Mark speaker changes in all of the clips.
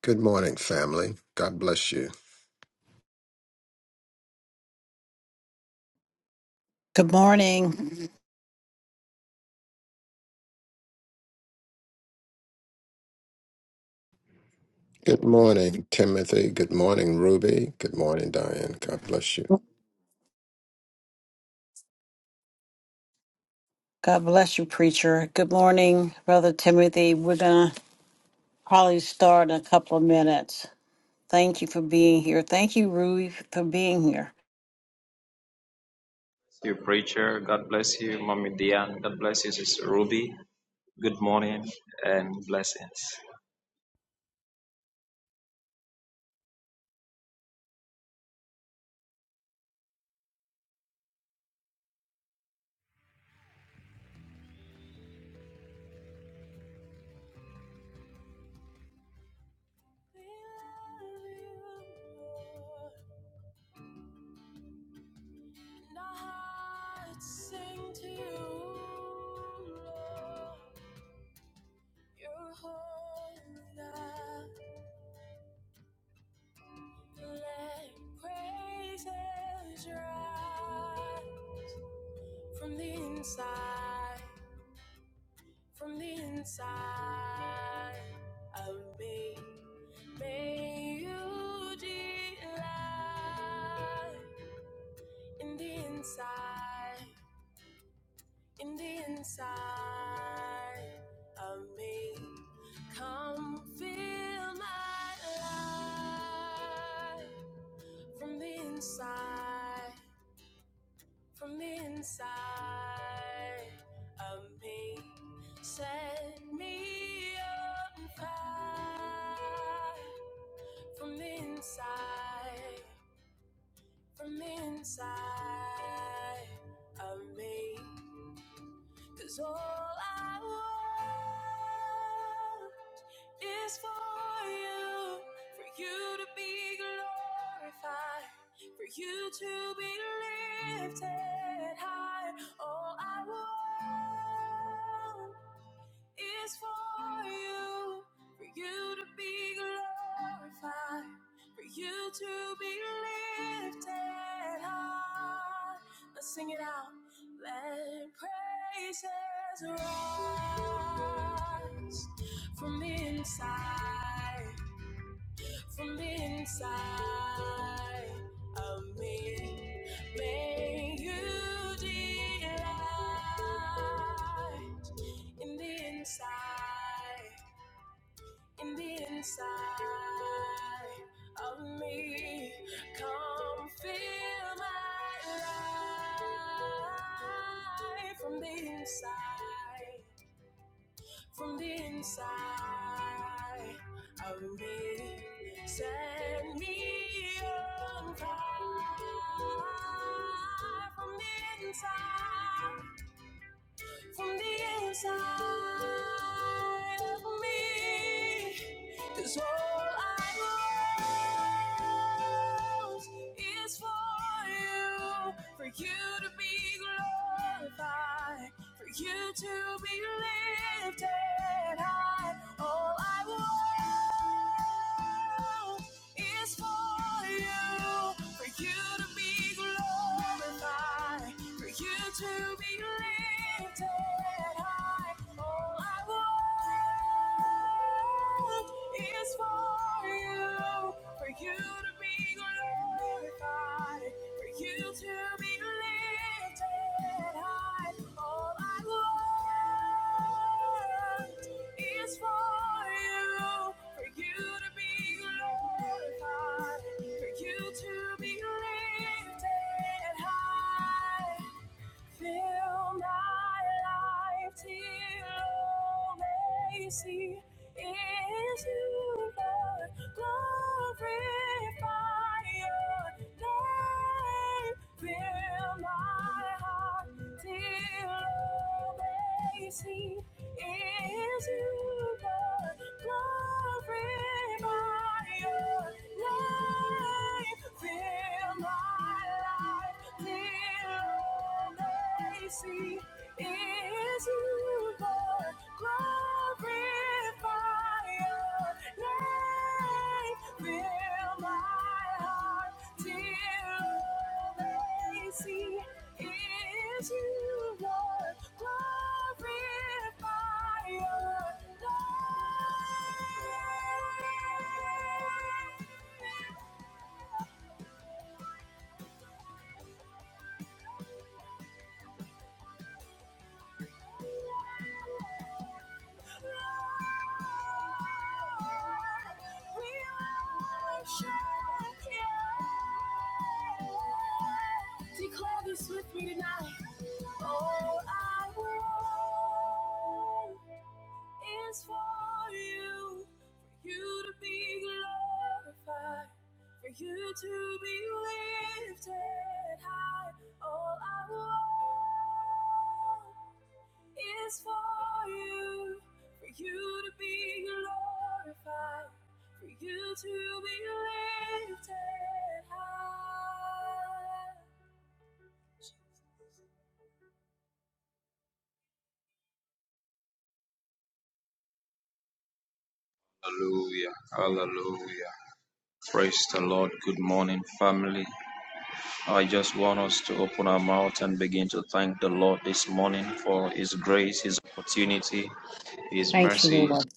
Speaker 1: Good morning, family. God bless you.
Speaker 2: Good morning.
Speaker 1: Good morning, Timothy. Good morning, Ruby. Good morning, Diane. God bless you.
Speaker 2: God bless you, preacher. Good morning, Brother Timothy. We're going to probably start in a couple of minutes. Thank you for being here. Thank you, Rui, for being here.
Speaker 3: You preacher, God bless you, Mommy Diane, God bless you, Sister Ruby. Good morning and blessings.
Speaker 4: We love you, Lord, and our hearts sing to you, Lord. You're holy, God. Let praises rise from the inside, from the inside of me. May you delight in the inside. in the inside of me. Come fill my life from the inside, from the inside of me. Set me on fire from the inside, from the inside of me. Cause all I want is for you, for you to be glorified, for you to be lifted high. All I want is for you, for you to be glorified, for you to be lifted high. Let's sing it out. Let praises rise from inside from inside of me. May you delight in the inside, in the inside of me. Come fill my life from the inside, from the inside. of me, set me on fire from the inside from the inside of me, 'cause all I want is for you, for you to be glorified, for you to be lifted high. All I want is for you, for you to be glorified, for you to be lifted high. All I want is for you, for you to be glorified, for you to be lifted high. All I want is for you, for you to be glorified, for you to be lifted high. Fill my life till all may see is you, Lord. Glorify your name. Fill my heart till all may see is you, Lord. Glorify your name. Fill my life see is you, Lord. Glorify your name. Fill my heart till they see is you, Lord. Glorify your name. Declare this with me tonight. All I want is for you, for you to be glorified, for you to be lifted high. All I want is for you, for you to be glorified, for you to be lifted high.
Speaker 3: Hallelujah, hallelujah. Praise the Lord. Good morning, family. I just want us to open our mouth and begin to thank the Lord this morning for His grace, His opportunity, His
Speaker 2: Thank you,
Speaker 3: mercies.
Speaker 2: Lord.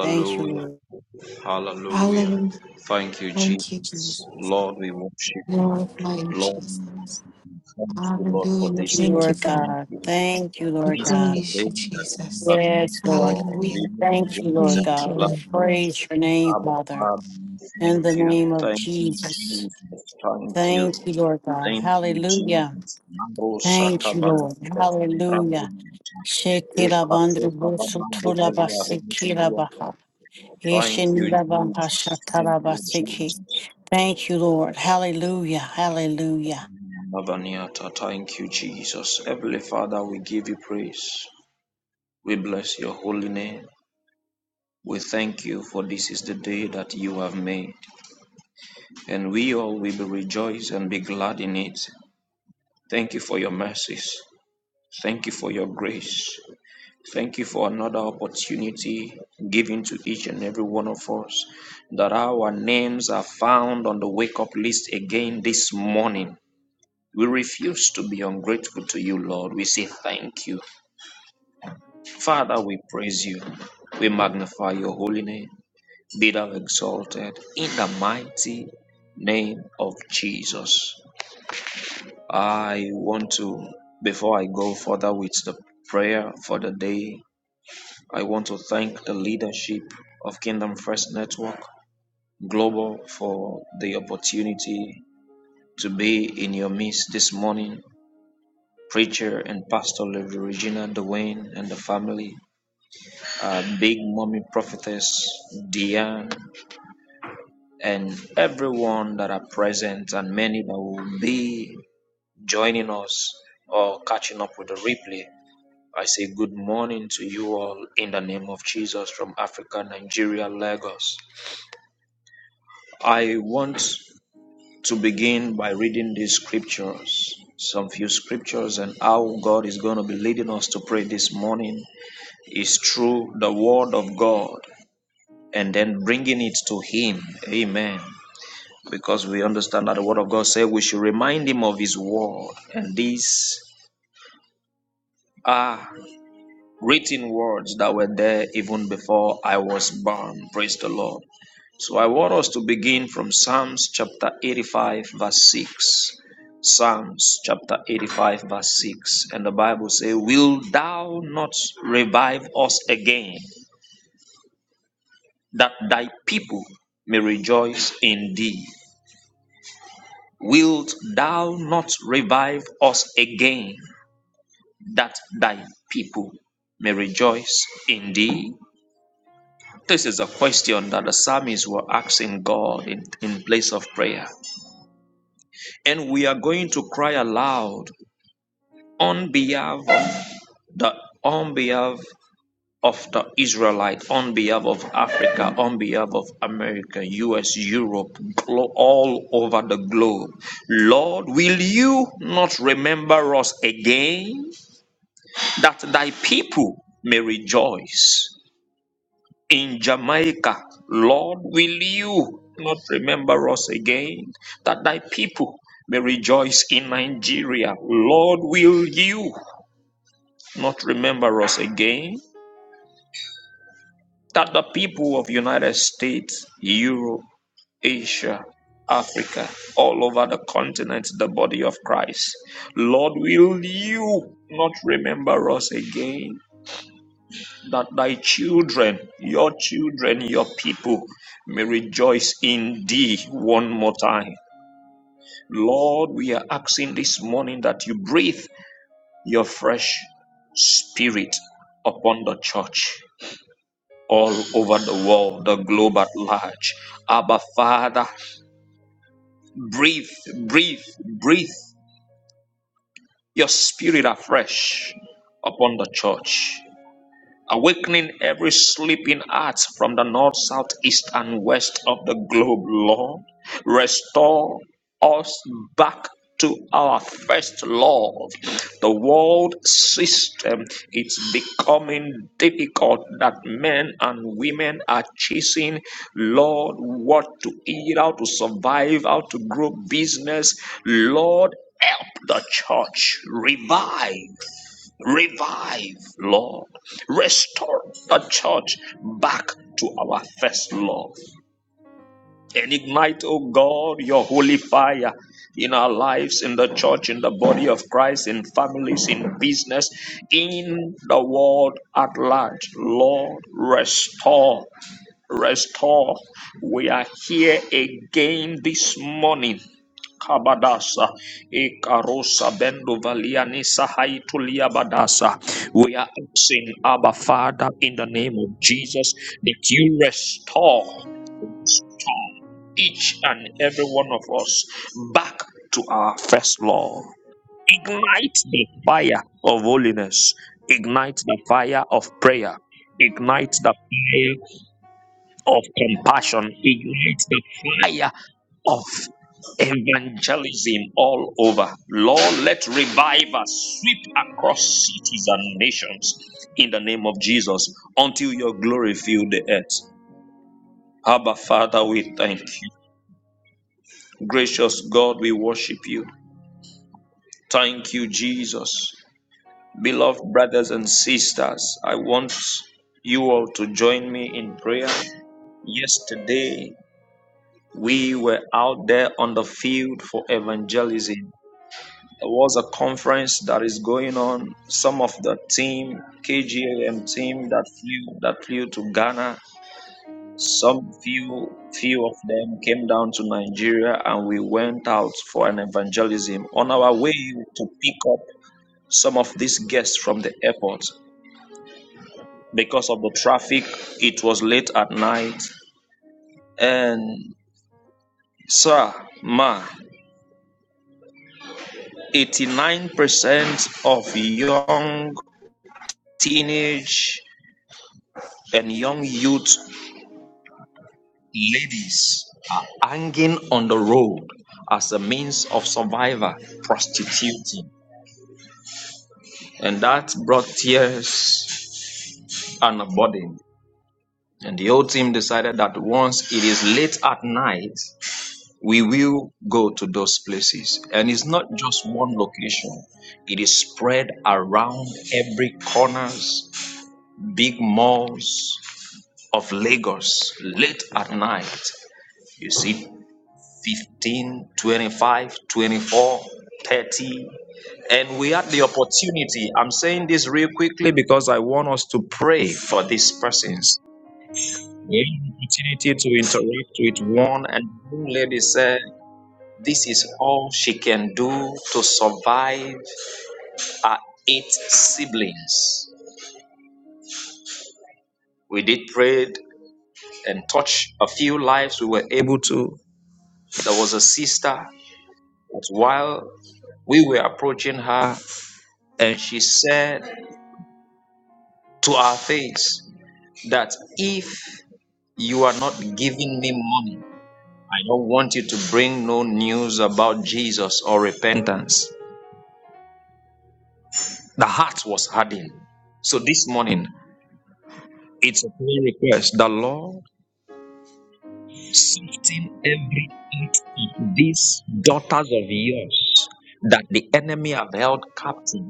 Speaker 2: Thank you, Lord.
Speaker 3: hallelujah.
Speaker 5: Hallelujah.
Speaker 3: Thank you, Jesus.
Speaker 5: Thank you, Jesus.
Speaker 3: Lord, we worship you.
Speaker 5: Glorify you,
Speaker 3: Lord, we
Speaker 5: Jesus.
Speaker 3: worship you. Thank you, Lord, for
Speaker 5: Hallelujah.
Speaker 2: Thank
Speaker 3: this
Speaker 2: you,
Speaker 5: Thank
Speaker 3: thing.
Speaker 5: you,
Speaker 2: Lord
Speaker 5: Father.
Speaker 3: Thank
Speaker 2: God.
Speaker 3: you,
Speaker 2: Thank you,
Speaker 5: We
Speaker 2: Lord
Speaker 3: This is
Speaker 2: God.
Speaker 3: the
Speaker 5: praise
Speaker 3: day
Speaker 5: you,
Speaker 3: that you
Speaker 5: Jesus.
Speaker 3: have
Speaker 2: Yes,
Speaker 3: made
Speaker 2: Lord.
Speaker 3: for
Speaker 2: We
Speaker 5: Hallelujah.
Speaker 3: living in
Speaker 2: thank you,
Speaker 3: dreams
Speaker 2: Lord
Speaker 3: and the
Speaker 5: Thank you,
Speaker 2: God. We
Speaker 3: glad
Speaker 5: Lord.
Speaker 3: news.
Speaker 2: praise your name,
Speaker 3: Abba
Speaker 2: Father,
Speaker 3: Father, we
Speaker 2: in
Speaker 3: thank
Speaker 2: the
Speaker 3: you.
Speaker 2: name of
Speaker 3: Thank you,
Speaker 2: Jesus.
Speaker 3: Jesus. Thank you.
Speaker 2: Thank you, Lord God.
Speaker 3: Thank you,
Speaker 2: Hallelujah.
Speaker 3: Jesus. Mando
Speaker 2: Thank
Speaker 3: sata
Speaker 2: you, Lord.
Speaker 3: badakunda tulibrandi
Speaker 2: Hallelujah.
Speaker 3: mtu.
Speaker 2: Shekira
Speaker 3: Eka
Speaker 2: bandra
Speaker 3: soka
Speaker 2: bosu
Speaker 3: babando
Speaker 2: tola
Speaker 3: velia rungu
Speaker 2: basikira
Speaker 3: duata.
Speaker 2: baha.
Speaker 3: Thank you,
Speaker 2: Yeshinda baha
Speaker 3: Jesus. Thank
Speaker 2: shatara
Speaker 3: you,
Speaker 2: basiki.
Speaker 3: Jesus.
Speaker 2: Thank you, Lord. Hallelujah. Hallelujah.
Speaker 3: Mabaniata. Thank you, Jesus. Heavenly Father, we give you praise. We bless your holy name. We thank you for this is the day that you have made, and we all will be rejoice and be glad in it. Thank you for your mercies. Thank you for your grace. Thank you for another opportunity given to each and every one of us that our names are found on the wake up list again this morning. We refuse to be ungrateful to you, Lord. We say thank you. Father, we praise you. We magnify your holy name. be thou exalted in the mighty name of Jesus. I want to, before I go further with the prayer for the day, I want to thank the leadership of Kingdom First Network Global for the opportunity to be in your midst this morning. Preacher and Pastor Lady Regina Dwayne and the family, Big Mommy Prophetess Diane, and everyone that are present, and many that will be joining us or catching up with the replay, I say good morning to you all in the name of Jesus from Africa, Nigeria, Lagos. I want to begin by reading these scriptures, some few scriptures, and how God is going to be leading us to pray this morning is through the Word of God and then bringing it to Him. Amen. Because we understand that the Word of God says we should remind Him of His Word, and these are written words that were there even before I was born. Praise the Lord. So I want us to begin from Psalms chapter 85, verse 6. Psalms chapter 85, verse 6. And the Bible says, Will thou not revive us again, that thy people may rejoice in thee? Wilt thou not revive us again, that thy people may rejoice in thee? This is a question that the psalmists were asking God in, in place of prayer. And we are going to cry aloud on behalf of the on behalf of the Israelite, on behalf of Africa, on behalf of America, US, Europe, all over the globe. Lord, will you not remember us again that thy people may rejoice? in Jamaica. Lord, will you not remember us again that thy people may rejoice in Nigeria? Lord, will you not remember us again that the people of United States, Europe, Asia, Africa, all over the continent, the body of Christ. Lord, will you not remember us again? that thy children, your children, your people may rejoice in thee one more time. Lord, we are asking this morning that you breathe your fresh spirit upon the church all over the world, the globe at large. Abba, Father, breathe, breathe, breathe your spirit afresh upon the church. awakening every sleeping heart from the north, south, east, and west of the globe, Lord. Restore us back to our first love. The world system is becoming difficult that men and women are chasing, Lord, what to eat, how to survive, how to grow business. Lord, the church revive. Revive, Lord. Restore the church back to our first love. And ignite, oh God, your holy fire in our lives, in the church, in the body of Christ, in families, in business, in the world at large. Lord, restore, restore. We are here again this morning Kabadasa, ekarosa Bendo Valianisa, Haitulia Badasa. We are asking, Abba Father, in the name of Jesus, that you restore each and every one of us back to our first love. Ignite the fire of holiness, ignite the fire of prayer, ignite the fire of compassion ignites the fire of evangelism all over. Lord, let revival sweep across cities and nations in the name of Jesus until your glory fill the earth. Abba, Father, we thank you. Gracious God, we worship you. Thank you, Jesus. Beloved brothers and sisters, I want you all to join me in prayer. Yesterday, We were out there on the field for evangelism. There was a conference that is going on. Some of the team, KGAM team that flew that flew to Ghana. Some few few of them came down to Nigeria and we went out for an evangelism on our way to pick up some of these guests from the airport. Because of the traffic, it was late at night. And sir, ma, Eighty-nine percent of young teenage and young youth ladies are hanging on the road as a means of survival, prostituting. And that brought tears and a burden. And the whole team decided that once it is late at night, we will go to those places. And it's not just one location. It is spread around every corners, big malls, of Lagos late at night. You see 15, 25, 24, 30, And we had the opportunity. I'm saying this real quickly because I want us to pray for these persons. We had the opportunity to interact with one, and one lady said, This is all she can do to survive her eight siblings. We did pray and touch a few lives. We were able to. There was a sister. But while we were approaching her, and she said to our face that if you are not giving me money, I don't want you to bring no news about Jesus or repentance. The heart was hardened. So this morning, it's a prayer request. The Lord soften every heart of these daughters of yours that the enemy have held captive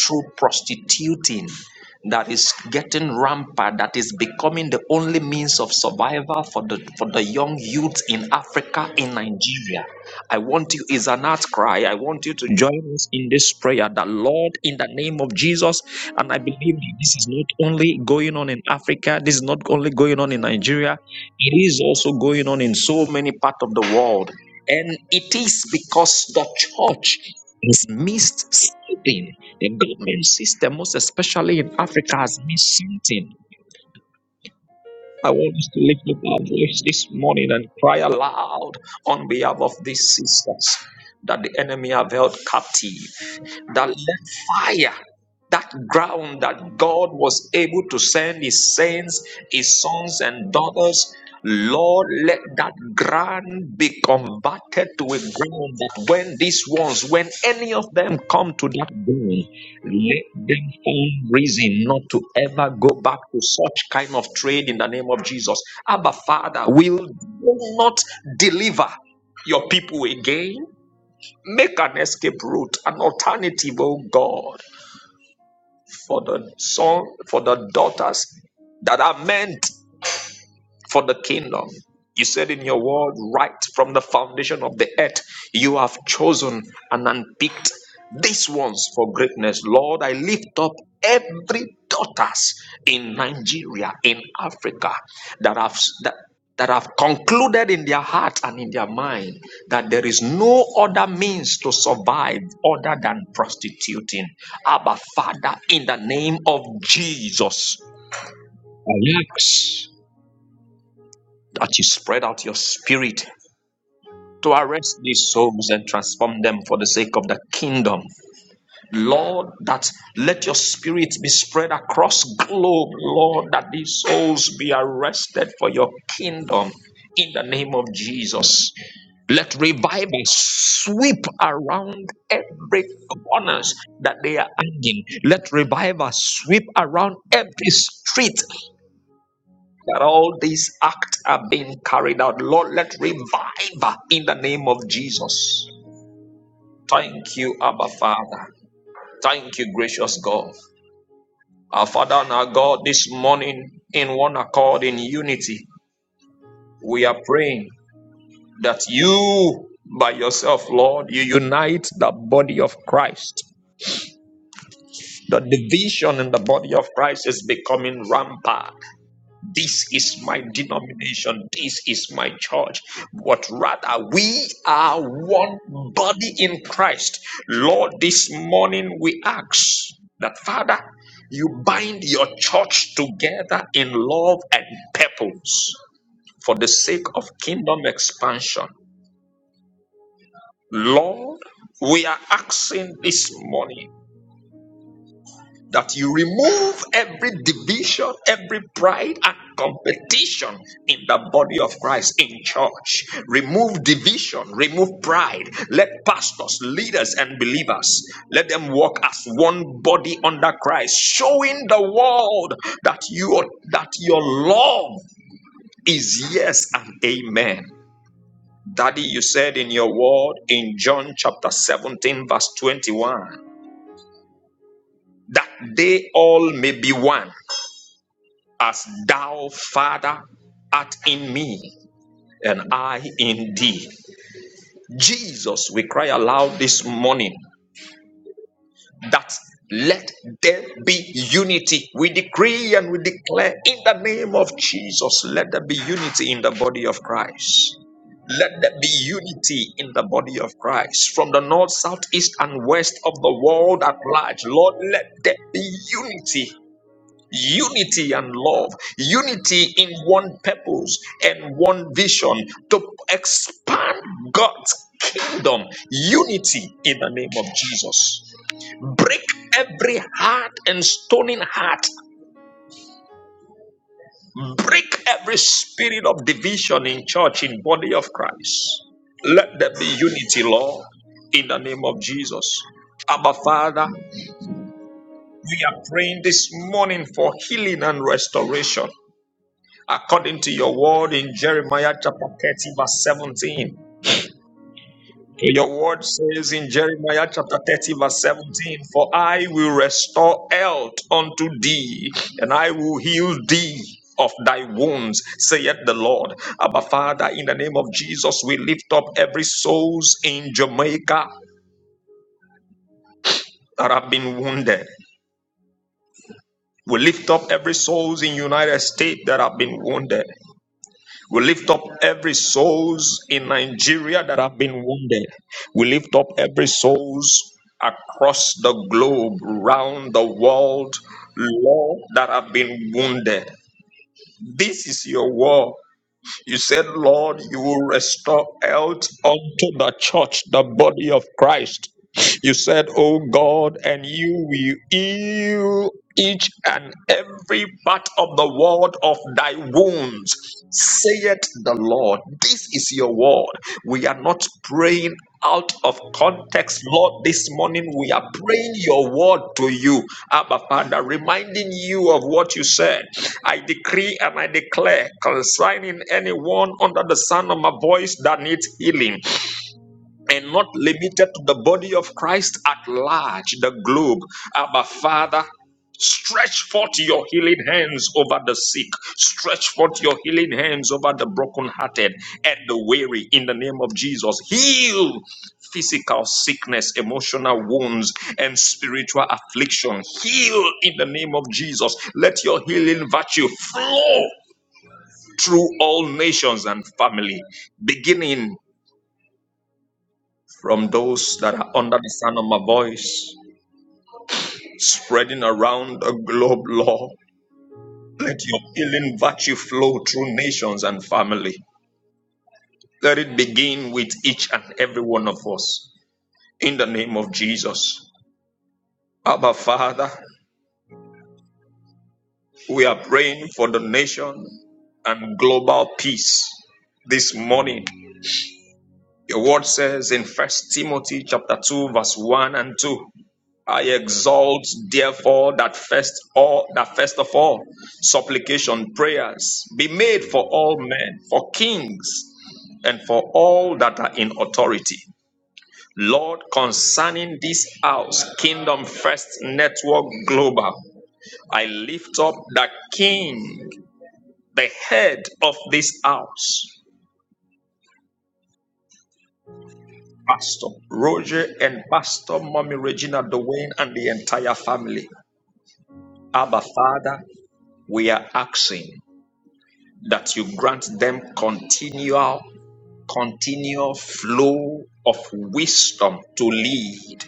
Speaker 3: through prostituting that is getting rampant that is becoming the only means of survival for the for the young youth in Africa in Nigeria i want you is an outcry i want you to join us in this prayer that lord in the name of jesus and i believe that this is not only going on in africa this is not only going on in nigeria it is also going on in so many parts of the world and it is because the church is missed something. The government system, most especially in Africa, has missed something. I want us to lift up our voice this morning and cry aloud on behalf of these sisters that the enemy have held captive. That let fire, that ground that God was able to send his saints, his sons and daughters, Lord, let that ground be converted to a ground that when these ones, when any of them come to that ground, let them find reason not to ever go back to such kind of trade in the name of Jesus. Abba, Father, will you not deliver your people again? Make an escape route, an alternative, oh God, for the son, for the daughters that are meant for the kingdom. You said in your word, right from the foundation of the earth, you have chosen and unpicked these ones for greatness. Lord, I lift up every daughters in Nigeria, in Africa, that have that, that have concluded in their heart and in their mind that there is no other means to survive other than prostituting. Abba Father, in the name of Jesus, I ask that you spread out your spirit to arrest these souls and transform them for the sake of the kingdom. Lord, that let your spirit be spread across globe, Lord, that these souls be arrested for your kingdom in the name of Jesus. Let revival sweep around every corners that they are hanging. Let revival sweep around every street that all these acts are being carried out. Lord, let revive in the name of Jesus. Thank you, Abba Father. Thank you, gracious God. Our Father and our God, this morning in one accord, in unity, we are praying that you by yourself, Lord, you unite Christ. The division, the body of Christ, is becoming rampant. is my denomination. This is my church. But rather, we are one body in Christ. Lord, this morning we ask that Father, you bind your church together in love and purpose for this of kingdom expansion. Lord, we are asking this morning that you remove every division, every pride and competition in the body of Christ in church. Remove division, remove pride. Let pastors, leaders, and believers let them walk as one body under Christ, showing the world that you that your love is yes and amen. Daddy, you said in your word in John chapter 17, verse 21, that they all may be one as thou, Father, art in me and I in thee. Jesus, we cry aloud this morning that let there be unity. We decree and we declare in the name of Jesus, let there be unity in the body of Christ. Let there be unity in the body of Christ from the north, south, east, and west of the world at large. Lord, let there be unity unity and love, unity in one purpose and one vision to expand God's kingdom, unity in the name of Jesus. Break every heart and stoning heart, break every spirit of division in church, in body of Christ. Let there be unity, Lord, in the name of Jesus. Abba Father, we are praying this morning for healing and restoration. according to your word in Jeremiah chapter 30, verse 17. Your word says in Jeremiah chapter 30, verse 17, For I will restore health unto thee, and I will heal thee of thy wounds, saith the Lord. Abba, Father, in the name of Jesus, we lift up every souls in Jamaica that have been wounded. We lift up every souls in United States that have been wounded. We lift up every souls in Nigeria that have been wounded. We lift up every souls across the globe, round the world, Lord, that have been wounded. This is your war. You said, Lord, you will restore health unto the church, the body of Christ. You said, Oh God, and you will heal each and every part of the world of thy wounds. Saith the Lord, this is your word. We are not praying out of context, Lord. This morning we are praying your word to you, Abba Father, reminding you of what you said. I decree and I declare concerning anyone under the sound of my voice that needs healing and not limited to the body of Christ at large, the globe. Abba, Father, stretch forth your healing hands over the sick, stretch forth your healing hands over the brokenhearted and the weary in the name of Jesus. Heal physical sickness, emotional wounds, and spiritual affliction. Heal in the name of Jesus. Let your healing virtue flow. Through all nations and family, beginning from those that are under the sound of my voice, spreading around the globe, Lord. Let your healing virtue flow through nations and family. Let it begin with each and every one of us. In the name of Jesus. Abba, Father, we are praying for the nation and global peace this morning. Your word says in First Timothy chapter 2, verse 1 and 2. I exalt therefore that first all that first of all supplication prayers be made for all men for kings and for all that are in authority Lord concerning this house Kingdom First Network Global I lift up the king the head of this house Pastor Roger and Pastor Mommy Regina Dwayne and the entire family Abba Father we are asking that you grant them continual, continual flow of wisdom to lead.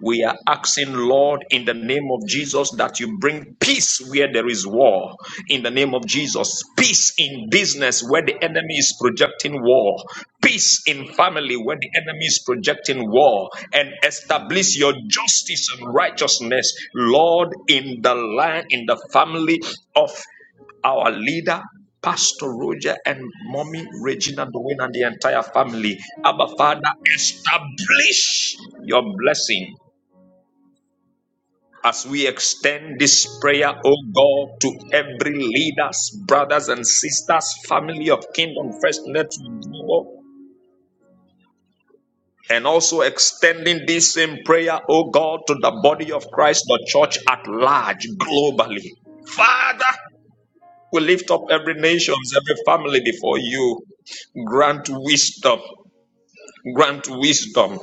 Speaker 3: We are asking, Lord, in the name of Jesus, that you bring peace where there is war. In the name of Jesus, peace in business where the enemy is projecting war, peace in family where the enemy is projecting war, and establish your justice and righteousness, Lord, in the land, in the family of our leader, Pastor Roger and mommy Regina Dwayne and the entire family. Abba Father, establish your blessing as we extend this prayer, O God, to every leaders, brothers and sisters, family of Kingdom First Network, Global, and also extending this same prayer, O God, to the body of Christ, the church at large, globally. Father, we lift up every nations, every family before you. Grant wisdom. Grant wisdom.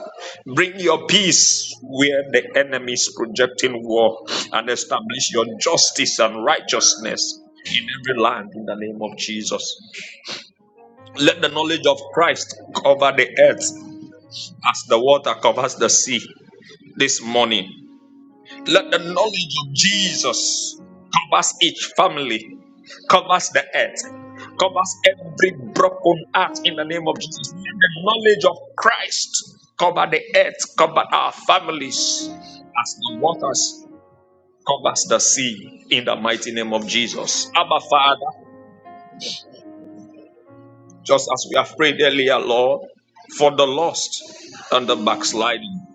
Speaker 3: Bring your peace where the enemy is projecting war and establish your justice and righteousness in every land in the name of Jesus. Let the knowledge of Christ cover the earth as the water covers the sea this morning. Let the knowledge of Jesus covers each family, covers the earth, covers every broken heart in the name of Jesus. Let the knowledge of Christ cover the earth, cover our families as the waters covers the sea in the mighty name of Jesus. Abba Father, just as we have prayed earlier, Lord, for the lost and the backsliding.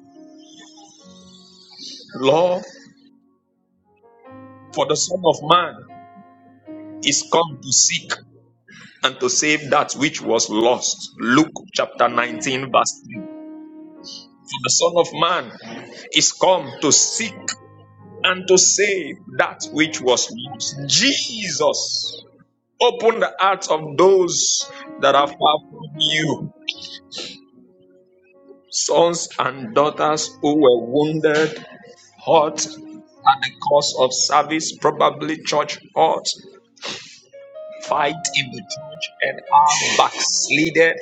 Speaker 3: Lord, for the Son of Man is come to seek and to save that which was lost. Luke chapter 19, verse 3. For the Son of Man is come to seek and to save that which was lost. Jesus, open the hearts of those that are far from you, sons and daughters who were wounded, hurt, at the cost of service, probably church hurt, fight in the church, and are backslided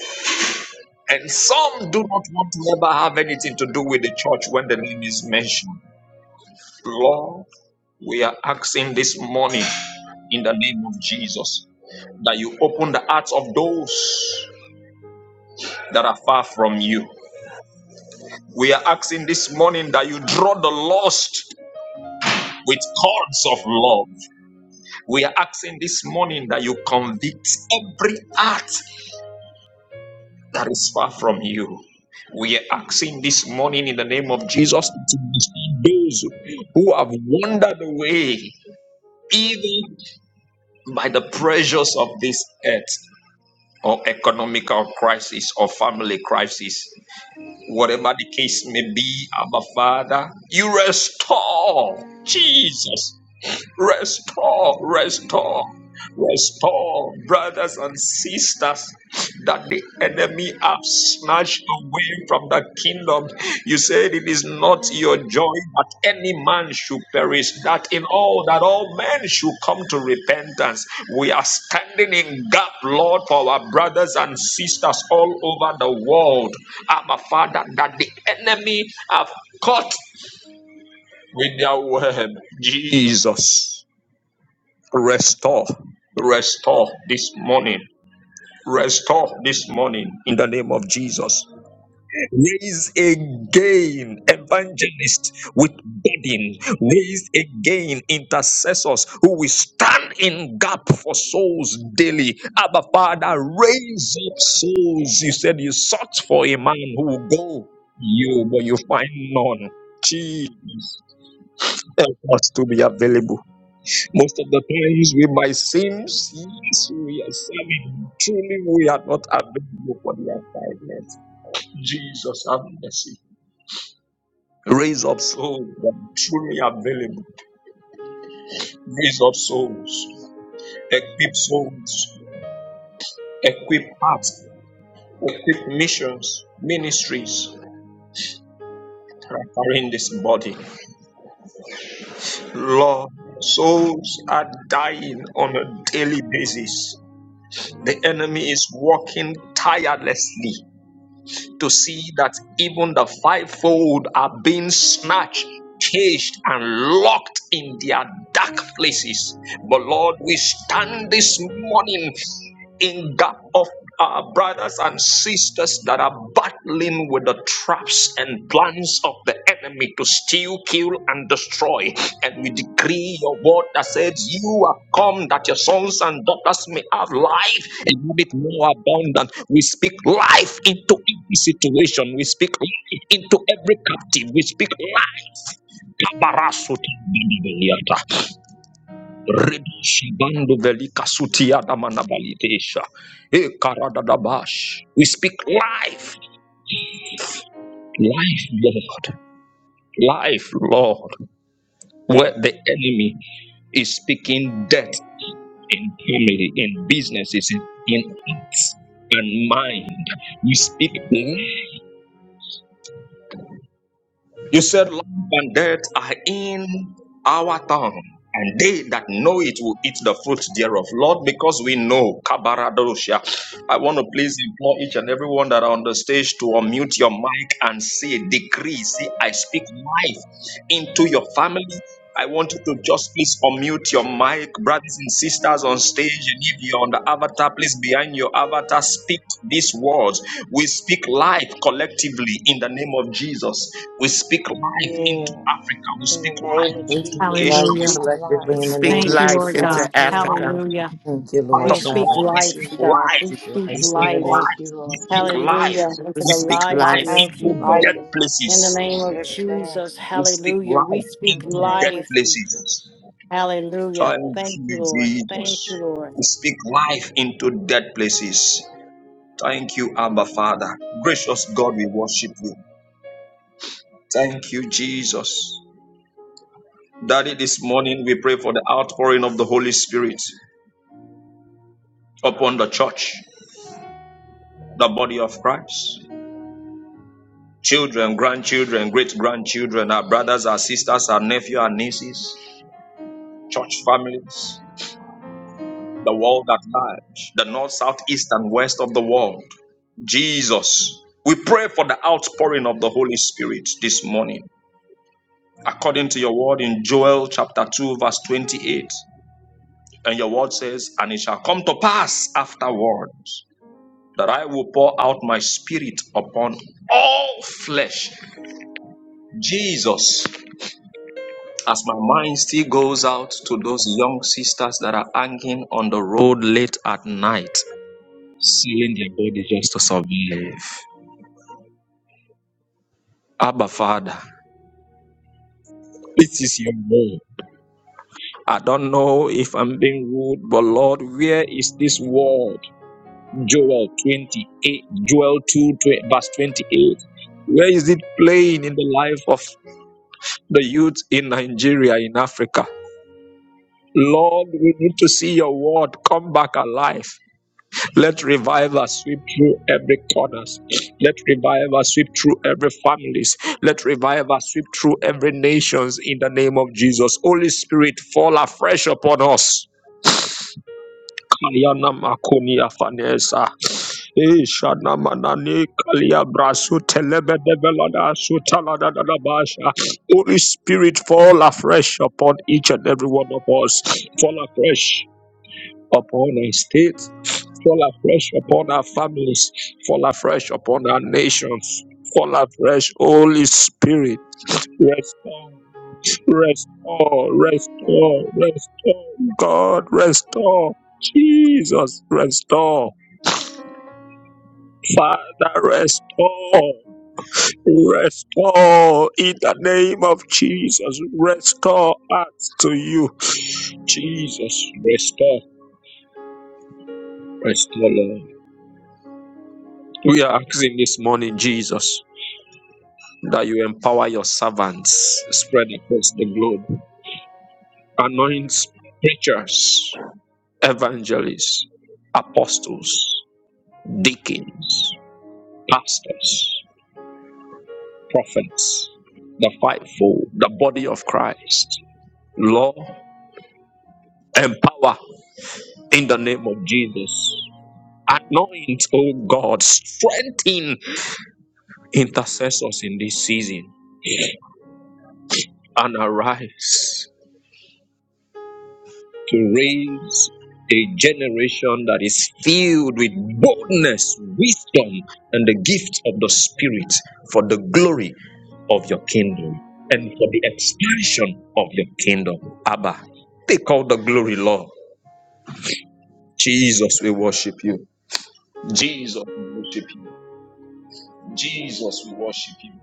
Speaker 3: And some do not want to ever have anything to do with the church when the name is mentioned. Lord, we are asking this morning in the name of Jesus that you open the hearts of those that are far from you. We are asking this morning that you draw the lost with cords of love. We are asking this morning that you convict every heart that is far from you. We are asking this morning in the name of Jesus to receive those who have wandered away, even by the pressures of this earth, or economical crisis, or family crisis, whatever the case may be, Abba Father, you restore Jesus. Restore, restore, restore, brothers and sisters, that the enemy have snatched away from the kingdom. You said it is not your joy that any man should perish, that in all that all men should come to repentance. We are standing in gap, Lord, for our brothers and sisters all over the world. Our Father, that the enemy have caught with their web, Jesus. Restore, restore this morning. Restore this morning in the name of Jesus. Raise again evangelists with burden. Raise again intercessors who will stand in gap for souls daily. Abba Father, raise up souls. You said you sought for a man who will go you, but you find none. Jesus, help us to be available. Most of the times we might seem, yes, we are serving. Truly, we are not available for their kindness. Jesus, have mercy. Raise up souls that are truly available. Raise up souls. Equip souls. Equip hearts. Equip missions, ministries are in this body. Lord, souls are dying on a daily basis. The enemy is working tirelessly to see that even the fivefold are being snatched, caged, and locked in their dark places. But Lord, we stand this morning in gap of our brothers and sisters that are battling with the traps and plans of the enemy to steal, kill, and destroy. And we decree your word that says, You have come that your sons and daughters may have life and have it more abundant. We speak life into every situation, we speak life into every captive, we speak life. Rebishibandu velika sutia damana balidesha. Eh, karadadabash. We speak life, life, Lord, life, Lord, where the enemy is speaking death in family, in businesses, in hearts and mind. We speak life. You said life and death are in our tongue, and they that know it will eat the fruit thereof. Lord, because we know, Kabaradosha, I want to please implore each and everyone that are on the stage to unmute your mic and say, decree, say, I speak life into your family. I want you to just please unmute your mic, brothers and sisters on stage. And if you're on the avatar, please behind your avatar, speak these words. We speak life collectively in the name of Jesus. We speak life into
Speaker 6: Yes.
Speaker 3: Africa. We
Speaker 6: In
Speaker 3: speak
Speaker 6: the name
Speaker 3: life
Speaker 6: of
Speaker 7: We
Speaker 3: into
Speaker 7: speak
Speaker 6: Jesus, we
Speaker 3: Asia.
Speaker 7: life
Speaker 3: We
Speaker 2: Hallelujah.
Speaker 6: speak
Speaker 3: speak
Speaker 8: We
Speaker 3: life
Speaker 7: collectively
Speaker 6: life.
Speaker 7: in the
Speaker 3: into the
Speaker 7: name
Speaker 8: speak
Speaker 2: Thank
Speaker 7: of
Speaker 2: you,
Speaker 3: US.
Speaker 8: life
Speaker 2: Lord
Speaker 7: Jesus.
Speaker 3: We
Speaker 6: Thank
Speaker 2: God.
Speaker 8: into
Speaker 3: speak
Speaker 6: you,
Speaker 3: life
Speaker 8: Africa.
Speaker 6: Lord.
Speaker 3: into
Speaker 2: Hallelujah.
Speaker 7: Thank you,
Speaker 3: every part
Speaker 2: We
Speaker 7: Lord
Speaker 3: of
Speaker 6: Thank
Speaker 3: the
Speaker 6: you,
Speaker 2: speak
Speaker 3: world.
Speaker 7: God.
Speaker 6: Lord
Speaker 3: We
Speaker 2: life,
Speaker 3: speak
Speaker 2: God.
Speaker 3: life.
Speaker 2: We
Speaker 7: Speak
Speaker 6: Jesus.
Speaker 2: speak
Speaker 3: We
Speaker 7: life in
Speaker 3: speak
Speaker 7: the
Speaker 2: life.
Speaker 7: name of
Speaker 6: Thank
Speaker 3: life.
Speaker 6: you,
Speaker 3: We
Speaker 6: Lord
Speaker 3: speak
Speaker 7: Jesus.
Speaker 3: life.
Speaker 6: Jesus.
Speaker 2: Hallelujah.
Speaker 8: We
Speaker 2: Into
Speaker 3: We
Speaker 2: the
Speaker 3: speak
Speaker 8: speak
Speaker 2: lives of
Speaker 3: life
Speaker 2: your
Speaker 8: life.
Speaker 6: Thank
Speaker 3: into
Speaker 6: you,
Speaker 2: people.
Speaker 3: dead
Speaker 6: life in my
Speaker 2: In the
Speaker 3: places.
Speaker 2: name
Speaker 6: family,
Speaker 2: of
Speaker 6: everything.
Speaker 2: Jesus.
Speaker 3: We speak
Speaker 2: Hallelujah. We
Speaker 3: life
Speaker 6: In
Speaker 2: speak
Speaker 6: the
Speaker 3: into
Speaker 6: name
Speaker 3: dead
Speaker 6: of
Speaker 2: life.
Speaker 3: places.
Speaker 6: Jesus.
Speaker 2: Hallelujah.
Speaker 3: Thank
Speaker 2: Thank you,
Speaker 3: you,
Speaker 2: Lord.
Speaker 3: Jesus.
Speaker 2: Thank you, Lord.
Speaker 3: We speak life into dead places. Thank you, Abba Father. Gracious God, we worship you. Thank you, Jesus. Daddy, this morning we pray for the outpouring of the Holy Spirit upon the church, the body of Christ. Children, grandchildren, great grandchildren, our brothers, our sisters, our nephews, our nieces, church families, the world at large, the north, south, east, and west of the world. Jesus. We pray for the outpouring of the Holy Spirit this morning, according to your word in Joel chapter 2, verse 28. And your word says, And it shall come to pass afterwards that I will pour out my spirit upon all flesh. Jesus, as my mind still goes out to those young sisters that are hanging on the road late at night, selling their body just to survive. Abba, Father, this is your word. I don't know if I'm being rude, but Lord, where is this word? Joel 28, Joel 2, twe- verse 28. Where is it playing in the life of the youth in Nigeria, in Africa? Lord, we need to see your word come back alive. Let revival sweep through every corners. Let revival sweep through every families. Let revival sweep through every nations in the name of Jesus. Holy Spirit, fall afresh upon us. Ayana makoni afanesa. Ishana manani kalia brasu telebe develada sutalada da basha. Holy Spirit, fall afresh upon each and every one of us. Fall afresh upon our state. Fall afresh upon our families. Fall afresh upon our nations. Fall afresh, Holy Spirit. Restore Restore, restore, restore. God, restore. Jesus, restore. Father, restore. Restore in the name of Jesus. Restore us to you. Jesus, restore. Restore, Lord. We are asking this morning, Jesus, that you empower your servants spread across the globe. Anoint preachers, evangelists, apostles. deacons, pastors, prophets, the fivefold, the body of Christ, law and power in the name of Jesus. Anoint, O God, strengthen intercessors in this season and arise. to raise a generation that is filled with boldness, wisdom, and the gift of the Spirit for the glory of your kingdom and for the expansion of your kingdom. Abba, take all the glory, Lord. Jesus, we worship you. Jesus, we worship you. Jesus, we worship you.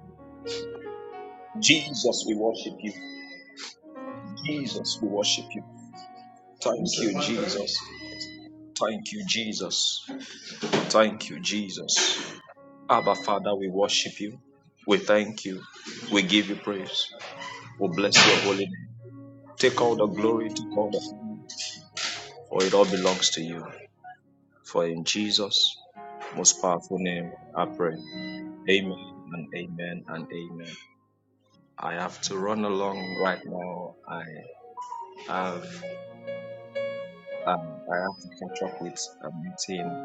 Speaker 3: Jesus, we worship you. Jesus, we worship you. Thank you, Jesus. Thank you, Jesus. Thank you, Jesus. Abba, Father, we worship you. We thank you. We give you praise. We bless your holy name. Take all the glory, take all the honor, for it all belongs to you. For in Jesus' most powerful name, I pray. Amen and amen and amen. I have to run along right now. I have um, I have to catch a meeting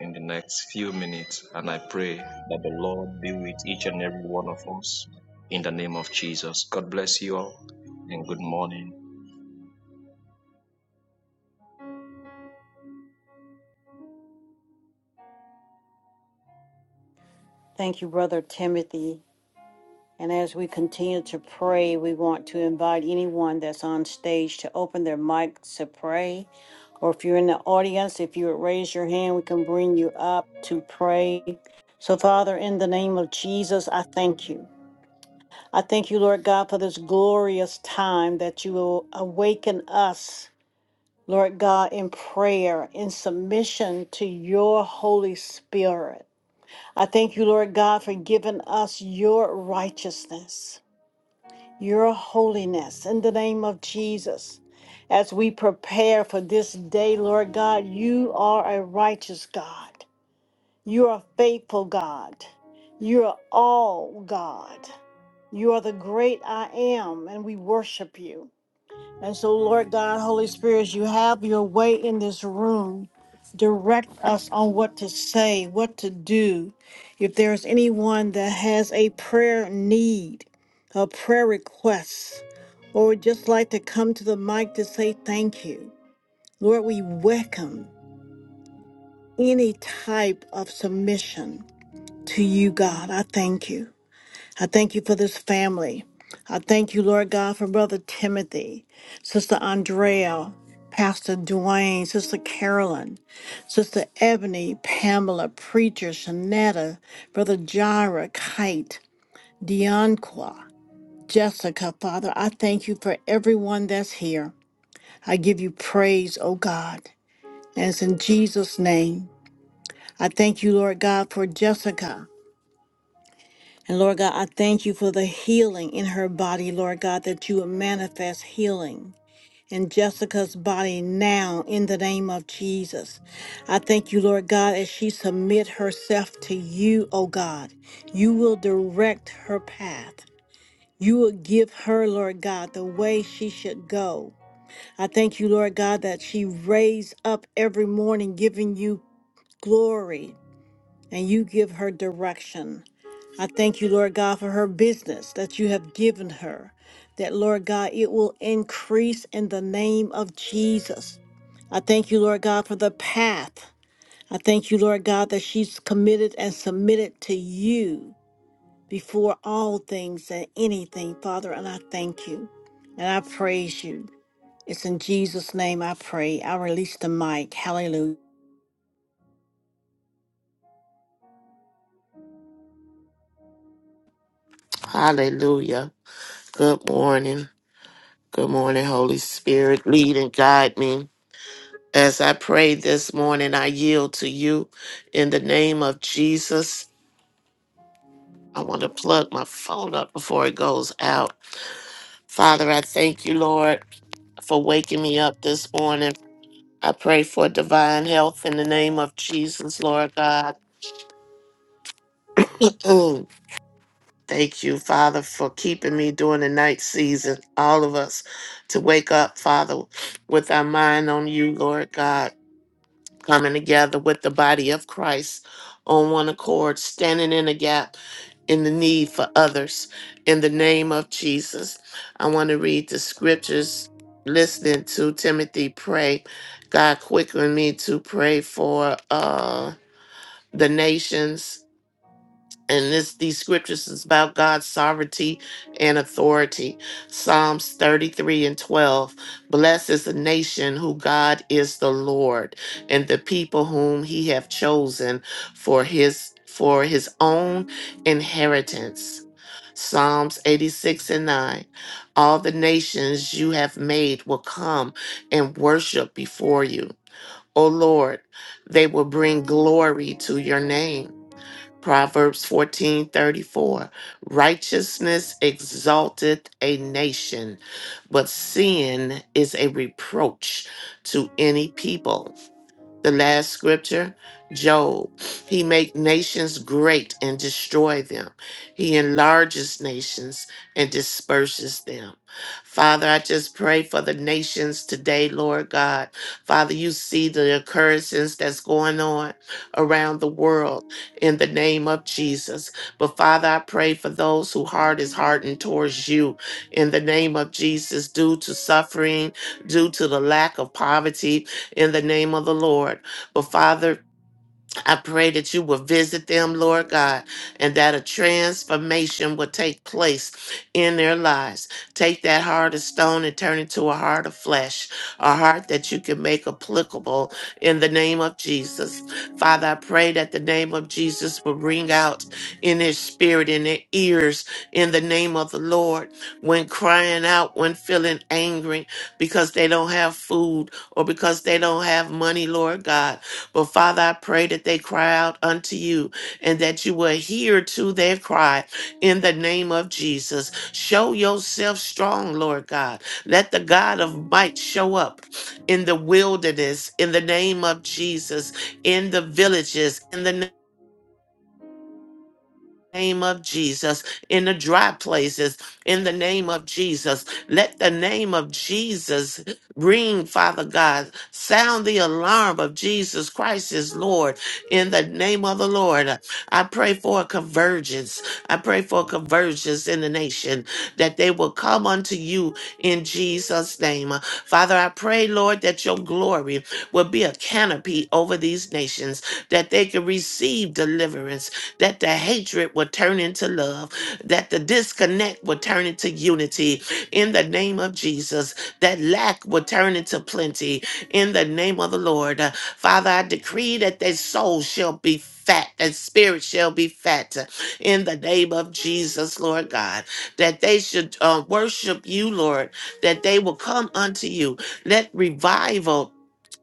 Speaker 3: in the next few minutes, and I pray that the Lord be with each and every one of us in the name of Jesus. God bless you all, and good morning.
Speaker 2: Thank you, Brother Timothy. And as we continue to pray, we want to invite anyone that's on stage to open their mic to pray. Or if you're in the audience, if you would raise your hand, we can bring you up to pray. So, Father, in the name of Jesus, I thank you. I thank you, Lord God, for this glorious time that you will awaken us, Lord God, in prayer, in submission to your Holy Spirit. I thank you, Lord God, for giving us your righteousness your holiness in the name of Jesus. As we prepare for this day, Lord God, you are a righteous God. You are faithful God. You are all God. You are the great I am, and we worship you. And so, Lord God, Holy Spirit, as you have your way in this room. Direct us on what to say, what to do. If there's anyone that has a prayer need, a prayer request, or would just like to come to the mic to say thank you, Lord, we welcome any type of submission to you, God. I thank you. I thank you for this family. I thank you, Lord God, for Brother Timothy, Sister Andrea, Pastor Dwayne, Sister Carolyn, Sister Ebony, Pamela, Preacher, Shanetta, Brother Jira, Kite, Deonqua, Jessica, Father. I thank you for everyone that's here. I give you praise, O God. And it's in Jesus' name. I thank you, Lord God, for Jessica. And Lord God, I thank you for the healing in her body, Lord God, that you would manifest healing in Jessica's body now in the name of Jesus. I thank you, Lord God, as she submit herself to you, O God. You will direct her path. You will give her, Lord God, the way she should go. I thank you, Lord God, that she raised up every morning giving you glory and you give her direction. I thank you, Lord God, for her business that you have given her, that, Lord God, it will increase in the name of Jesus. I thank you, Lord God, for the path. I thank you, Lord God, that she's committed and submitted to you before all things and anything, Father. And I thank you and I praise you. It's in Jesus' name I pray. I release the mic. Hallelujah.
Speaker 8: Hallelujah. Good morning. Good morning, Holy Spirit. Lead and guide me. As I pray this morning, I yield to you in the name of Jesus. I want to plug my phone up before it goes out. Father, I thank you, Lord, for waking me up this morning. I pray for divine health in the name of Jesus, Lord God. Thank you, Father, for keeping me during the night season, all of us, to wake up, Father, with our mind on you, Lord God, coming together with the body of Christ on one accord, standing in a gap in the need for others. In the name of Jesus, I want to read the scriptures, listening to Timothy pray. God, quicken me to pray for uh, the nations and this these scriptures is about God's sovereignty and authority. Psalms 33 and 12. Blessed is the nation who God is the Lord, and the people whom he have chosen for his for his own inheritance. Psalms 86 and 9. All the nations you have made will come and worship before you. O Lord, they will bring glory to your name Proverbs fourteen thirty four. Righteousness exalteth a nation, but sin is a reproach to any people. The last scripture, Job. He make nations great and destroy them. He enlarges nations and disperses them. Father, I just pray for the nations today, Lord God. Father, you see the occurrences that's going on around the world in the name of Jesus. But Father, I pray for those whose heart is hardened towards you in the name of Jesus due to suffering, due to the lack of poverty, in the name of the Lord. But Father, I pray that you will visit them, Lord God, and that a transformation will take place in their lives. Take that heart of stone and turn it to a heart of flesh, a heart that you can make applicable in the name of Jesus. Father, I pray that the name of Jesus will ring out in their spirit, in their ears, in the name of the Lord, when crying out, when feeling angry because they don't have food or because they don't have money, Lord God. But Father, I pray that they cry out unto you and that you will hear to their cry in the name of Jesus. Show yourself strong, Lord God. Let the God of might show up in the wilderness in the name of Jesus, in the villages in the name name of Jesus, in the dry places, in the name of Jesus. Let the name of Jesus ring, Father God. Sound the alarm of Jesus Christ is Lord. In the name of the Lord, I pray for a convergence. I pray for a convergence in the nation that they will come unto you in Jesus' name. Father, I pray, Lord, that your glory will be a canopy over these nations, that they can receive deliverance that the hatred would turn into love, that the disconnect would turn into unity in the name of Jesus, that lack would turn into plenty in the name of the Lord. Uh, Father, I decree that their soul shall be fat, that spirit shall be fat uh, in the name of Jesus, Lord God, that they should uh, worship you, Lord, that they will come unto you. Let revival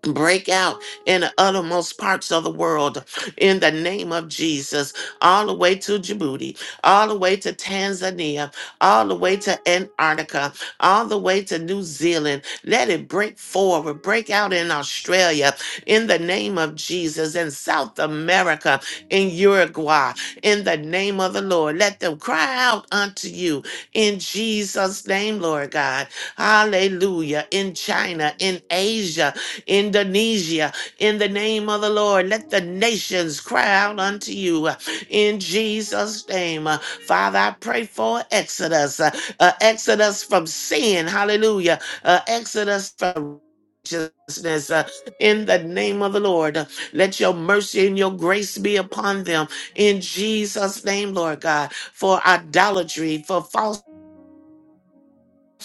Speaker 8: break out in the uttermost parts of the world in the name of Jesus, all the way to Djibouti, all the way to Tanzania, all the way to Antarctica, all the way to New Zealand. Let it break forward, break out in Australia in the name of Jesus, in South America, in Uruguay, in the name of the Lord. Let them cry out unto you in Jesus' name, Lord God. Hallelujah. In China, in Asia, Indonesia, in the name of the Lord. Let the nations cry out unto you uh, in Jesus' name. Uh, Father, I pray for exodus, uh, uh, exodus from sin, hallelujah, uh, exodus from righteousness uh, in the name of the Lord. Uh, Let your mercy and your grace be upon them in Jesus' name, Lord God, for idolatry, for false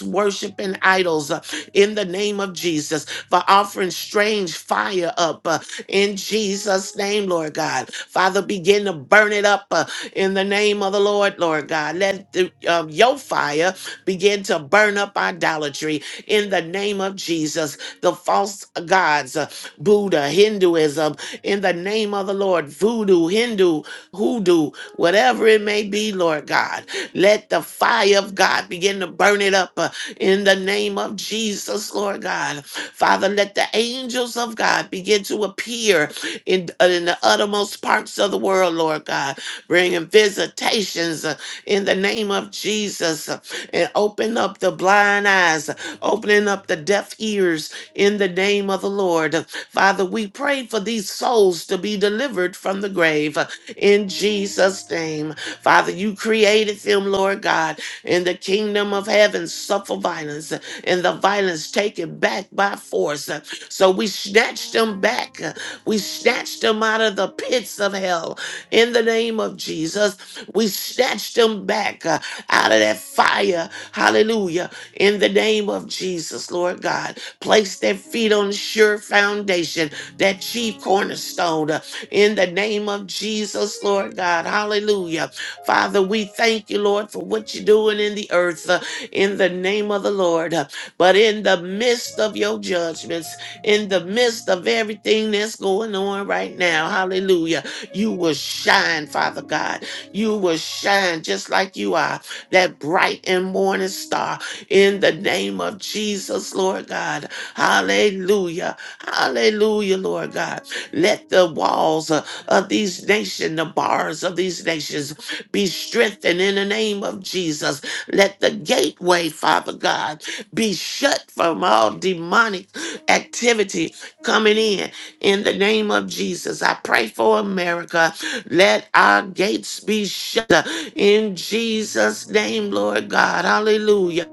Speaker 8: worshiping idols uh, in the name of Jesus, for offering strange fire up uh, in Jesus' name, Lord God. Father, begin to burn it up uh, in the name of the Lord, Lord God. Let the, um, your fire begin to burn up idolatry in the name of Jesus. The false gods, uh, Buddha, Hinduism, in the name of the Lord, voodoo, Hindu, hoodoo, whatever it may be, Lord God. Let the fire of God begin to burn it up uh, in the name of Jesus, Lord God. Father, let the angels of God begin to appear in, uh, in the uttermost parts of the world, Lord God, bringing visitations uh, in the name of Jesus uh, and open up the blind eyes, uh, opening up the deaf ears in the name of the Lord. Father, we pray for these souls to be delivered from the grave uh, in Jesus' name. Father, you created them, Lord God, in the kingdom of heaven, suffer violence, uh, and the violence taken back by force. Uh, So we snatched them back. Uh, We snatched them out of the pits of hell. In the name of Jesus, we snatched them back uh, out of that fire. Hallelujah. In the name of Jesus, Lord God, place their feet on sure foundation, that chief cornerstone. uh, in the name of Jesus, Lord God. Hallelujah. Father, we thank you, Lord, for what you're doing in the earth uh, in the name of the Lord. Uh, But in the midst of your judgments, in the midst of everything that's going on right now, hallelujah, you will shine, Father God. You will shine just like you are, that bright and morning star in the name of Jesus, Lord God. Hallelujah. Hallelujah, Lord God. Let the walls uh, of these nations, the bars of these nations, be strengthened in the name of Jesus. Let the gateway, Father God, be shut from all demonic activity coming in. In the name of Jesus, I pray for America. Let our gates be shut in Jesus' name, Lord God. Hallelujah.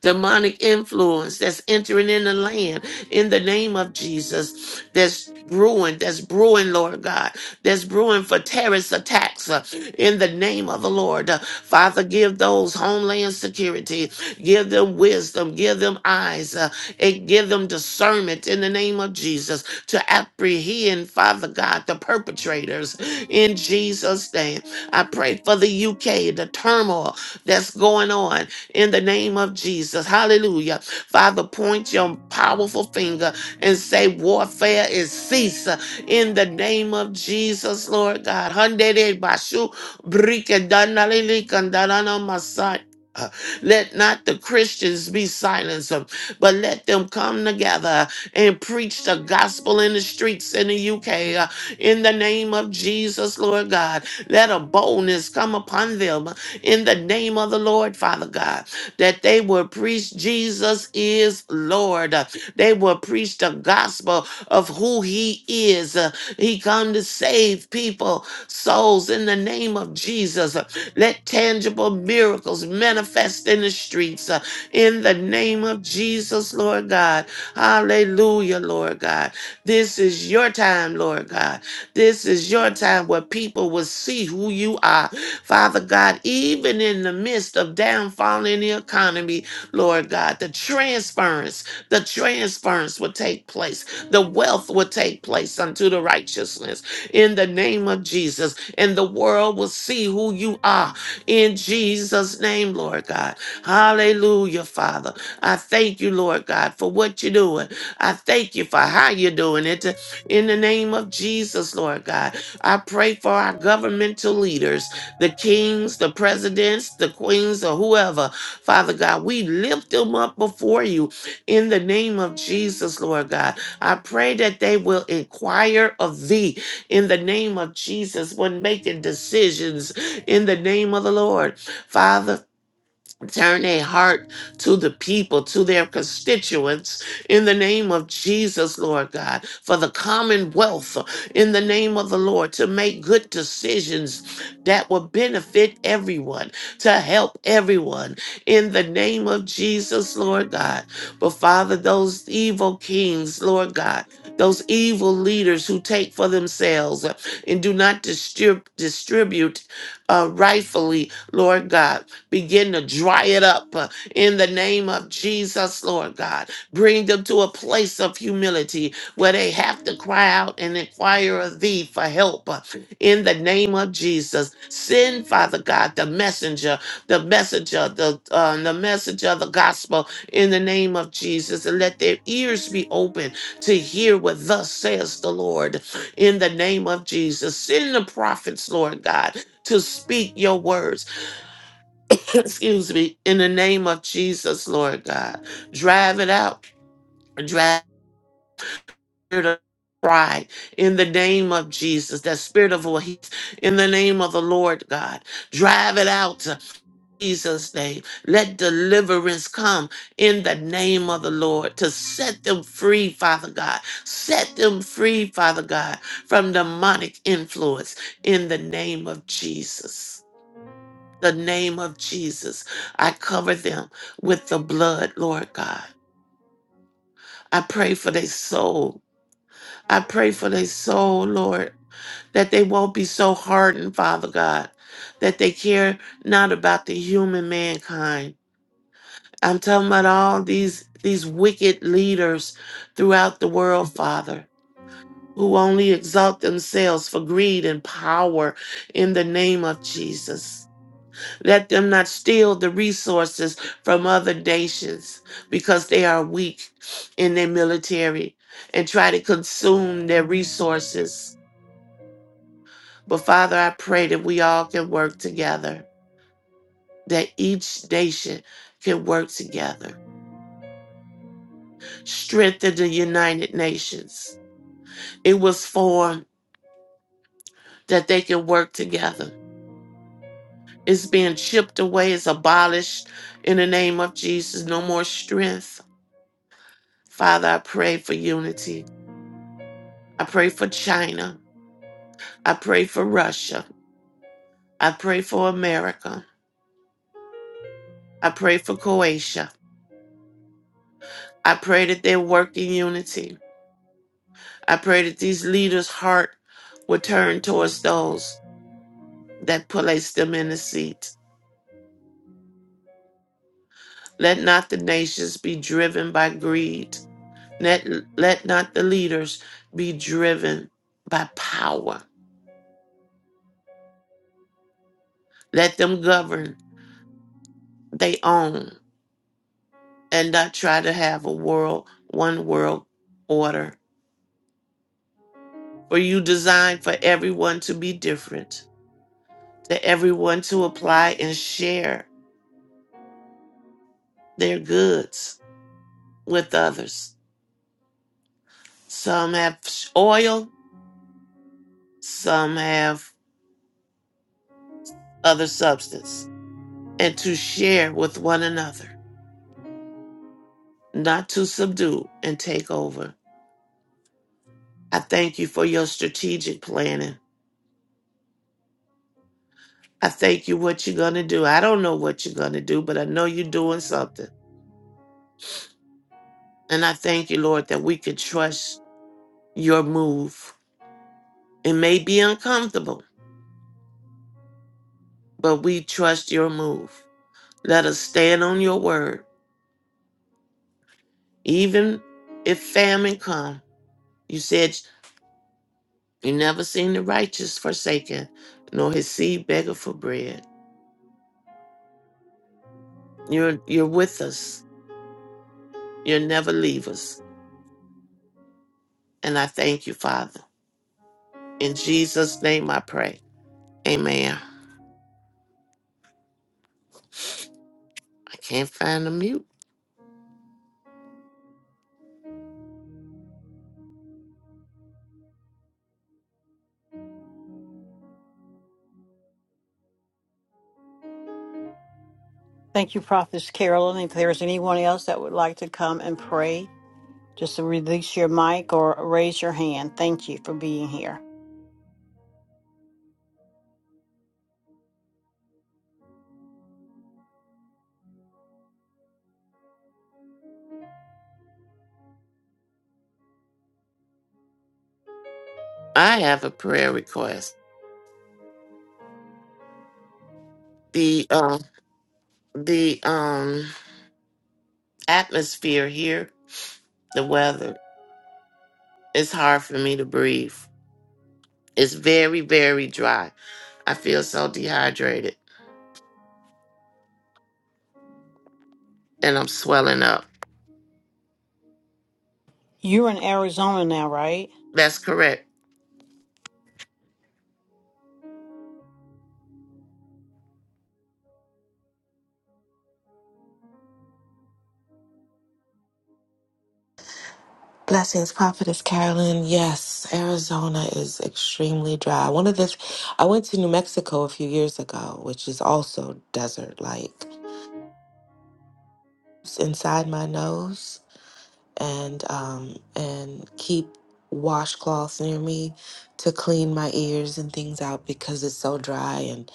Speaker 8: demonic influence that's entering in the land in the name of Jesus that's brewing, that's brewing, Lord God, that's brewing for terrorist attacks uh, in the name of the Lord. Uh, Father, give those homeland security, give them wisdom, give them eyes, uh, and give them discernment in the name of Jesus to apprehend, Father God, the perpetrators in Jesus' name. I pray for the UK, the turmoil that's going on in the name of Jesus. Hallelujah. Father, point your powerful finger and say, Warfare is cease in the name of Jesus, Lord God. Hundede bashu brike danalili kandanana masai. Uh, Let not the Christians be silenced, uh, but let them come together and preach the gospel in the streets in the UK. uh, In the name of Jesus, Lord God, let a boldness come upon them in the name of the Lord, Father God, that they will preach Jesus is Lord. Uh, They will preach the gospel of who he is. Uh, He come to save people, souls in the name of Jesus. Uh, Let tangible miracles manifest in the streets uh, in the name of Jesus, Lord God. Hallelujah, Lord God. This is your time, Lord God. This is your time where people will see who you are Father God, even in the midst of downfall in the economy, Lord God, the transference, the transference will take place. The wealth will take place unto the righteousness in the name of Jesus. And the world will see who you are in Jesus' name, Lord God. Hallelujah, Father. I thank you, Lord God, for what you're doing. I thank you for how you're doing it. In the name of Jesus, Lord God, I pray for our governmental leaders the kings, the presidents, the queens, or whoever. Father God, we lift them up before you in the name of Jesus, Lord God. I pray that they will inquire of thee in the name of Jesus when making decisions in the name of the Lord. Father, Turn a heart to the people, to their constituents, in the name of Jesus, Lord God, for the commonwealth, in the name of the Lord, to make good decisions that will benefit everyone, to help everyone, in the name of Jesus, Lord God. But Father, those evil kings, Lord God, those evil leaders who take for themselves uh, and do not distrib- distribute uh, rightfully, Lord God Begin to dry it up uh, in the name of Jesus, Lord God. Bring them to a place of humility where they have to cry out and inquire of thee for help uh, in the name of Jesus. Send, Father God, the messenger, the messenger, the, uh, the messenger of the gospel in the name of Jesus and let their ears be open to hear what thus says the Lord in the name of Jesus. Send the prophets, Lord God. To speak your words excuse me, in the name of Jesus, Lord God. Drive it out. Drive it out. Pride in the name of Jesus, that spirit of voice in the name of the Lord God, drive it out in Jesus' name. Let deliverance come in the name of the Lord to set them free, Father God. Set them free, Father God, from demonic influence in the name of Jesus the name of Jesus. I cover them with the blood, Lord God. I pray for their soul. I pray for their soul, Lord, that they won't be so hardened, Father God, that they care not about the human mankind. I'm talking about all these these wicked leaders throughout the world, Father, who only exalt themselves for greed and power in the name of Jesus. Let them not steal the resources from other nations because they are weak in their military and try to consume their resources. But Father, I pray that we all can work together, that each nation can work together. Strengthen the United Nations. It was formed that they can work together. It's being chipped away, it's abolished in the name of Jesus. No more strength. Father, I pray for unity I pray for China. I pray for Russia. I pray for America. I pray for Croatia. I pray that they work in unity. I pray that these leaders' heart will turn towards those that place them in the seat. Let not the nations be driven by greed. Let, let not the leaders be driven by power. Let them govern they own and not try to have a world, one world order for you designed for everyone to be different, to everyone to apply and share their goods with others. Some have oil, some have other substance, and to share with one another, not to subdue and take over. I thank you for your strategic planning. I thank you what you're going to do. I don't know what you're going to do, but I know you're doing something. And I thank you, Lord, that we can trust your move. It may be uncomfortable but we trust your move. Let us stand on your word, even if famine come. You said you never seen the righteous forsaken, nor his seed beggar for bread. You're you're with us. You'll never leave us. And I thank you, Father. In Jesus' name I pray. Amen. I can't find the mute.
Speaker 2: Thank you, Prophetess Carolyn. If there's anyone else that would like to come and pray, just release your mic or raise your hand. Thank you for being here.
Speaker 8: I have a prayer request. The um the um atmosphere here, the weather, it's hard for me to breathe. It's very, very dry. I feel so dehydrated and I'm swelling up.
Speaker 2: You're in Arizona now, right?
Speaker 8: That's correct.
Speaker 5: Blessings, Prophetess Carolyn. Yes, Arizona is extremely dry. One of the, I went to New Mexico a few years ago, which is also desert like. It's inside my nose. and um, and keep washcloths near me to clean my ears and things out because it's so dry and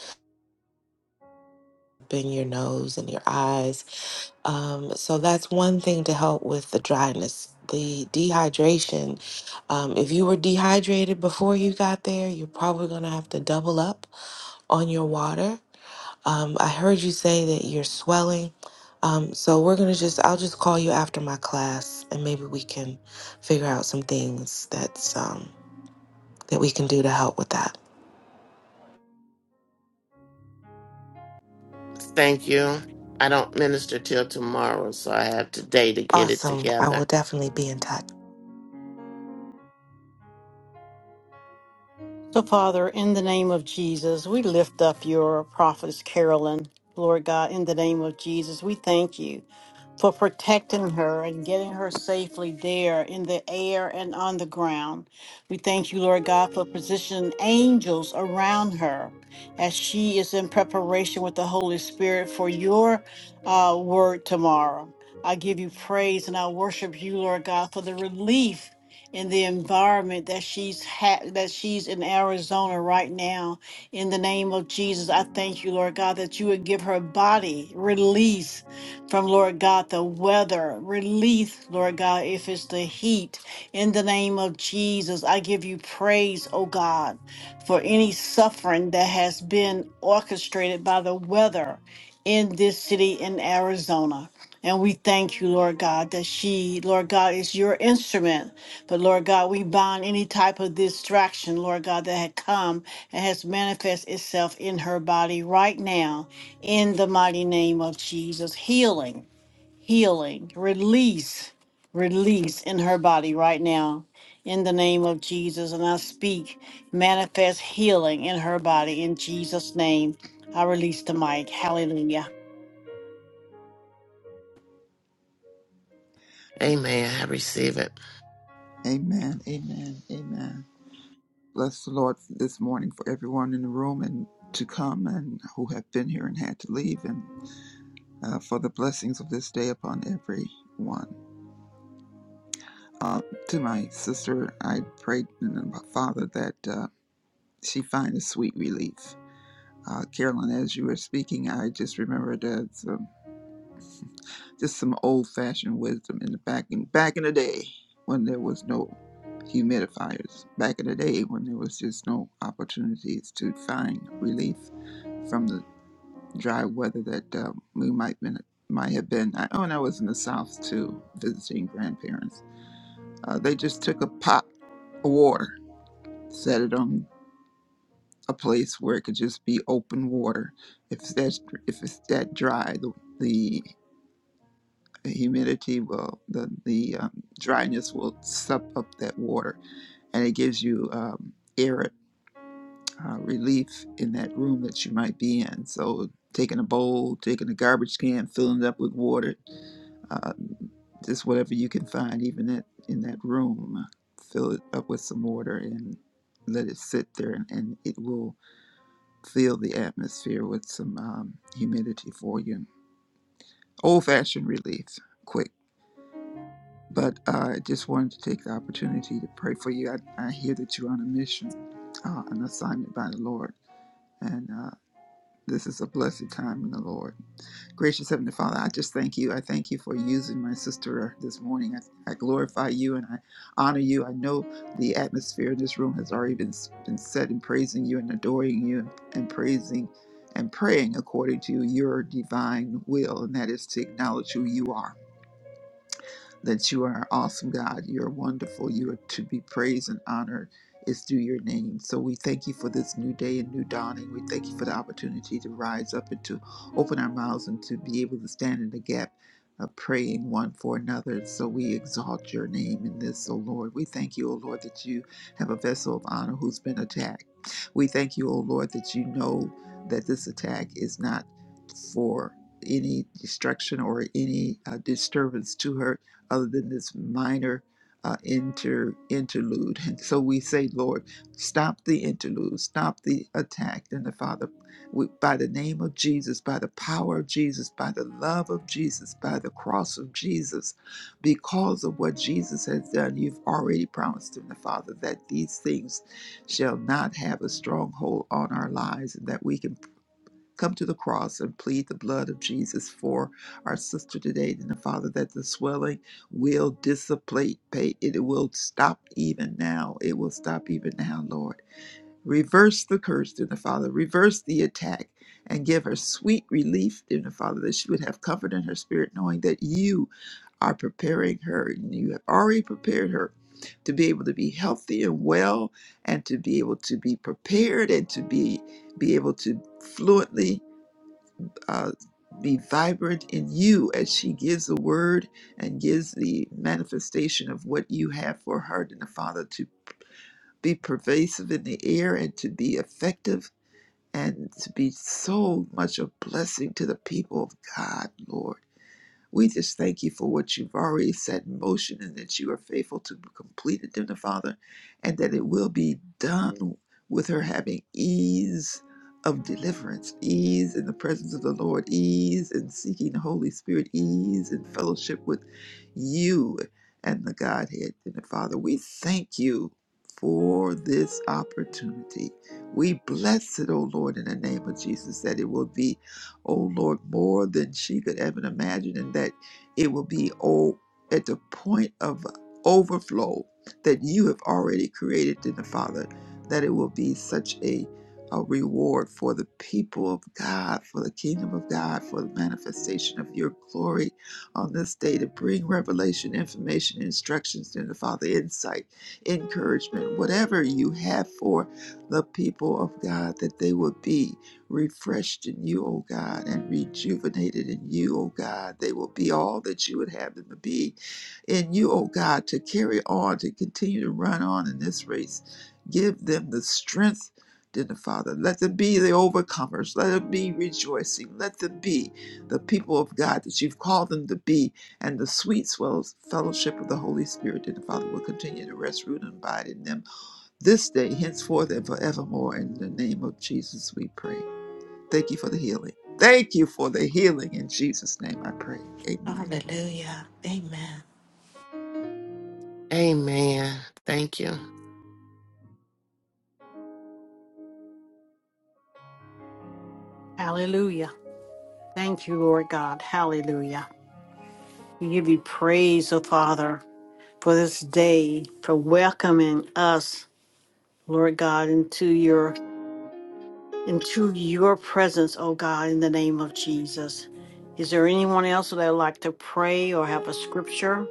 Speaker 5: in your nose and your eyes. Um, so that's one thing to help with the dryness. The dehydration, um, if you were dehydrated before you got there, you're probably going to have to double up on your water um, I heard you say that you're swelling. Um, so we're going to just, I'll just call you after my class and maybe we can figure out some things that's, um, that we can do to help with that.
Speaker 8: Thank you. I don't minister till tomorrow, so I have today to get it
Speaker 5: Awesome. I will
Speaker 8: together.
Speaker 5: definitely be in touch.
Speaker 2: So, Father, in the name of Jesus, we lift up your prophetess, Carolyn. Lord God, in the name of Jesus, we thank you for protecting her and getting her safely there in the air and on the ground. We thank you, Lord God, for positioning angels around her as she is in preparation with the Holy Spirit for your uh, word tomorrow. I give you praise and I worship you, Lord God, for the relief in the environment that she's had that she's in Arizona right now. In the name of Jesus, I thank you, Lord God, that you would give her body release from Lord God the weather, relief, Lord God, if it's the heat. In the name of Jesus, I give you praise, oh God, for any suffering that has been orchestrated by the weather in this city in Arizona. And we thank you, Lord God, that she, Lord God, is your instrument. But Lord God, we bind any type of distraction, Lord God, that had come and has manifest itself in her body right now, in the mighty name of Jesus. Healing, healing, release, release in her body right now, in the name of Jesus. And I speak manifest healing in her body in Jesus' name. I release the mic. Hallelujah.
Speaker 8: Amen. I receive it.
Speaker 9: Amen. Amen. Amen. Bless the Lord this morning for everyone in the room and to come and who have been here and had to leave, and uh, for the blessings of this day upon everyone. Uh, to my sister, I prayed in the Father that uh, she find a sweet relief. Uh, Carolyn, as you were speaking, I just remembered that. Just some old fashioned wisdom in the back in back in the day when there was no humidifiers. Back in the day when there was just no opportunities to find relief from the dry weather that uh, we might been might have been. I, oh, and I was in the South too, visiting grandparents. Uh, they just took a pot of water, set it on a place where it could just be open water. If that's if it's that dry, the the the humidity will the the um, dryness will suck up that water and it gives you um, air uh, relief in that room that you might be in so taking a bowl taking a garbage can filling it up with water uh, just whatever you can find even at, in that room uh, fill it up with some water and let it sit there and, and it will fill the atmosphere with some um, humidity for you old-fashioned relief quick But uh, I just wanted to take the opportunity to pray for you. I, I hear that you're on a mission, uh, an assignment by the Lord. And uh, this is a blessed time in the Lord. Gracious Heavenly Father, I just thank you. I thank you for using my sister this morning. I, I glorify you and I honor you. I know the atmosphere in this room has already been, been set in praising you and adoring you and, and praising and praying according to your divine will, and that is to acknowledge who you are that you are an awesome God. You're wonderful. You are to be praised and honored is through your name. So we thank you for this new day and new dawning. We thank you for the opportunity to rise up and to open our mouths and to be able to stand in the gap of praying one for another. So we exalt your name in this, O Lord. We thank you, O Lord, that you have a vessel of honor who's been attacked. We thank you, O Lord, that you know that this attack is not for any destruction or any uh, disturbance to her other than this minor uh, inter interlude. And so we say, Lord, stop the interlude, stop the attack. And the Father, we, by the name of Jesus, by the power of Jesus, by the love of Jesus, by the cross of Jesus, because of what Jesus has done, you've already promised him, the Father, that these things shall not have a stronghold on our lives, and that we can come to the cross and plead the blood of Jesus for our sister today. And the Father, that the swelling will dissipate, pa- it will stop even now. It will stop even now, Lord. Reverse the curse, dear the Father. Reverse the attack and give her sweet relief, dear the Father, that she would have comfort in her spirit, knowing that you are preparing her and you have already prepared her to be able to be healthy and well and to be able to be prepared and to be be able to fluently uh, be vibrant in you as she gives the word and gives the manifestation of what you have for her and the Father to be pervasive in the air and to be effective and to be so much a blessing to the people of God, Lord. We just thank you for what you've already set in motion and that you are faithful to complete it, dear Father, and that it will be done with her having ease of deliverance, ease in the presence of the Lord, ease in seeking the Holy Spirit, ease in fellowship with you and the Godhead. And Father, we thank you for this opportunity. We bless it, O Lord, in the name of Jesus, that it will be oh Lord, more than she could ever imagine, and that it will be oh at the point of overflow that you have already created in the Father, that it will be such a a reward for the people of God, for the kingdom of God, for the manifestation of your glory on this day to bring revelation, information, instructions to the Father, insight, encouragement, whatever you have for the people of God, that they will be refreshed in you, O God, and rejuvenated in you, O God. They will be all that you would have them to be in you, O God, to carry on, to continue to run on in this race. Give them the strength, dear Father. Let them be the overcomers. Let them be rejoicing. Let them be the people of God that you've called them to be. And the sweet swell- fellowship of the Holy Spirit, dear Father, will continue to rest, root, and abide in them this day, henceforth, and forevermore. In the name of Jesus, we pray. Thank you for the healing. Thank you for the healing in Jesus' name. I pray. Amen.
Speaker 5: Hallelujah. Amen.
Speaker 8: Amen. Thank you.
Speaker 2: Hallelujah. Thank you, Lord God. Hallelujah. We give you praise, O Father, for this day, for welcoming us, Lord God, into your into your presence, O God, in the name of Jesus. Is there anyone else that would like to pray or have a scripture?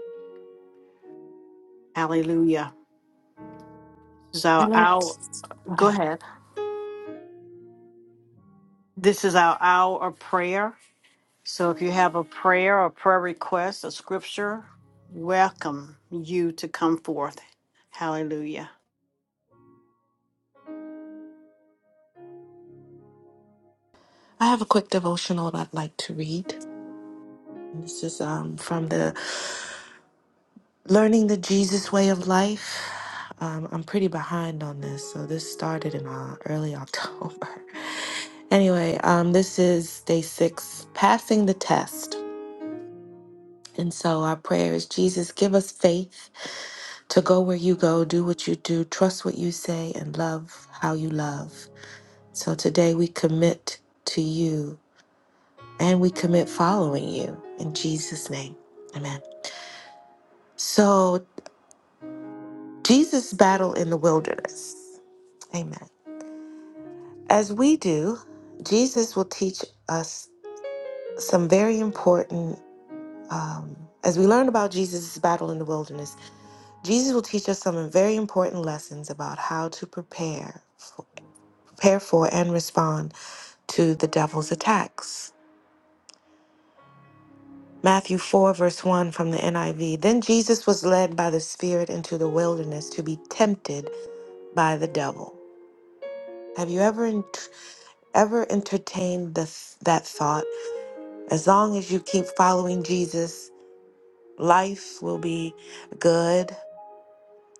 Speaker 2: Hallelujah. This is
Speaker 5: I
Speaker 2: our
Speaker 5: like,
Speaker 2: hour.
Speaker 5: go
Speaker 2: Go
Speaker 5: ahead.
Speaker 2: ahead. This is our hour of prayer. So if you have a prayer or prayer request, a scripture, welcome you to come forth. Hallelujah.
Speaker 5: I have a quick devotional that I'd like to read. This is um, from the Learning the Jesus way of life. Um, I'm pretty behind on this, so this started in uh, early October. anyway, um, this is day six, passing the test. And so our prayer is Jesus, give us faith to go where you go, do what you do, trust what you say, and love how you love. So today we commit to you and we commit following you in Jesus' name. Amen. So, Jesus' battle in the wilderness. Amen. As we do, Jesus will teach us some very important, um, as we learn about Jesus' battle in the wilderness, Jesus will teach us some very important lessons about how to prepare, prepare for, and respond to the devil's attacks. Matthew 4, verse 1 from the NIV. Then Jesus was led by the Spirit into the wilderness to be tempted by the devil. Have you ever, ent- ever entertained the, that thought? As long as you keep following Jesus, life will be good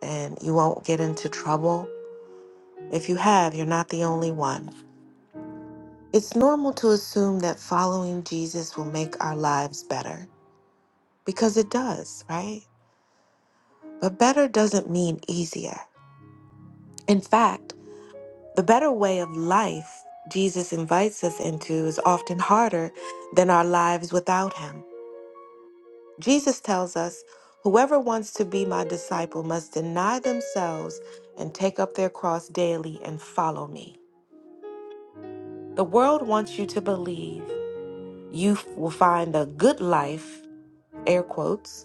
Speaker 5: and you won't get into trouble. If you have, you're not the only one. It's normal to assume that following Jesus will make our lives better because it does, right? But better doesn't mean easier. In fact, the better way of life Jesus invites us into is often harder than our lives without Him. Jesus tells us, Whoever wants to be my disciple must deny themselves and take up their cross daily and follow me. The world wants you to believe you f- will find a good life, air quotes,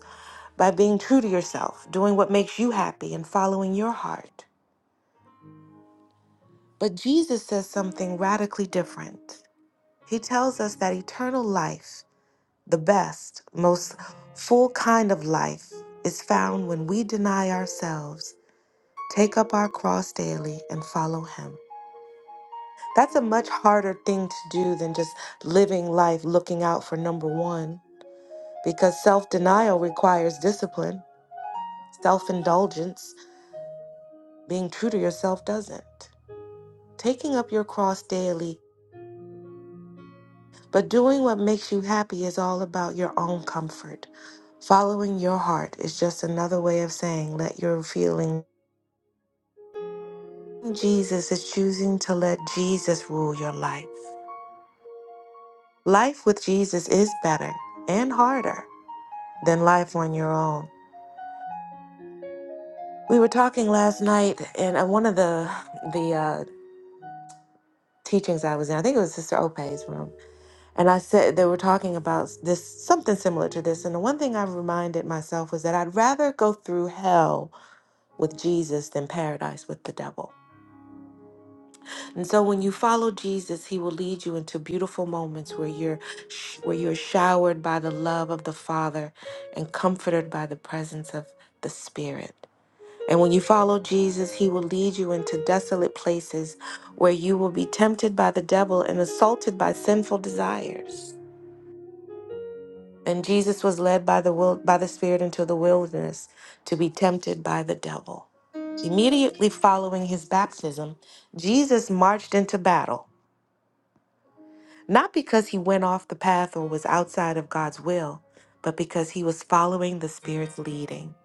Speaker 5: by being true to yourself, doing what makes you happy, and following your heart. But Jesus says something radically different. He tells us that eternal life, the best, most full kind of life, is found when we deny ourselves take up our cross daily and follow him. That's a much harder thing to do than just living life looking out for number one, because self denial requires discipline, self indulgence, being true to yourself doesn't. Taking up your cross daily, but doing what makes you happy is all about your own comfort. Following your heart is just another way of saying let your feeling Jesus is choosing to let Jesus rule your life. Life with Jesus is better and harder than life on your own. We were talking last night in uh, one of the the uh, teachings I was in. I think it was Sister Ope's room, and I said they were talking about this something similar to this. And the one thing I reminded myself was that I'd rather go through hell with Jesus than paradise with the devil. And so when you follow Jesus, he will lead you into beautiful moments where you're sh- where you're showered by the love of the Father and comforted by the presence of the Spirit. And when you follow Jesus, he will lead you into desolate places where you will be tempted by the devil and assaulted by sinful desires. And Jesus was led by the will, by the Spirit into the wilderness to be tempted by the devil. Immediately following his baptism, Jesus marched into battle not because he went off the path or was outside of God's will, but because he was following the Spirit's leading.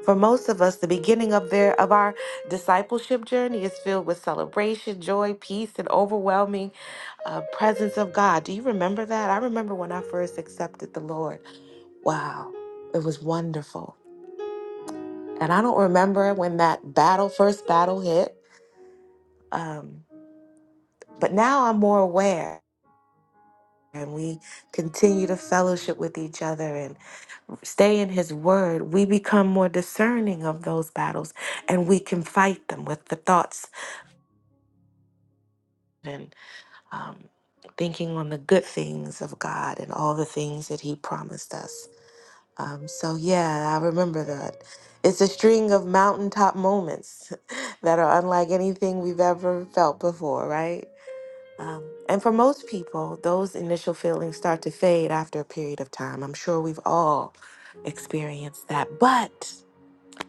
Speaker 5: For most of us, the beginning of their of our discipleship journey is filled with celebration, joy, peace, and overwhelming uh, presence of God. Do you remember that? I remember when I first accepted the Lord. Wow, it was wonderful. And I don't remember when that battle first battle hit, um, but now I'm more aware, and we continue to fellowship with each other and. stay in his word, we become more discerning of those battles and we can fight them with the thoughts and um, thinking on the good things of God and all the things that he promised us. Um, so, yeah, I remember that. It's a string of mountaintop moments that are unlike anything we've ever felt before, right? Um, and for most people, those initial feelings start to fade after a period of time. I'm sure we've all experienced that. But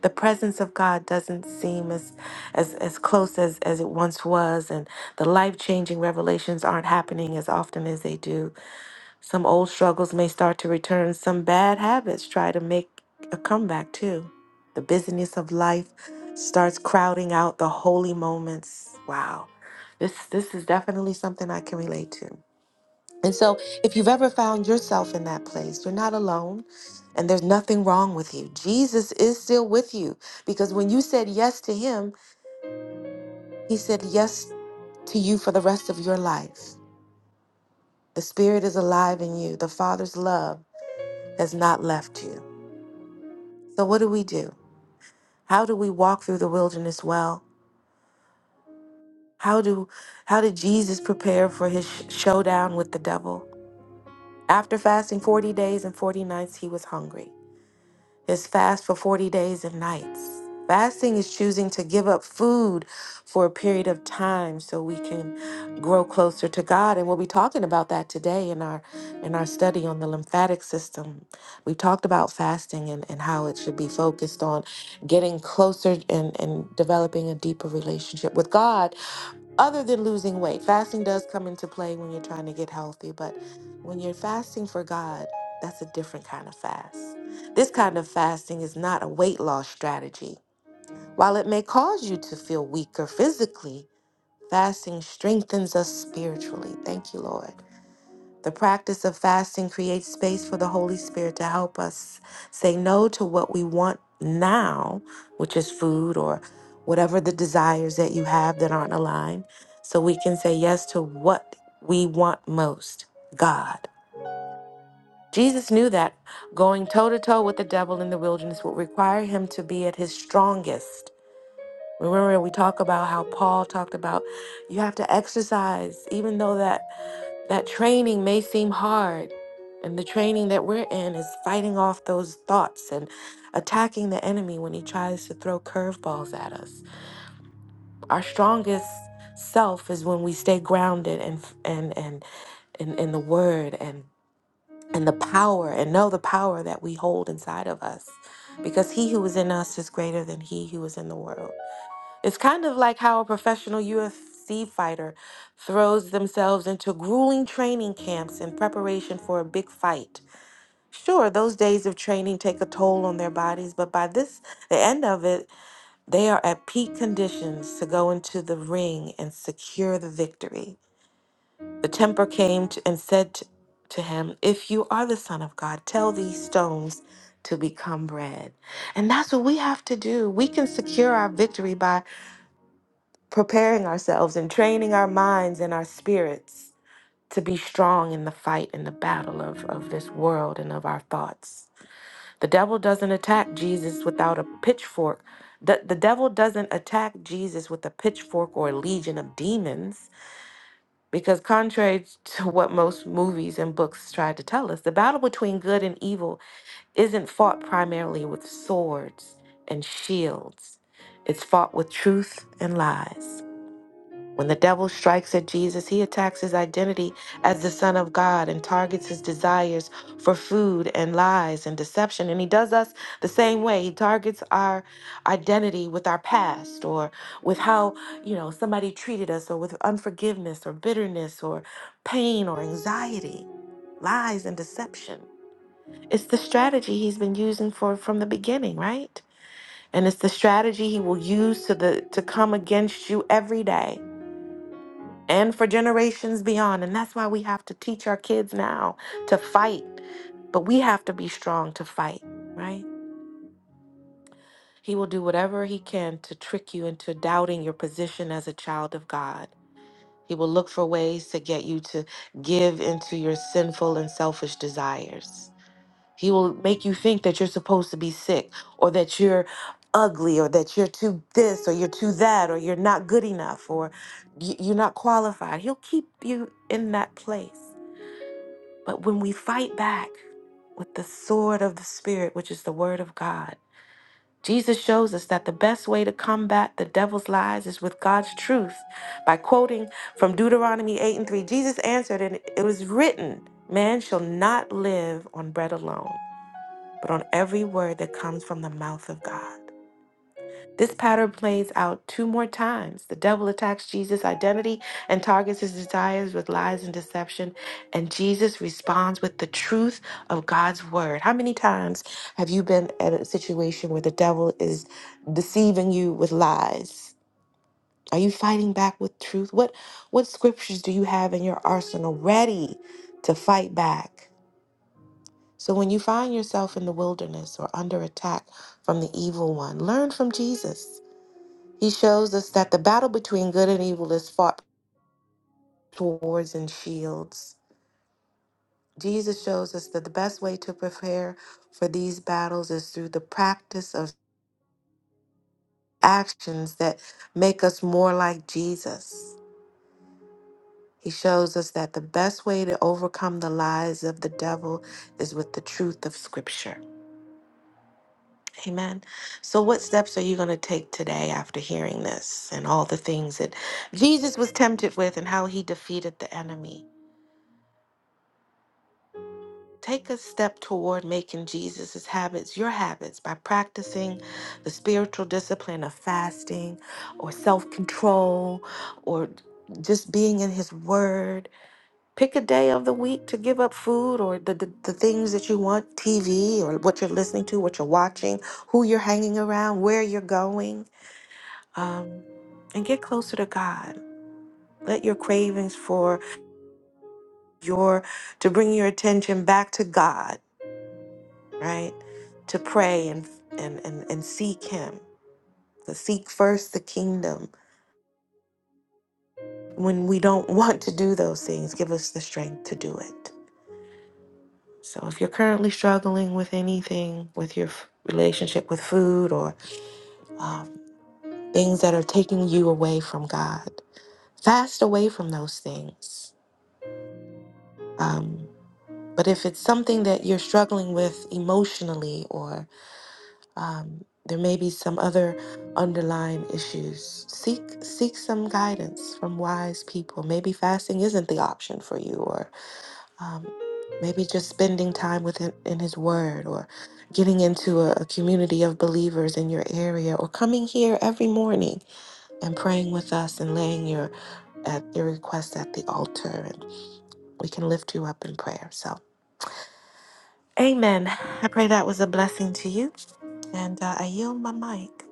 Speaker 5: the presence of God doesn't seem as as as close as as it once was and the life-changing revelations aren't happening as often as they do. Some old struggles may start to return, some bad habits try to make a comeback too. The busyness of life starts crowding out the holy moments. Wow. This this is definitely something I can relate to. And so, if you've ever found yourself in that place, you're not alone and there's nothing wrong with you. Jesus is still with you because when you said yes to him, he said yes to you for the rest of your life. The Spirit is alive in you, the Father's love has not left you. So, what do we do? How do we walk through the wilderness well? How do how did Jesus prepare for his sh- showdown with the devil? After fasting 40 days and 40 nights, he was hungry. is fast for 40 days and nights. Fasting is choosing to give up food for a period of time so we can grow closer to God. And we'll be talking about that today in our in our study on the lymphatic system. We talked about fasting and, and how it should be focused on getting closer and, and developing a deeper relationship with God other than losing weight, fasting does come into play when you're trying to get healthy, but when you're fasting for God, that's a different kind of fast. This kind of fasting is not a weight loss strategy. While it may cause you to feel weaker physically, fasting strengthens us spiritually. Thank you, Lord. The practice of fasting creates space for the Holy Spirit to help us say no to what we want now, which is food or whatever the desires that you have that aren't aligned, so we can say yes to what we want most God. Jesus knew that going toe to toe with the devil in the wilderness would require him to be at his strongest. Remember, we talk about how Paul talked about you have to exercise, even though that that training may seem hard, and the training that we're in is fighting off those thoughts and attacking the enemy when he tries to throw curveballs at us. Our strongest self is when we stay grounded and f- and and in, in the word and and the power and know the power that we hold inside of us because he who is in us is greater than he who is in the world it's kind of like how a professional UFC fighter throws themselves into grueling training camps in preparation for a big fight. Sure, those days of training take a toll on their bodies, but by this the end of it, they are at peak conditions to go into the ring and secure the victory. The tempter came to, and said t- to him, "If you are the son of God, tell these stones to become bread." And that's what we have to do. We can secure our victory by preparing ourselves and training our minds and our spirits to be strong in the fight and the battle of, of this world and of our thoughts. The devil doesn't attack Jesus without a pitchfork. The, the devil doesn't attack Jesus with a pitchfork or a legion of demons, because contrary to what most movies and books try to tell us, the battle between good and evil isn't fought primarily with swords and shields, it's fought with truth and lies. When the devil strikes at Jesus, he attacks his identity as the Son of God and targets his desires for food and lies and deception. And he does us the same way. He targets our identity with our past or with how, you know, somebody treated us or with unforgiveness or bitterness or pain or anxiety, lies and deception. It's the strategy he's been using for from the beginning, right? And it's the strategy he will use to the to come against you every day and for generations beyond. And that's why we have to teach our kids now to fight. But we have to be strong to fight, right? He will do whatever he can to trick you into doubting your position as a child of God. He will look for ways to get you to give into your sinful and selfish desires. He will make you think that you're supposed to be sick or that you're ugly or that you're too this or you're too that or you're not good enough or y- you're not qualified. He'll keep you in that place. But when we fight back with the sword of the Spirit, which is the word of God, Jesus shows us that the best way to combat the devil's lies is with God's truth. By quoting from Deuteronomy 8 and 3, Jesus answered, and it was written, Man shall not live on bread alone but on every word that comes from the mouth of God. This pattern plays out two more times. The devil attacks Jesus' identity and targets his desires with lies and deception, and Jesus responds with the truth of God's word. How many times have you been at a situation where the devil is deceiving you with lies? Are you fighting back with truth? What what scriptures do you have in your arsenal ready to fight back? So when you find yourself in the wilderness or under attack from the evil one, learn from Jesus. He shows us that the battle between good and evil is fought with swords and shields. Jesus shows us that the best way to prepare for these battles is through the practice of actions that make us more like Jesus. He shows us that the best way to overcome the lies of the devil is with the truth of Scripture. Amen. So, what steps are you going to take today after hearing this and all the things that Jesus was tempted with and how he defeated the enemy? Take a step toward making Jesus' habits your habits by practicing the spiritual discipline of fasting or self control or just being in his word. Pick a day of the week to give up food or the, the, the things that you want TV or what you're listening to, what you're watching, who you're hanging around, where you're going um, and get closer to God. Let your cravings for your to bring your attention back to God, right? To pray and and and, and seek Him. To seek first the kingdom. When we don't want to do those things, give us the strength to do it. So if you're currently struggling with anything, with your f- relationship with food or um, things that are taking you away from God, fast away from those things. Um, But if it's something that you're struggling with emotionally, or um, there may be some other underlying issues, seek seek some guidance from wise people. Maybe fasting isn't the option for you, or um, maybe just spending time with him in His Word, or getting into a, a community of believers in your area, or coming here every morning and praying with us and laying your at your request at the altar, and we can lift you up in prayer. So. Amen. I pray that was a blessing to you, and uh, I yield my mic.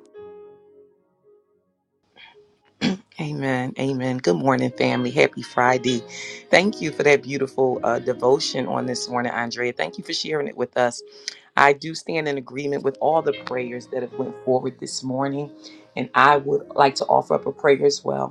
Speaker 7: Amen. Amen. Good morning, family. Happy Friday. Thank you for that beautiful uh, devotion on this morning, Andrea. Thank you for sharing it with us. I do stand in agreement with all the prayers that have went forward this morning, and I would like to offer up a prayer as well.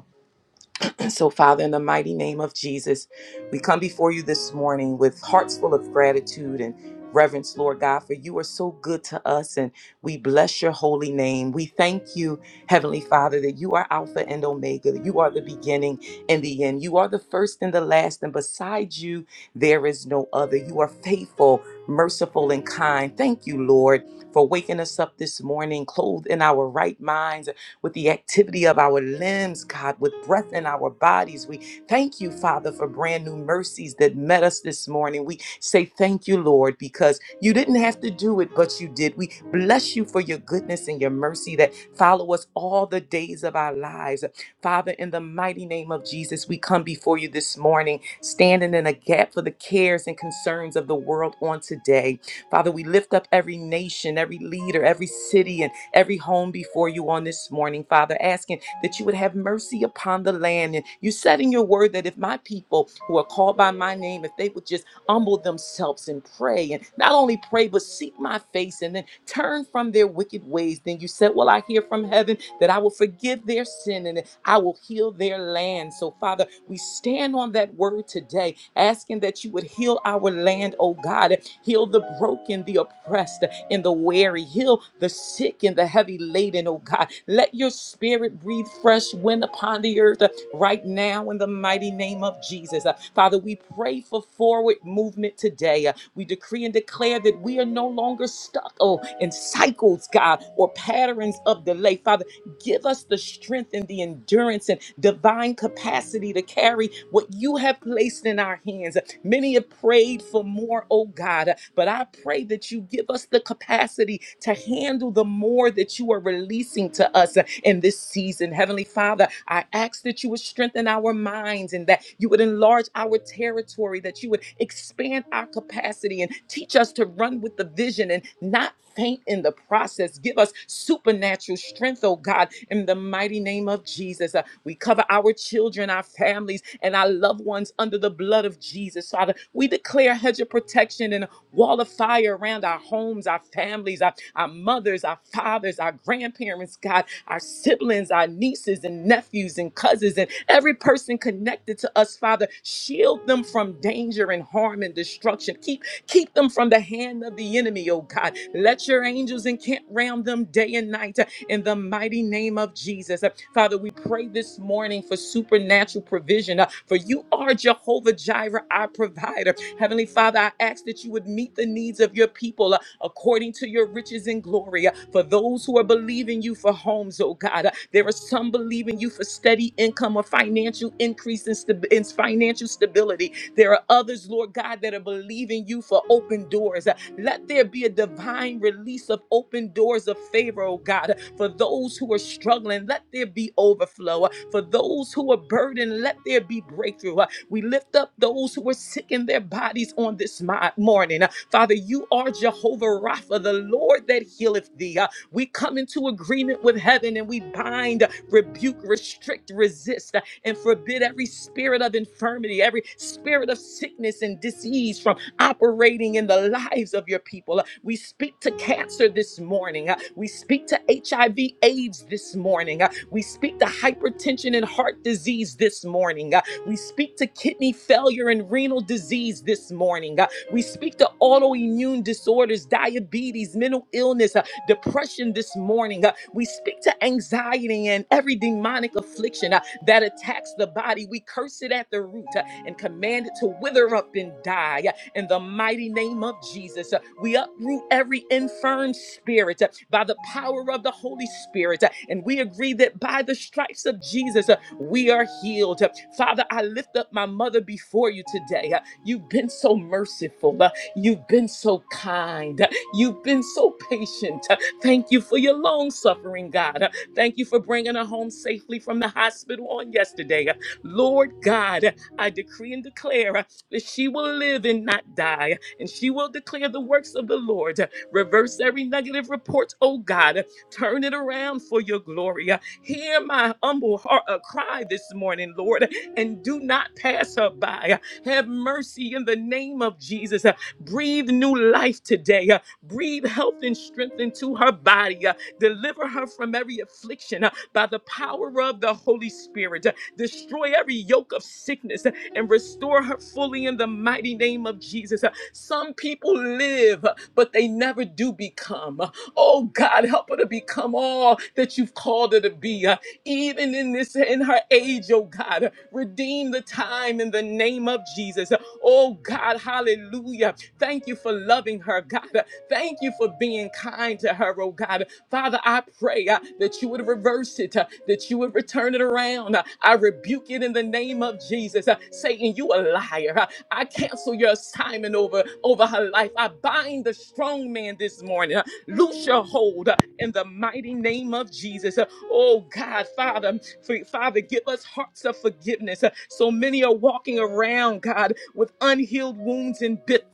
Speaker 7: And So, Father, in the mighty name of Jesus, we come before you this morning with hearts full of gratitude and reverence, Lord God, for you are so good to us and we bless your holy name. We thank you, Heavenly Father, that you are Alpha and Omega. You are the beginning and the end. You are the first and the last, and besides you, there is no other. You are faithful, merciful, and kind. Thank you, Lord. For waking us up this morning, clothed in our right minds, with the activity of our limbs, God, with breath in our bodies. We thank you, Father, for brand new mercies that met us this morning. We say thank you, Lord, because you didn't have to do it, but you did. We bless you for your goodness and your mercy that follow us all the days of our lives. Father, in the mighty name of Jesus, we come before you this morning, standing in a gap for the cares and concerns of the world on today. Father, we lift up every nation, every leader, every city, and every home before you on this morning, Father, asking that you would have mercy upon the land. And you said in your word that if my people who are called by my name, if they would just humble themselves and pray, and not only pray, but seek my face and then turn from their wicked ways, then you said, Well, I hear from heaven that I will forgive their sin and I will heal their land. So, Father, we stand on that word today, asking that you would heal our land, oh God. Heal the broken, the oppressed, and the weary. Heal the sick and the heavy laden, oh God. Let your spirit breathe fresh wind upon the earth uh, right now in the mighty name of Jesus. Uh, Father, we pray for forward movement today. Uh, We decree and declare that we are no longer stuck, oh, in cycles, God, or patterns of delay. Father, Give us the strength and the endurance and divine capacity to carry what you have placed in our hands. Many have prayed for more, oh God, but I pray that you give us the capacity to handle the more that you are releasing to us in this season. Heavenly Father, I ask that you would strengthen our minds and that you would enlarge our territory, that you would expand our capacity and teach us to run with the vision and not faint in the process. Give us supernatural strength, oh God, in the mighty name of Jesus. Uh, we cover our children, our families, and our loved ones under the blood of Jesus, Father. We declare a hedge of protection and a wall of fire around our homes, our families, our, our mothers, our fathers, our grandparents, God, our siblings, our nieces and nephews and cousins, and every person connected connected to us, Father. Shield them from danger and harm and destruction. Keep keep them from the hand of the enemy, oh God. Let your angels encamp round them day and night uh, in the mighty name of Jesus. Uh, Father, we pray this morning for supernatural provision, uh, for you are Jehovah Jireh, our provider. Heavenly Father, I ask that you would meet the needs of your people uh, according to your riches and glory and glory uh, for those who are believing you for homes, oh God. Uh, There are some believing you for steady income or financial increase in, stabi- in financial stability. There are others, Lord God, that are believing you for open doors. Uh, Let there be a divine release of open doors of favor, oh God, uh, for those who are struggling. Let there be overflow. Uh, For those who are burdened, let there be breakthrough. Uh, we lift up those who are sick in their bodies on this mi- morning. Uh, Father, you are Jehovah Rapha, the Lord that healeth thee. Uh, We come into agreement with heaven and we bind, rebuke, restrict, resist, uh, and forbid every spirit of infirmity, every spirit of sickness and disease from operating in the lives of your people. Uh, We speak to cancer this morning. Uh, We speak to HIV, AIDS this morning. Uh, We speak to hypertension and heart disease this morning. We speak to kidney failure and renal disease this morning. God. We speak to autoimmune disorders, diabetes, mental illness, uh, depression this morning. Uh, we speak to anxiety and every demonic affliction uh, that attacks the body. We curse it at the root uh, and command it to wither up and die. uh, in the mighty name of Jesus, Uh, we uproot every infirm spirit uh, by the power of the Holy Spirit. uh, And we agree that by the stripes of Jesus, uh, we are healed. Uh, Father, I lift up my mother before you today. Uh, You've been so merciful. Uh, You've been so kind. Uh, You've been so patient. Uh, Thank you for your long suffering, God. Uh, Thank you for bringing her home safely from the hospital on yesterday. Uh, Lord God, I decree and declare uh, that she will live and not die and she will declare the works of the Lord. Reverse every negative report, oh God. Turn it around for your glory. Hear my humble heart uh, cry this morning, Lord, and do not pass her by. Have mercy in the name of Jesus. Breathe new life today. Breathe health and strength into her body. Deliver her from every affliction uh, by the power of the Holy Spirit. Uh, Destroy every yoke of sickness uh, and restore her fully in the mighty name of Jesus. Uh, Some people live, uh, but they never do become. Uh, Oh God, help her to become all that you've called her to be. Uh, even in this in her age, oh God. uh, Redeem the time in the name of Jesus. Uh, Oh God, hallelujah. Thank you for loving her, God. Uh, Thank Thank you for being kind to her, oh God. Father, I pray uh, that you would reverse it, uh, that you would return it around. Uh, I rebuke it in the name of Jesus. Uh, Satan, you a liar. Uh, I cancel your assignment over, over her life. I bind the strong man this morning. Uh, loose your hold uh, in the mighty name of Jesus. Uh, oh God, Father, um, for- Father, give us hearts of forgiveness. Uh, so many are walking around, God, with unhealed wounds and bit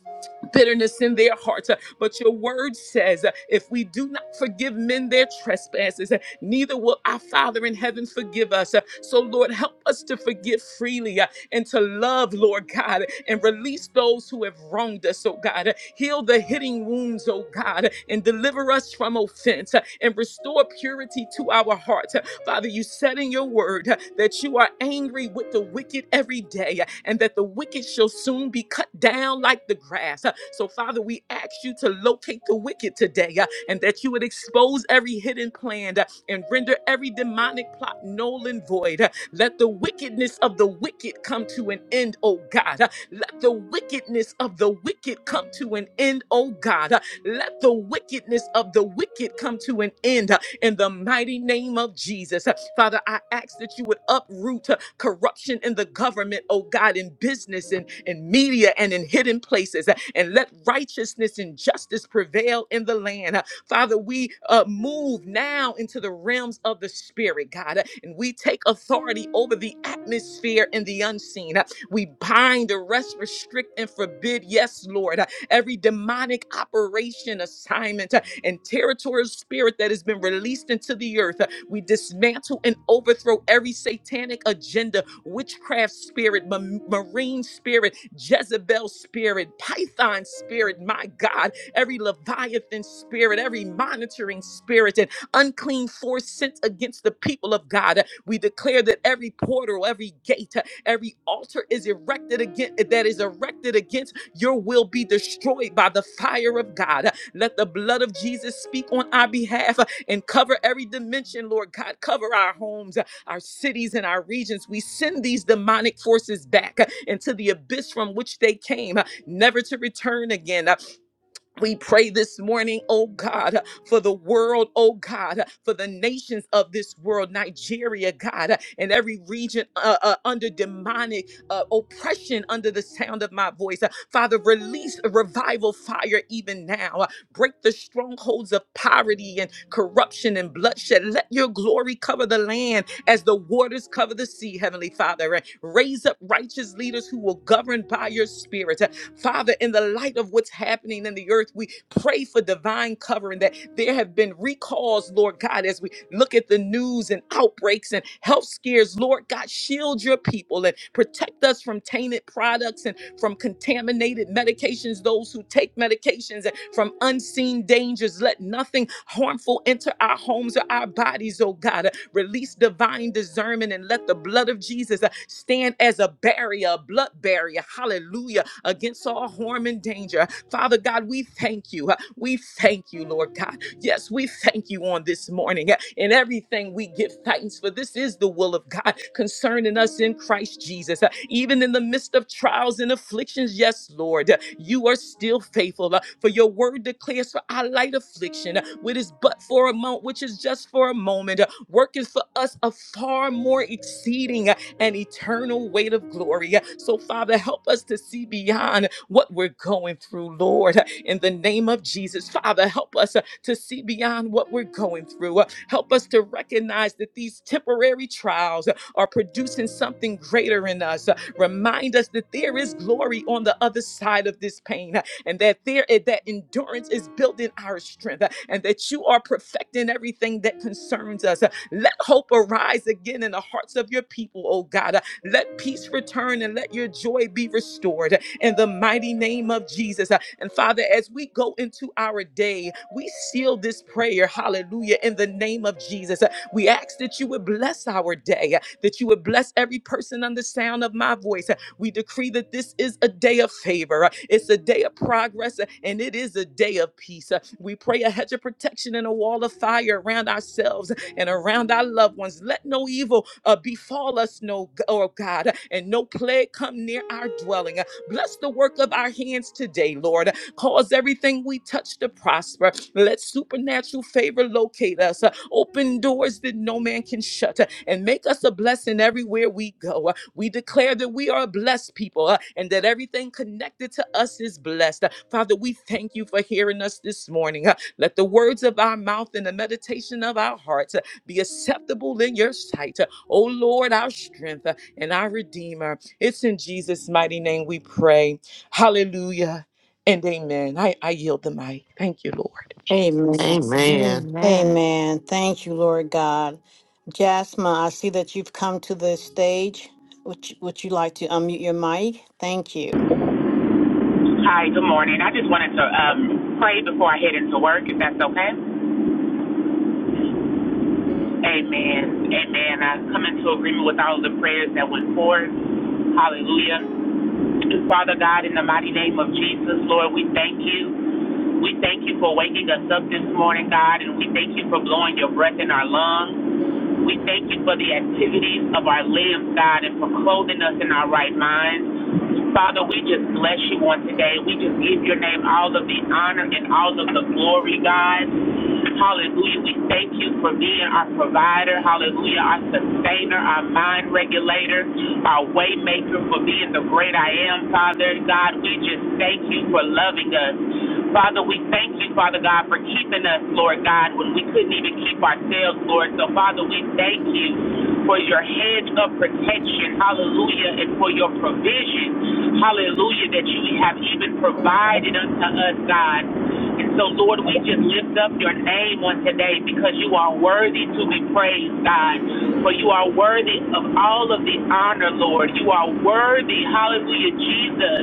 Speaker 7: bitterness in their hearts. Uh, But your word says, uh, if we do not forgive men their trespasses, uh, neither will our Father in heaven forgive us. Uh, So, Lord, help us to forgive freely uh, and to love, Lord God, and release those who have wronged us, oh God. Uh, Heal the hitting wounds, oh God, and and deliver us from offense uh, and restore purity to our hearts. Uh, Father, you said in your word uh, that you are angry with the wicked every day uh, and that the wicked shall soon be cut down like the grass. Uh, So, Father, we ask you to locate the wicked today uh, and that you would expose every hidden plan uh, and render every demonic plot null and void. Uh, Let the wickedness of the wicked come to an end, oh God. Uh, Let the wickedness of the wicked come to an end, oh God. Let the wickedness of the wicked come to an end uh, in the mighty name of Jesus. Uh, Father, I ask that you would uproot uh, corruption in the government, oh God, in business and in media and in hidden places, uh, and let righteousness and justice prevail in the land. Uh, Father, we uh, move now into the realms of the spirit, God, uh, and we take authority over the atmosphere and the unseen. Uh, we bind, arrest, restrict, and forbid, yes, Lord, uh, every demonic operation assignment uh, and territorial spirit that has been released into the earth. Uh, We dismantle and overthrow every satanic agenda, witchcraft spirit, ma- marine spirit, Jezebel spirit, Python spirit, my God, every Leviathan spirit, every monitoring spirit, and unclean force sent against the people of God. Uh, We declare that every portal, every gate, uh, every altar is erected against that is erected against your will be destroyed by the fire of God. Let the blood of Jesus speak on our behalf and cover every dimension, Lord God. Cover our homes, our cities, and our regions. We send these demonic forces back into the abyss from which they came, never to return again. We pray this morning, oh God, for the world, oh God, for the nations of this world, Nigeria, God, and every region uh, uh, under demonic uh, oppression under the sound of my voice. Uh, Father, release a revival fire even now. Uh, break the strongholds of poverty and corruption and bloodshed. Let your glory cover the land as the waters cover the sea, Heavenly Father. And raise up righteous leaders who will govern by your spirit. Father, in the light of what's happening in the earth, we pray for divine covering that there have been recalls, Lord God, as we look at the news and outbreaks and health scares. Lord God, shield your people and protect us from tainted products and from contaminated medications, those who take medications, and from unseen dangers. Let nothing harmful enter our homes or our bodies, oh God. Release divine discernment and let the blood of Jesus uh, stand as a barrier, a blood barrier, hallelujah, against all harm and danger. Father God, we thank you. Uh, We thank you, Lord God. Yes, we thank you on this morning. eh, In everything we give thanks for this is the will of God concerning us in Christ Jesus. Uh, Even in the midst of trials and afflictions, yes, Lord, uh, you are still faithful. Uh, For your word declares for our light affliction, uh, which is but for a moment, which is just for a moment, eh, working for us a far more exceeding uh, an eternal weight of glory. eh. So, Father, help us to see beyond what we're going through, Lord, eh, in the name of Jesus. Father, help us eh, to see beyond what we're going through. Uh, Help us to recognize that these temporary trials uh, are producing something greater in us. Uh, Remind us that there is glory on the other side of this pain uh, and that there eh, that endurance is building our strength uh, and that you are perfecting everything that concerns us. Uh, Let hope arise again in the hearts of your people, oh God. Uh, Let peace return and let your joy be restored in the mighty name of Jesus. Uh, And Father, as we go into our day, we seal this prayer, hallelujah, in the name of Jesus. Uh, We ask that you would bless our day, uh, that you would bless every person on the sound of my voice. Uh, We decree that this is a day of favor, uh, it's a day of progress, uh, and it is a day of peace. Uh, We pray a hedge of protection and a wall of fire around ourselves and around our loved ones. Let no evil uh, befall us, no, oh God, and no plague come near our dwelling. Uh, Bless the work of our hands today, Lord. Cause everything we touch to prosper. Let supernatural favor locate us. Uh, Open doors that no man can shut uh, and make us a blessing everywhere we go. Uh, We declare that we are a blessed people uh, and that everything connected to us is blessed. Uh, Father, we thank you for hearing us this morning. Uh, Let the words of our mouth and the meditation of our hearts uh, be acceptable in your sight. Uh, O Lord, our strength uh, and our redeemer. It's in Jesus' mighty name we pray. Hallelujah and amen. I, I yield the mic. Thank you, Lord.
Speaker 2: Amen.
Speaker 5: Jesus.
Speaker 8: Amen.
Speaker 5: Amen.
Speaker 2: Amen. Thank you, Lord God. Jasmine, I see that you've come to the stage. Would you, would you like to unmute your mic? Thank you.
Speaker 10: Hi, good morning. I just wanted to um, pray before I head into work, if that's okay. Amen. Amen. I come into agreement with all the prayers that went forth. Hallelujah. Father God, in the mighty name of Jesus, Lord, we thank you. We thank you for waking us up this morning, God, and we thank you for blowing your breath in our lungs. We thank you for the activities of our limbs, God, and for clothing us in our right minds. Father, we just bless you on today. We just give your name all of the honor and all of the glory, God. Hallelujah. We thank you for being our provider. Hallelujah. Our sustainer, our mind regulator, our way maker, for being the great I am, Father God. We just thank you for loving us. Father, we thank you, Father God, for keeping us, Lord God, when we couldn't even keep ourselves, Lord. So, Father, we thank you for your hedge of protection, hallelujah, and for your provision, hallelujah, that you have even provided unto us, God. And so, Lord, we just lift up your name on today because you are worthy to be praised, God. For you are worthy of all of the honor, Lord. You are worthy, hallelujah, Jesus,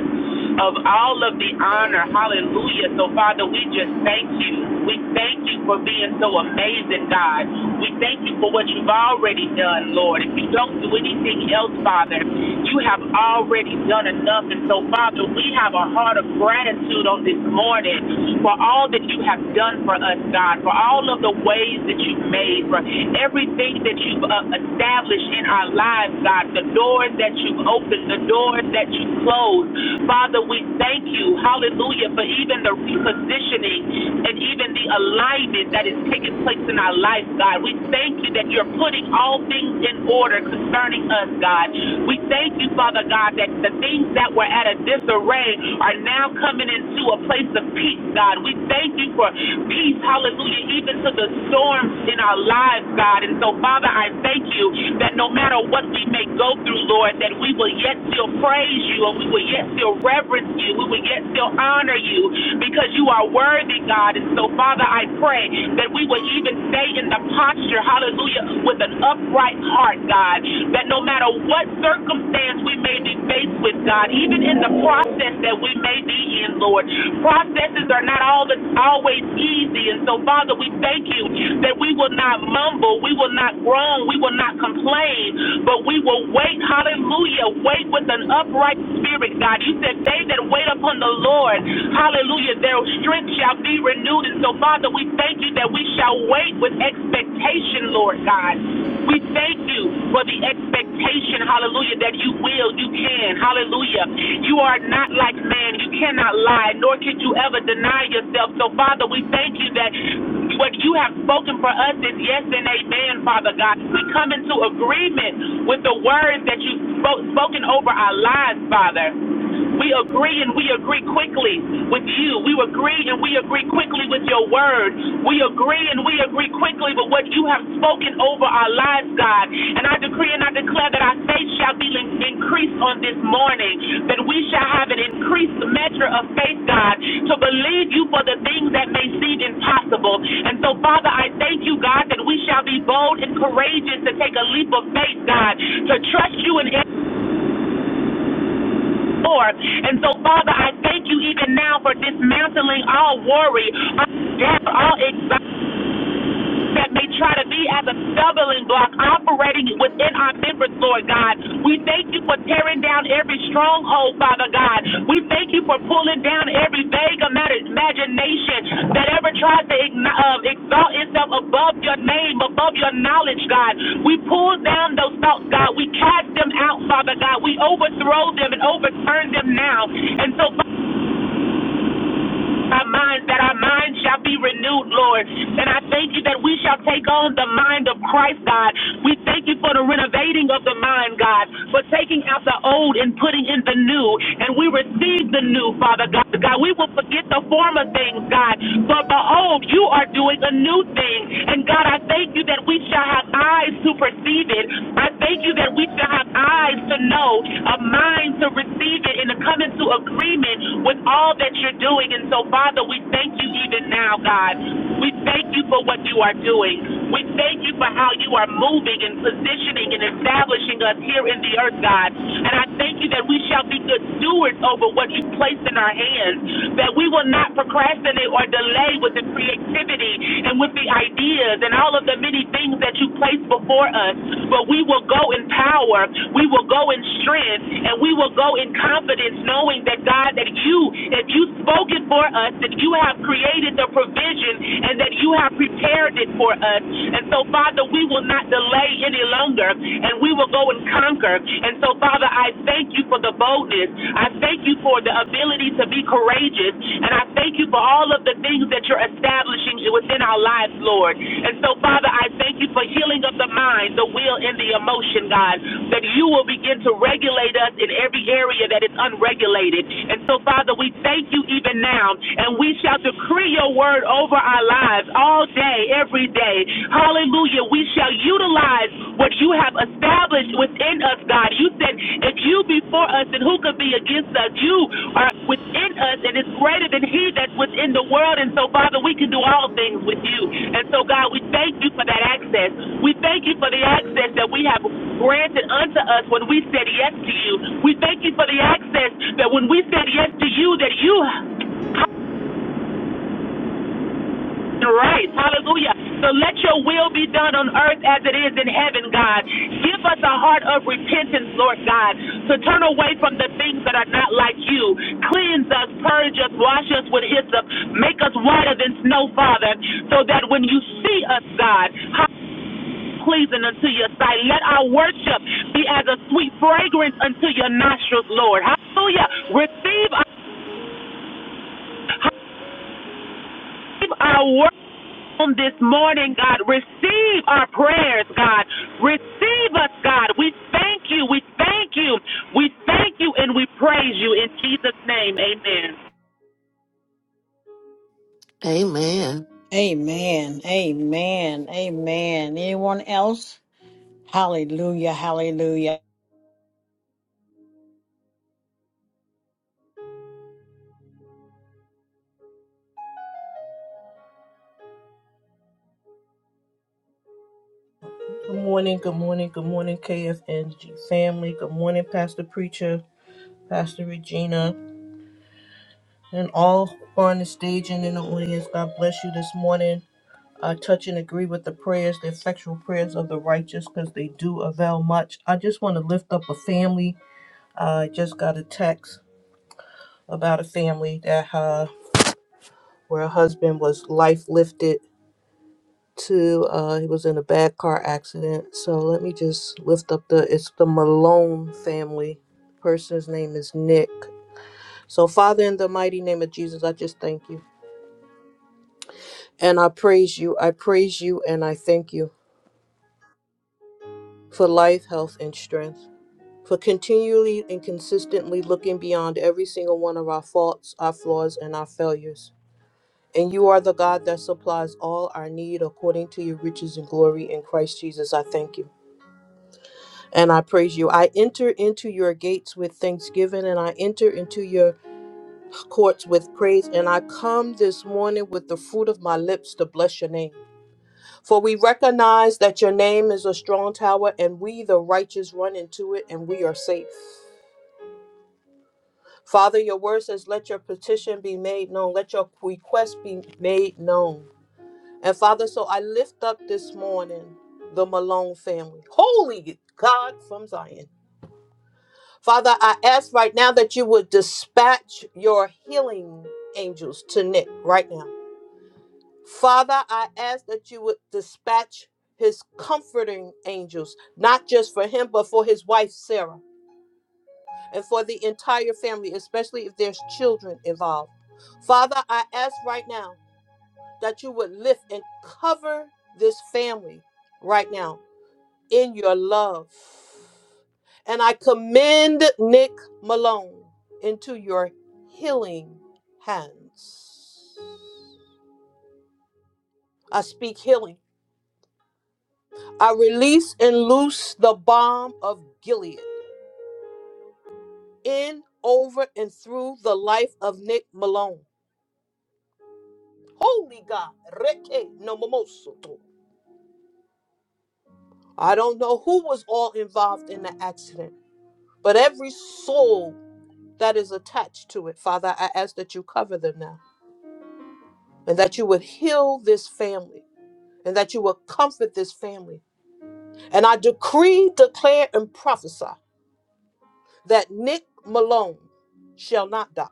Speaker 10: of all of the honor, hallelujah. So, Father, we just thank you. We thank you for being so amazing, God. We thank you for what you've already done, Lord. If you don't do anything else, Father, you have already done enough. And so, Father, we have a heart of gratitude on this morning for all that you have done for us, God, for all of the ways that you've made, for everything that you've uh, established in our lives, God, the doors that you've opened, the doors that you've closed. Father, we thank you, hallelujah, for even the repositioning and even the alignment alignment that is taking place in our life, God. We thank you that you're putting all things in order concerning us, God. We thank you, Father God, that the things that were at a disarray are now coming into a place of peace, God. We thank you for peace, hallelujah, even to the storms in our lives, God. And so, Father, I thank you that no matter what we may go through, Lord, that we will yet still praise you and we will yet still reverence you. We will yet still honor you because you are worthy worthy, God. And so, Father, I pray that we will even stay in the posture, hallelujah, with an upright heart, God. That no matter what circumstance we may be faced with, God, even in the process that we may be in, Lord, processes are not all the, always easy. And so, Father, we thank you that we will not mumble, we will not groan, we will not complain, but we will wait, hallelujah, wait with an upright spirit, God. You said, They that wait upon the Lord. Lord. Hallelujah. Their strength shall be renewed. And so, Father, we thank you that we shall wait with expectation, Lord God. We thank you for the expectation, hallelujah, that you will, you can, hallelujah. You are not like man. You cannot lie, nor can you ever deny yourself. So, Father, we thank you that what you have spoken for us is yes and amen, Father God. We come into agreement with the words that you've spoken over our lives, Father. We agree and we agree quickly with you. We agree and we agree quickly with your word. We agree and we agree quickly with what you have spoken over our lives, God. And I decree and I declare that our faith shall be increased on this morning, that we shall have an increased measure of faith, God, to believe you for the things that may seem impossible. And so, Father, I thank you, God, that we shall be bold and courageous to take a leap of faith, God, to trust you in forth. And so, Father, I thank you even now for dismantling all worry, all doubt, all anxiety that they try to be as a stumbling block operating within our members, Lord God. We thank you for tearing down every stronghold, Father God. We thank you for pulling down every vague ima- imagination that ever tries to uh, exalt itself above your name, above your knowledge, God. We pull down those thoughts, God. We cast them out, Father God. We overthrow them and overturn them now. And so, our minds, that our minds shall be renewed, Lord. And I thank you that we shall take on the mind of Christ, God. We thank you for the renovating of the mind, God, for taking out the old and putting in the new. And we receive the new, Father God. God, we will forget the former things, God. For behold, you are doing a new thing. And God, I thank you that we shall have eyes to perceive it. I thank you that we shall have eyes to know, a mind to receive it, and to come into agreement with all that you're doing. And so so, Father, we thank you even now, God. We thank you for what you are doing. We thank you for how you are moving and positioning and establishing us here in the earth, God. And I thank you that we shall be good stewards over what you placed in our hands, that we will not procrastinate or delay with the creativity and with the ideas and all of the many things that you placed before us, but we will go in power, we will go in strength, and we will go in confidence knowing that, God, that you, if you spoke it for us, that you have created the provision, and that you have prepared it for us. And so, Father, we will not delay any longer, and we will go and conquer. And so, Father, I thank you for the boldness. I thank you for the ability to be courageous. And I thank you for all of the things that you're establishing within our lives, Lord. And so, Father, I thank you for healing of the mind, the will, and the emotion, God, that you will begin to regulate us in every area that is unregulated. And so, Father, we thank you even right now, and we shall decree your word over our lives all day, every day. Hallelujah. We shall utilize what you have established within us, God. You said, if you be for us, then who could be against us? You are within us, and it's greater than he that's within the world. And so, Father, we can do all things with you. And so, God, we thank you for that access. We thank you for the access that we have granted unto us when we said yes to you. We thank you for the access that when we said yes to you, that you Right. Hallelujah. So let your will be done on earth as it is in heaven, God. Give us a heart of repentance, Lord God, to turn away from the things that are not like you. Cleanse us, purge us, wash us with hyssop, make us whiter than snow, Father, so that when you see us, God, how- pleasing unto your sight. Let our worship be as a sweet fragrance unto your nostrils, Lord. Hallelujah. Receive our, receive our worship on this morning, God. Receive our prayers, God. Receive us, God. We thank you. We thank you. We thank you and we praise you in Jesus' name. Amen.
Speaker 8: Amen.
Speaker 2: Amen. Amen. Amen. Anyone else? Hallelujah. Hallelujah.
Speaker 11: Good morning, good morning, good morning, KFNG family. Good morning, Pastor Preacher, Pastor Regina, and all who are on the stage and in the audience. God bless you this morning. I touch and agree with the prayers, the effectual prayers of the righteous, because they do avail much. I just want to lift up a family. I just got a text about a family that uh, where a husband was life lifted to uh he was in a bad car accident so let me just lift up the it's the malone family person's name is nick so father in the mighty name of jesus i just thank you and i praise you i praise you and i thank you for life health and strength for continually and consistently looking beyond every single one of our faults our flaws and our failures and you are the god that supplies all our need according to your riches and glory in christ jesus i thank you and I praise you. I enter into your gates with thanksgiving and I enter into your courts with praise. And I come this morning with the fruit of my lips to bless your name. For we recognize that your name is a strong tower and we, the righteous, run into it and we are safe. Father, your word says, let your petition be made known, let your request be made known. And Father, so I lift up this morning the Malone family. Holy God from Zion. Father, I ask right now that you would dispatch your healing angels to Nick right now. Father, I ask that you would dispatch his comforting angels, not just for him, but for his wife, Sarah, and for the entire family, especially if there's children involved. Father, I ask right now that you would lift and cover this family right now in your love. And I commend Nick Malone into your healing hands. I speak healing. I release and loose the bomb of Gilead in, over, and through the life of Nick Malone. Holy God, reke no momosoto. I don't know who was all involved in the accident, but every soul that is attached to it, Father, I ask that you cover them now. and that you would heal this family and that you would comfort this family. And I decree, declare, and prophesy that Nick Malone shall not die,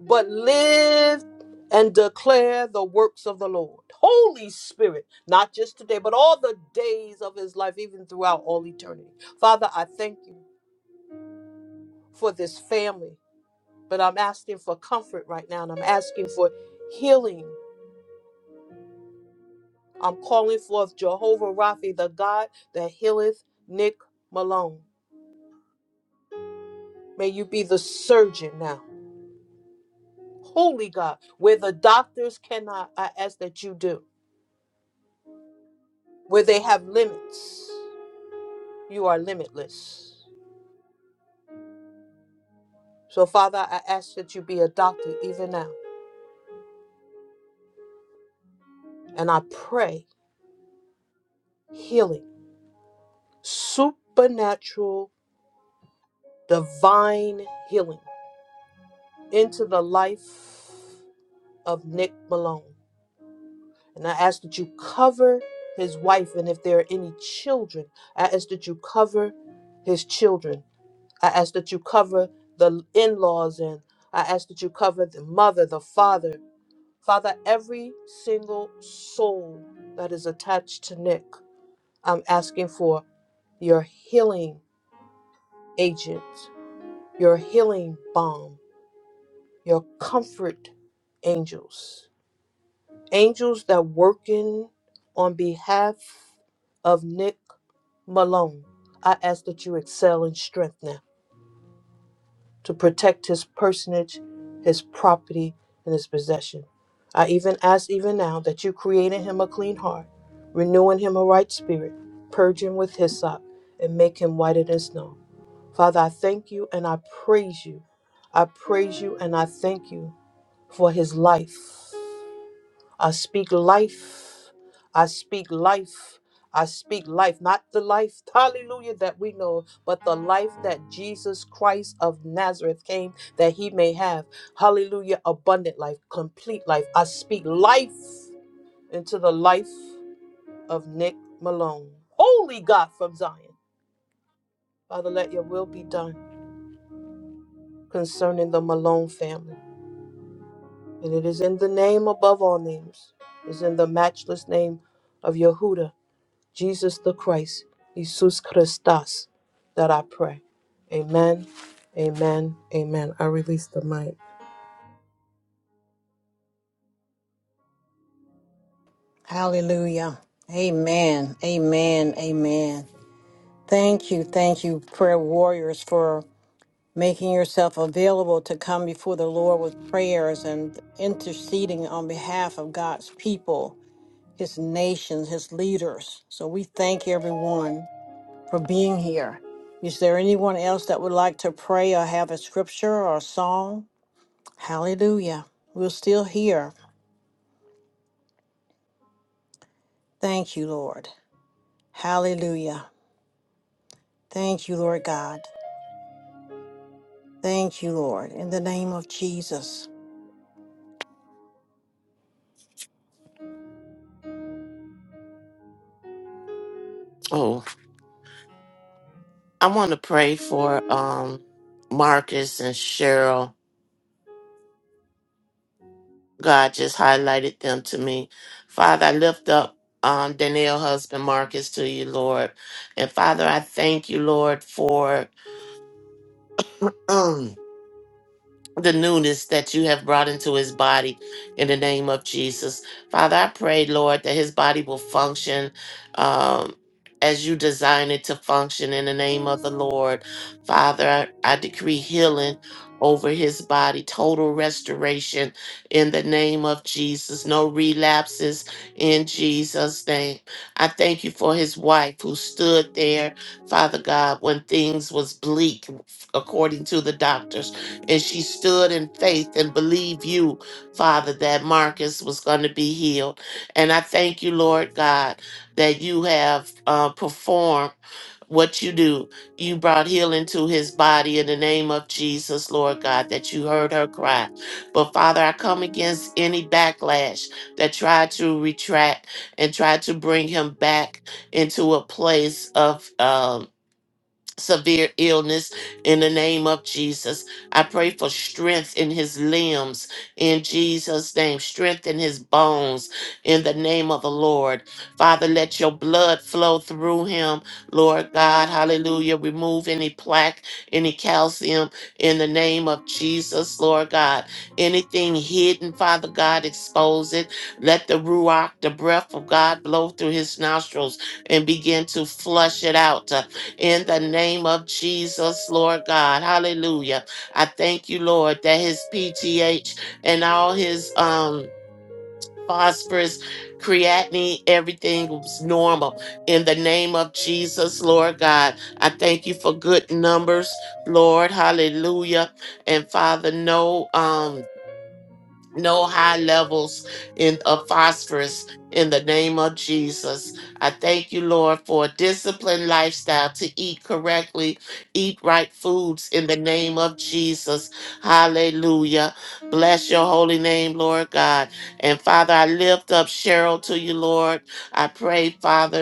Speaker 11: but live and declare the works of the Lord. Holy Spirit, not just today, but all the days of his life, even throughout all eternity. Father, I thank you for this family, but I'm asking for comfort right now, and I'm asking for healing I'm calling forth Jehovah Rapha, the God that healeth Nick Malone. May you be the surgeon now. Holy God, where the doctors cannot, I ask that you do. Where they have limits, you are limitless. So, Father, I ask that you be a doctor even now. And I pray healing, supernatural, divine healing into the life of Nick Malone. And I ask that you cover his wife, and if there are any children, I ask that you cover his children. I ask that you cover the in laws, and I ask that you cover the mother, the father. Father, every single soul that is attached to Nick, I'm asking for your healing agent, your healing balm, your comfort angels. angels that working on behalf of Nick Malone. I ask that you excel in strength now to protect his personage, his property, and his possession. I even ask even now that you create in him a clean heart, renewing him a right spirit, purging with hyssop, and make him whiter than snow. Father, I thank you and I praise you. I praise you and I thank you for his life. I speak life. I speak life. I speak life, not the life, hallelujah, that we know, of, but the life that Jesus Christ of Nazareth came that he may have. Hallelujah, abundant life, complete life. I speak life into the life of Nick Malone. Holy God from Zion. Father, let your will be done concerning the Malone family. And it is in the name above all names, is in the matchless name of Yehuda Jesus the Christ, Jesus Christus, that I pray. Amen, amen, amen. I release the mic.
Speaker 2: Hallelujah. Amen. Amen. Amen. Thank you. Thank you, prayer warriors, for making yourself available to come before the Lord with prayers and interceding on behalf of God's people. his nations, his leaders. So we thank everyone for being here. Is there anyone else that would like to pray or have a scripture or a song? Hallelujah. We're still here. Thank you, Lord. Hallelujah. Thank you, Lord God. Thank you, Lord. In the name of Jesus.
Speaker 8: Oh, I want to pray for um Marcus and Cheryl God just highlighted them to me. Father, I lift up um, Danielle, husband Marcus, to you, Lord. And Father, I thank you, Lord, for. the newness that you have brought into his body in the name of Jesus. Father, I pray, Lord, that his body will function um, as you design it to function in the name of the Lord. Father, I, I decree healing over his body, total restoration in the name of Jesus, no relapses in Jesus' name. I thank you for his wife who stood there, Father God, when things was bleak according to the doctors. And she stood in faith and believed you, Father, that Marcus was going to be healed. And I thank you, Lord God, that you have uh, performed what you do. You brought healing to his body in the name of Jesus, Lord God, that you heard her cry. But Father, I come against any backlash that tried to retract and tried to bring him back into a place of uh, severe illness in the name of Jesus. I pray for strength in his limbs in Jesus' name, strength in his bones in the name of the Lord. Father, let your blood flow through him, Lord God. Hallelujah. Remove any plaque, any calcium in the name of Jesus, Lord God. Anything hidden, Father God, expose it. Let the Ruach, the breath of God, blow through his nostrils and begin to flush it out in the name of Jesus, Lord God. Hallelujah. I thank you, Lord, that his PTH and all his um phosphorus, creatinine, everything was normal. In the name of Jesus, Lord God, I thank you for good numbers, Lord. Hallelujah. And Father, no um no high levels in of phosphorus in the name of Jesus. I thank you, Lord, for a disciplined lifestyle to eat correctly, eat right foods in the name of Jesus. Hallelujah. Bless your holy name, Lord God. And Father, I lift up Cheryl to you, Lord. I pray, Father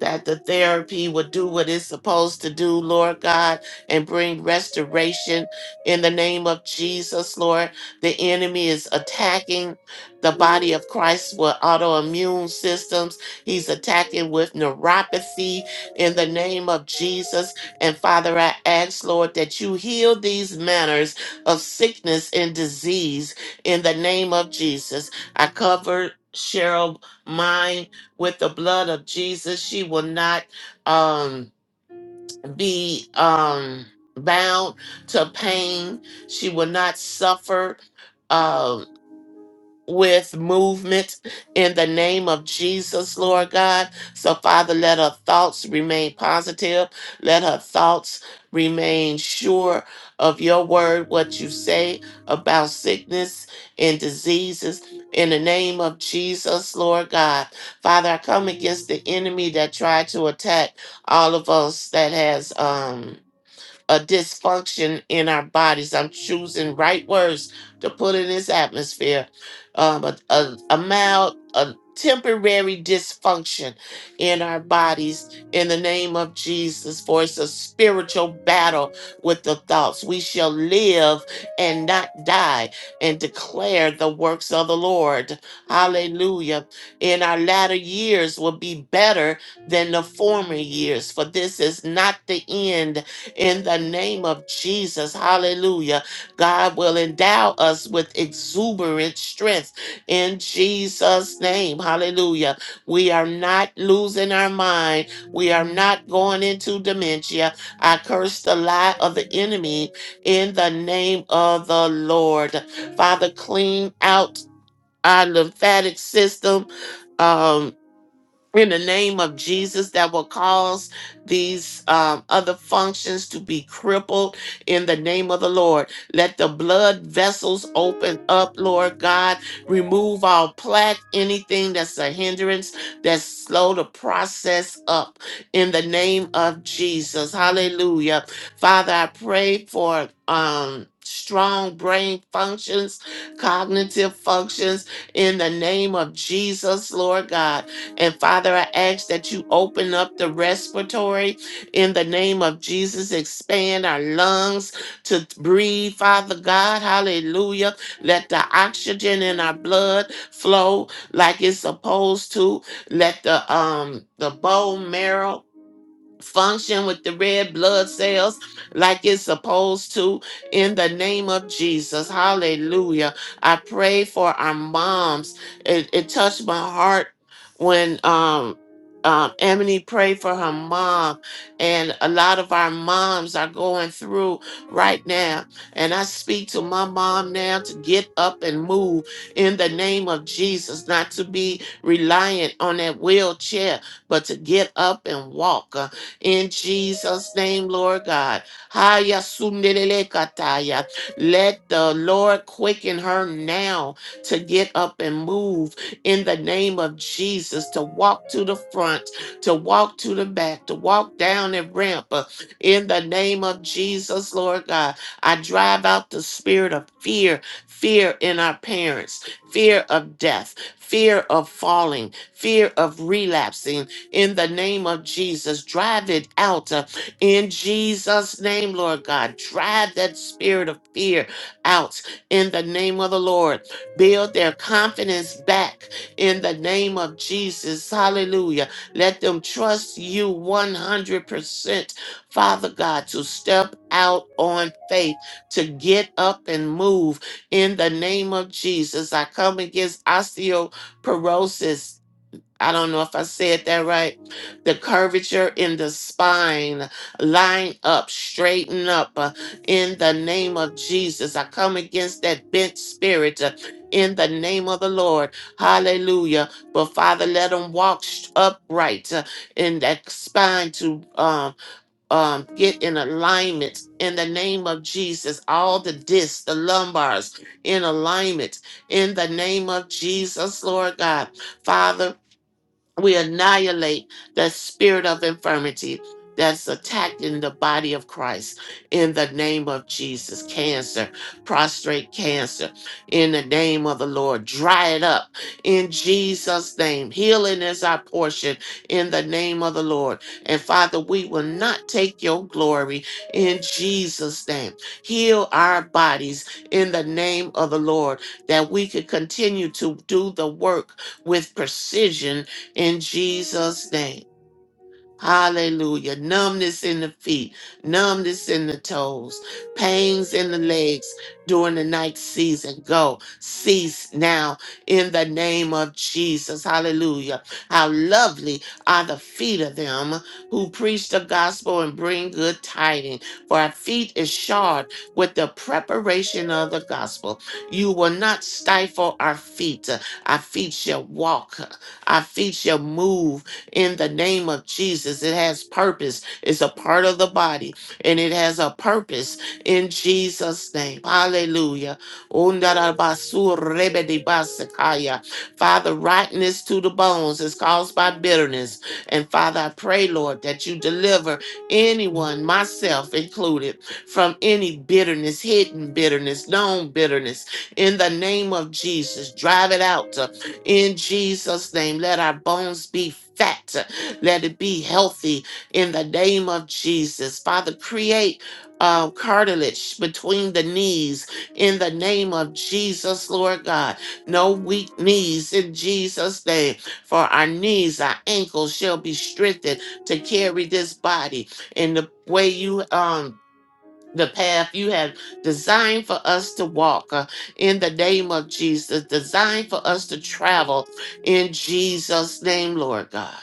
Speaker 8: that the therapy would do what it's supposed to do, Lord God, and bring restoration in the name of Jesus, Lord. The enemy is attacking the body of Christ with autoimmune systems. He's attacking with neuropathy in the name of Jesus. And Father, I ask, Lord, that you heal these manners of sickness and disease in the name of Jesus. I cover Cheryl mind with the blood of Jesus. She will not um, be um, bound to pain. She will not suffer uh, with movement in the name of Jesus, Lord God. So, Father, let her thoughts remain positive. Let her thoughts remain sure of your word, what you say about sickness and diseases. In the name of Jesus, Lord God. Father, I come against the enemy that tried to attack all of us that has. um a dysfunction in our bodies. I'm choosing right words to put in this atmosphere. Um, a, a, a mild, a temporary dysfunction in our bodies in the name of Jesus. For it's a spiritual battle with the thoughts. We shall live and not die and declare the works of the Lord. Hallelujah. In our latter years will be better than the former years, for this is not the end in the name of Jesus. Hallelujah. God will endow us with exuberant strength in Jesus' name. Hallelujah. We are not losing our mind. We are not going into dementia. I curse the lie of the enemy in the name of the Lord. Father, clean out our lymphatic system. Um, in the name of Jesus that will cause these um, other functions to be crippled in the name of the Lord. Let the blood vessels open up, Lord God. Remove all plaque, anything that's a hindrance, that's slow the process up in the name of Jesus. Hallelujah. Father, I pray for um strong brain functions, cognitive functions in the name of Jesus, Lord God. And Father, I ask that you open up the respiratory in the name of Jesus, expand our lungs to breathe, Father God. Hallelujah. Let the oxygen in our blood flow like it's supposed to. Let the um the bone marrow function with the red blood cells like it's supposed to in the name of Jesus. Hallelujah. I pray for our moms. It, it touched my heart when um um, Emily prayed for her mom, and a lot of our moms are going through right now. And I speak to my mom now to get up and move in the name of Jesus, not to be reliant on that wheelchair, but to get up and walk in Jesus' name, Lord God. Haya sundelele kataya. Let the Lord quicken her now to get up and move in the name of Jesus, to walk to the front, to walk to the back, to walk down the ramp uh, in the name of Jesus, Lord God. I drive out the spirit of fear, fear in our parents, fear of death, fear of falling, fear of relapsing in the name of Jesus. Drive it out uh, in Jesus' name, Lord God. Drive that spirit of fear out in the name of the Lord. Build their confidence back in the name of Jesus. Hallelujah. Let them trust you 100%, Father God, to step out on faith, to get up and move in the name of Jesus. I come against osteoporosis I don't know if I said that right. The curvature in the spine, line up, straighten up uh, in the name of Jesus. I come against that bent spirit uh, in the name of the Lord. Hallelujah. But Father, let them walk sh- upright uh, in that spine to um, um, get in alignment in the name of Jesus. All the discs, the lumbars in alignment in the name of Jesus, Lord God. Father, we annihilate that spirit of infirmity that's attacking the body of Christ in the name of Jesus. Cancer, prostrate cancer, in the name of the Lord. Dry it up in Jesus' name. Healing is our portion in the name of the Lord. And Father, we will not take your glory in Jesus' name. Heal our bodies in the name of the Lord that we could continue to do the work with precision in Jesus' name. Hallelujah. Numbness in the feet, numbness in the toes, pains in the legs during the night season. Go, cease now in the name of Jesus. Hallelujah. How lovely are the feet of them who preach the gospel and bring good tidings. For our feet is shod with the preparation of the gospel. You will not stifle our feet. Our feet shall walk, our feet shall move in the name of Jesus. It has purpose, it's a part of the body, and it has a purpose in Jesus' name. Hallelujah. Undarabasurrebedebasekaya. Father, rottenness to the bones is caused by bitterness. And Father, I pray, Lord, that you deliver anyone, myself included, from any bitterness, hidden bitterness, known bitterness, in the name of Jesus. Drive it out. uh, in Jesus' name. Let our bones be fat. Let it be healthy in the name of Jesus. Father, create uh, cartilage between the knees in the name of Jesus, Lord God. No weak knees in Jesus' name. For our knees, our ankles shall be strengthened to carry this body in the way you um the path you have designed for us to walk uh, in the name of Jesus, designed for us to travel in Jesus' name, Lord God.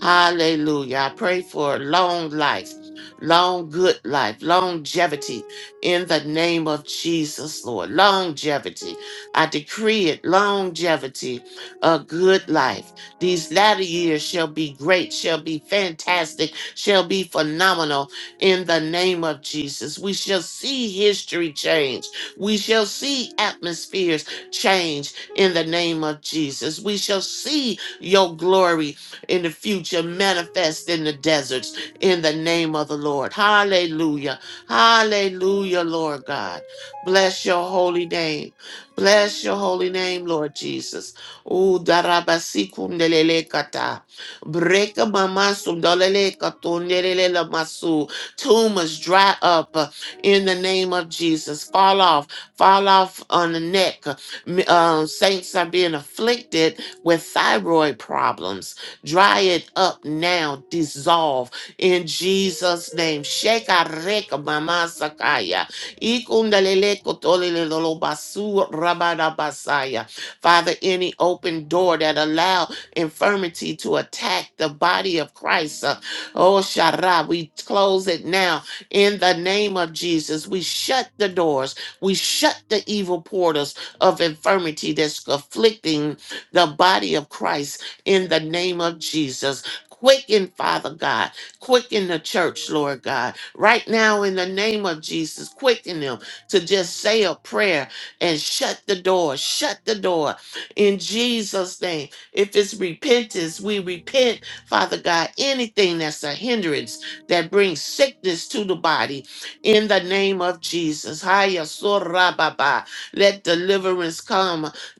Speaker 8: Hallelujah. I pray for long life, long good life, longevity in the name of Jesus, Lord. Longevity. I decree it longevity, a good life. These latter years shall be great, shall be fantastic, shall be phenomenal in the name of Jesus. We shall see history change. We shall see atmospheres change in the name of Jesus. We shall see your glory in the future manifest in the deserts in the name of the Lord. Hallelujah. Hallelujah, Lord God. Bless your holy name. Bless your holy name, Lord Jesus. Ooh, darabasikundelelekata. Brekamamasundelelekatundelelelamasu. Tumors dry up uh, in the name of Jesus. Fall off. Fall off on the neck. M- Um, saints are being afflicted with thyroid problems Dry it up now. Dissolve in Jesus' name. Shekareka mama sakaya. Ikundalele kotolele lolobasu rabadabasaya. Father, any open door that allow infirmity to attack the body of Christ. uh, oh, Shara, we close it now in the name of Jesus. We shut the doors. We shut the evil portals of infirmity that's afflicting the body of Christ in the name of Jesus. Quicken, Father God. Quicken the church, Lord God. Right now, in the name of Jesus, quicken them to just say a prayer and shut the door. Shut the door in Jesus' name. If it's repentance, we repent, Father God, anything that's a hindrance that brings sickness to the body in the name of Jesus. Haya sorababa. Let deliverance come.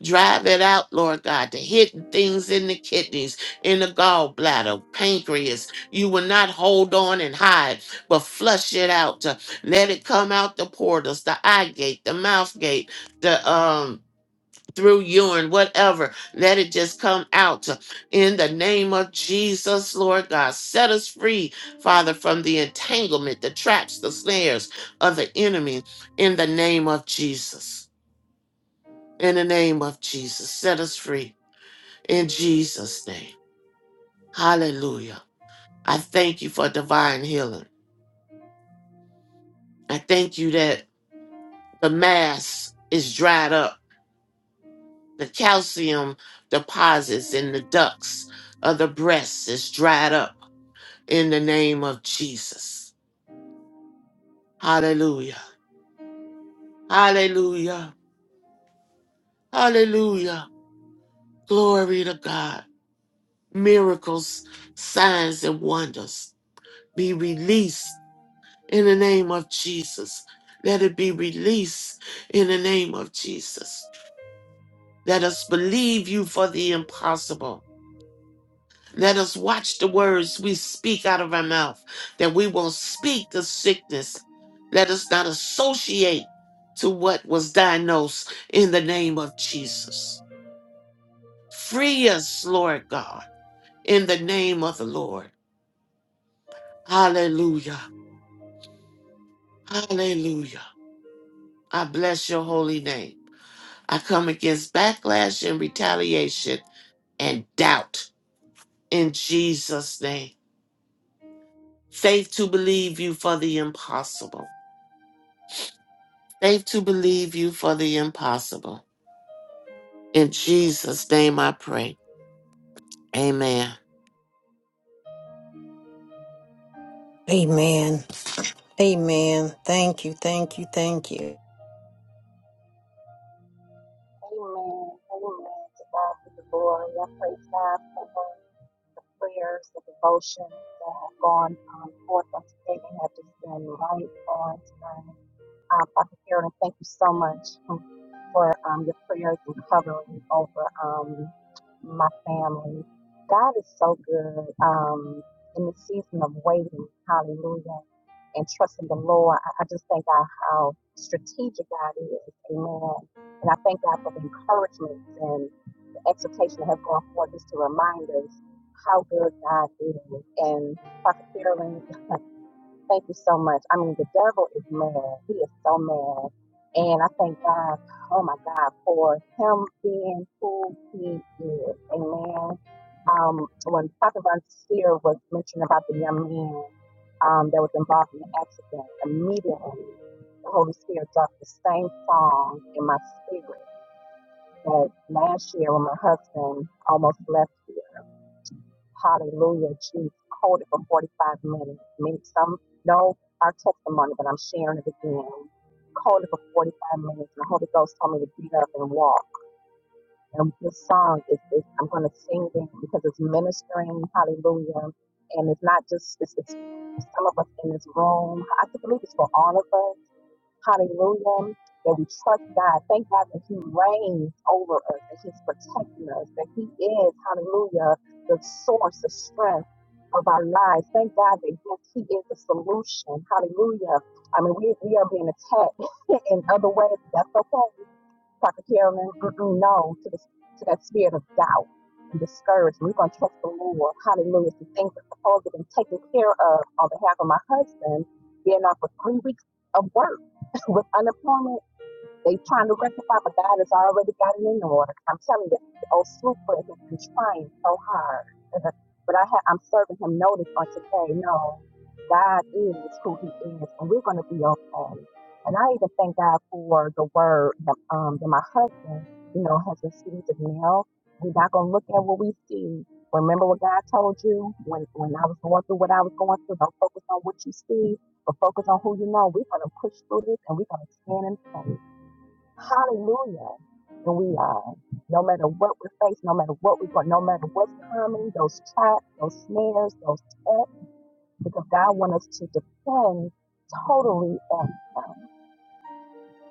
Speaker 8: Drive it out, Lord God, the hidden things in the kidneys, in the gallbladder, pancreas. You will not hold on and hide, but flush it out. To let it come out the portals, the eye gate, the mouth gate, the um through urine, whatever. Let it just come out in the name of Jesus, Lord God. Set us free, Father, from the entanglement, the traps, the snares of the enemy in the name of Jesus. In the name of Jesus, set us free in Jesus' name. Hallelujah. I thank you for divine healing. I thank you that the mass is dried up, the calcium deposits in the ducts of the breasts is dried up in the name of Jesus. Hallelujah. Hallelujah. Hallelujah. Glory to God. Miracles, signs, and wonders be released in the name of Jesus. Let it be released in the name of Jesus. Let us believe you for the impossible. Let us watch the words we speak out of our mouth, that we won't speak the sickness. Let us not associate to what was diagnosed in the name of Jesus. Free us, Lord God, in the name of the Lord. Hallelujah. Hallelujah. I bless your holy name. I come against backlash and retaliation and doubt in Jesus' name. Faith to believe you for the impossible. Faith to believe you for the impossible. In Jesus' name I pray. Amen.
Speaker 2: Amen. Amen. Thank you. Thank you. Thank you.
Speaker 12: Amen. Amen. To God be the glory. I praise God for the prayers, the devotions that have gone um, forth on today. They have just been right on time. Um, Dr. Karen, thank you so much for um, your prayers and covering over um, my family. God is so good um, in the season of waiting. Hallelujah. And trusting the Lord. I, I just thank God how strategic God is. Amen. And I thank God for the encouragement and the exhortation that has gone forth just to remind us how good God is. And Dr. Carolyn, Thank you so much. I mean, the devil is mad. He is so mad. And I thank God, oh my God, for him being who he is. Amen. Um, when Prophet Von Seer was mentioning about the young man um, that was involved in the accident, immediately the Holy Spirit dropped the same song in my spirit that last year when my husband almost left Hallelujah, Jesus. Hold it for 45 minutes. minutes. Some know our testimony, but I'm sharing it again. Hold it for 45 minutes. And the Holy Ghost told me to get up and walk. And this song is, is I'm going to sing it because it's ministering. Hallelujah. And it's not just, it's, it's some of us in this room. I can believe it's for all of us Hallelujah. That we trust God. Thank God that He reigns over us, that He's protecting us, that He is, hallelujah, the source of strength of our lives. Thank God that yes, He is the solution. Hallelujah. I mean, we, we are being attacked in other ways. That's okay. Dr. Carolyn, mm-mm, no to, the, to that spirit of doubt and discouragement. We're going to trust the Lord. Hallelujah. The things that supposed to have been taken care of on behalf of my husband, being off for three weeks of work with unemployment. They trying to rectify, but God has already got it in order. I'm telling you, the old Super has been trying so hard. but I ha- I'm serving him notice on today. No, God is who he is, and we're going to be okay. And I even thank God for the word that, um, that my husband, you know, has received as well. We're not going to look at what we see. Remember what God told you when, when I was going through what I was going through. Don't focus on what you see, but focus on who you know. We're going to push through this and we're going to stand in faith. Hallelujah. And we are. No matter what we face, no matter what we're going, no matter what's coming, those traps, those snares, those tests, because God wants us to depend totally on Him.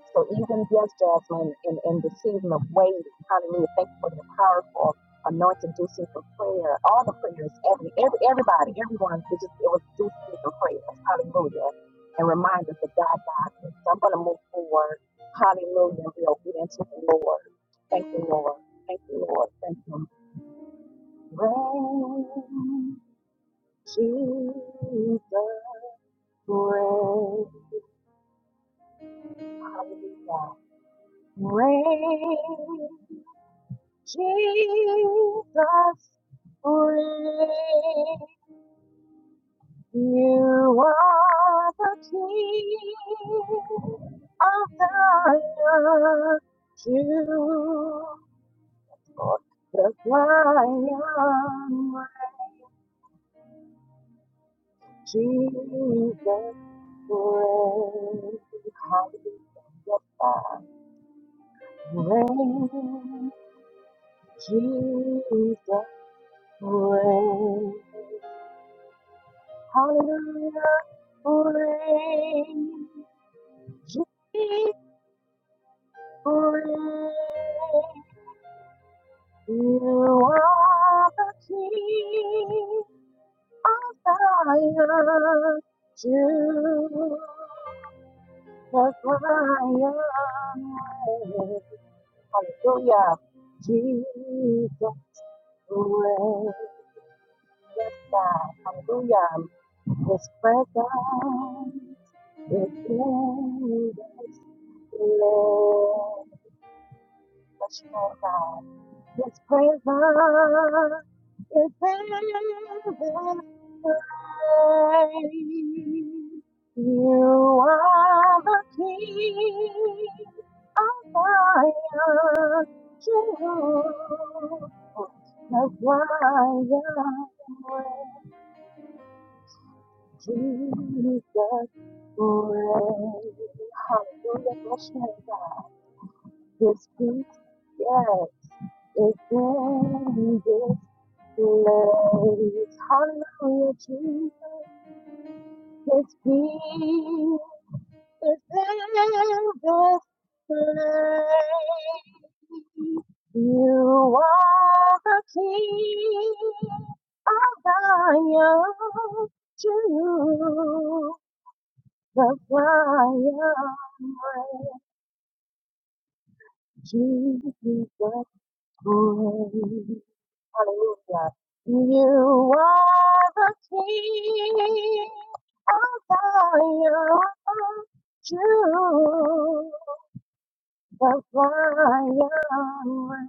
Speaker 12: So even yes, Jasmine, in, in the season of waiting, hallelujah, thank you for the powerful anointed due season prayer. All the prayers, every every everybody, everyone, it just it was due season prayers, hallelujah. And remind us that God got it. So I'm gonna move forward, hallelujah, and be obedient to the Lord. Thank you, Lord. Thank you, Lord. Thank you. Rain, Jesus, rain, hallelujah. Rain. Jesus, reign. You are the King of Zion, to the Zion, Jesus, reign. Hallelujah, reign. Jesus, reign. Hallelujah. Hooray. Gee, Hooray. You are the King of Zion. To the Zion. way. Hallelujah. Jesus reigns. Yes, God. Hallelujah. His presence is in this place. Oh God, His presence is in this place. You are the King of Zion, Jerusalem, the Zion, where Jesus reigns. Hallelujah, bless your name, God. His peace, yes, is in this. Praise, hallelujah, Jesus, His peace is ever slain. You are the King of Zion, to you the fire, Jesus, praise. Hallelujah. You are the King of Zion, Jews of Zion,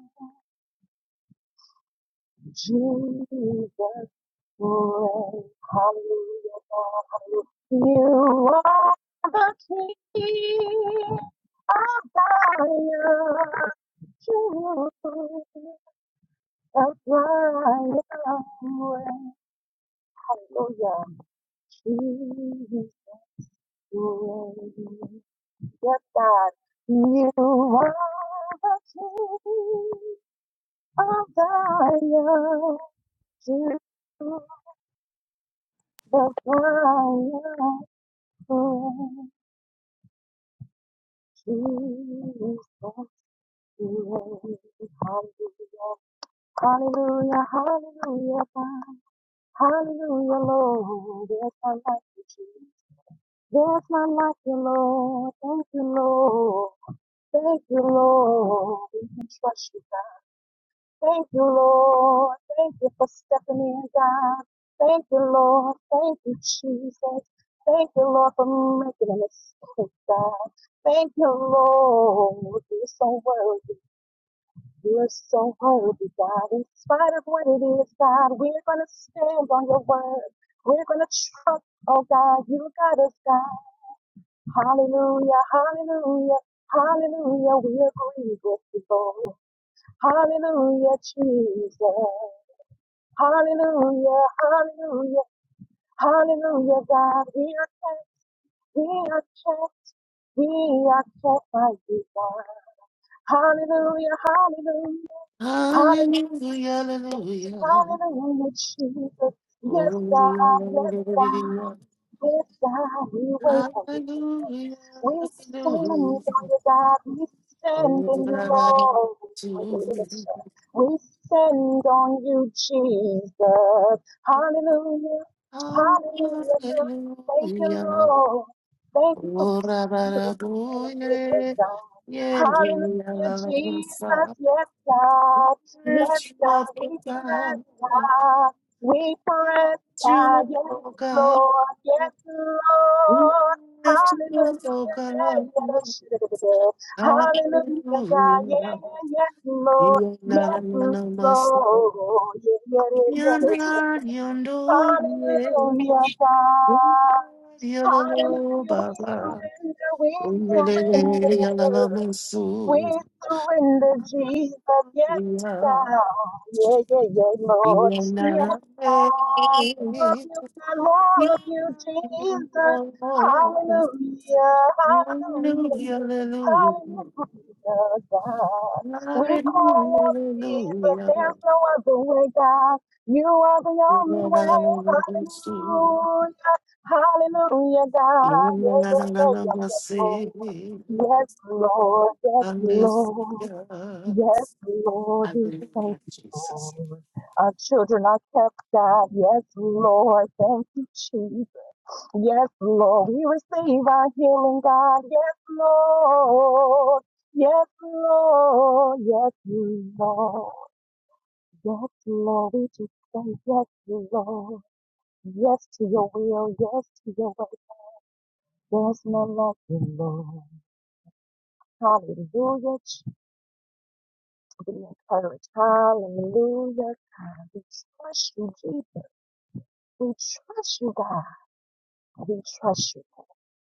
Speaker 12: Jesus reigns. Hallelujah. Hallelujah. You are the King of Zion, Jews of Zion, Hallelujah. Jesus, reign. Yes, God, you are the King of Zion. To the fire, reign. Jesus, reign. Hallelujah. Hallelujah, hallelujah, God. hallelujah, Lord. There's none like you, Jesus. There's none like you, Lord. Thank you, Lord. Thank you, Lord. We can trust you, God. Thank you, Lord. Thank you for stepping in, God. Thank you, Lord. Thank you, Jesus. Thank you, Lord, for making a mistake, God. Thank you, Lord. You're so worthy. You're so worthy, God. In spite of what it is, God, we're going to stand on your word. We're going to trust, oh God, you got us, God. Hallelujah, hallelujah, hallelujah. We agree with you, Lord. Hallelujah, Jesus. Hallelujah, hallelujah, hallelujah, God. We are kept, we are kept, we are kept by you, God. Hallelujah, hallelujah, hallelujah,
Speaker 8: Hallelujah, hallelujah.
Speaker 12: hallelujah, Jesus. Yes,
Speaker 8: Glory,
Speaker 12: God, yes, God,
Speaker 8: Hallelujah,
Speaker 12: Yes, God, we wait on you.
Speaker 8: hallelujah.
Speaker 12: We stand on
Speaker 8: Hallelujah.
Speaker 12: you, God. We stand
Speaker 8: Oh,
Speaker 12: in you, Lord. We stand on you, Jesus. Hallelujah.
Speaker 8: God,
Speaker 12: Hallelujah,
Speaker 8: I
Speaker 12: God.
Speaker 8: love
Speaker 12: Thank
Speaker 8: you.
Speaker 12: you,
Speaker 8: Hallelujah.
Speaker 12: Lord. Thank you for your
Speaker 8: Ora
Speaker 12: spirit.
Speaker 8: bara
Speaker 12: Hallelujah,
Speaker 8: boye,
Speaker 12: God.
Speaker 8: ye ye la
Speaker 12: Hallelujah,
Speaker 8: la
Speaker 12: Jesus.
Speaker 8: bosa.
Speaker 12: Yes, God. Yes,
Speaker 8: Lift you up,
Speaker 12: God.
Speaker 8: O
Speaker 12: We press,
Speaker 8: God.
Speaker 12: God. We press,
Speaker 8: Lift you
Speaker 12: God.
Speaker 8: up,
Speaker 12: Yes,
Speaker 8: O God.
Speaker 12: Lord, yes, Lord.
Speaker 8: Lift you
Speaker 12: Hallelujah,
Speaker 8: up, O
Speaker 12: yeah,
Speaker 8: God.
Speaker 12: yeah, Lord. Hallelujah, God, yeah,
Speaker 8: Hallelujah.
Speaker 12: yeah, yes,
Speaker 8: Ye
Speaker 12: Lord.
Speaker 8: na na
Speaker 12: Yes,
Speaker 8: na na masa.
Speaker 12: Lord, yeah, yeah,
Speaker 8: Ye
Speaker 12: yeah, yes.
Speaker 8: na yondo ye.
Speaker 12: Hallelujah, God.
Speaker 8: Ye
Speaker 12: Hallelujah, we
Speaker 8: baba.
Speaker 12: surrender, we
Speaker 8: Ye la la la
Speaker 12: surrender. We
Speaker 8: musu.
Speaker 12: surrender, Jesus. Yes,
Speaker 8: Yeah,
Speaker 12: God. Yeah, yeah, yeah, Lord.
Speaker 8: You're
Speaker 12: Yes,
Speaker 8: not afraid.
Speaker 12: God. More of you, God. More of you, Jesus. Hallelujah. Hallelujah.
Speaker 8: Hallelujah, hallelujah. Hallelujah, hallelujah. You're
Speaker 12: Hallelujah, God.
Speaker 8: not
Speaker 12: We
Speaker 8: afraid.
Speaker 12: cry out, Jesus. There's no other way, God. You are the only way. Hallelujah. Hallelujah, God. Yeah, yeah, yeah, yeah, yeah. Yes, Lord, yes, Lord,
Speaker 8: Hallelujah.
Speaker 12: yes, Lord, we thank
Speaker 8: Hallelujah,
Speaker 12: you,
Speaker 8: Jesus.
Speaker 12: Lord. Our children are kept, God. Yes, Lord, thank you, Jesus. Yes, Lord, we receive our healing, God. Yes, Lord, yes, Lord, yes, Lord, yes, Lord, we just say yes, Lord. Yes to your will, yes to your way. There's none like you, Lord. Hallelujah, be encouraged. Hallelujah, God. We trust you, Jesus. We trust you, God. We trust you.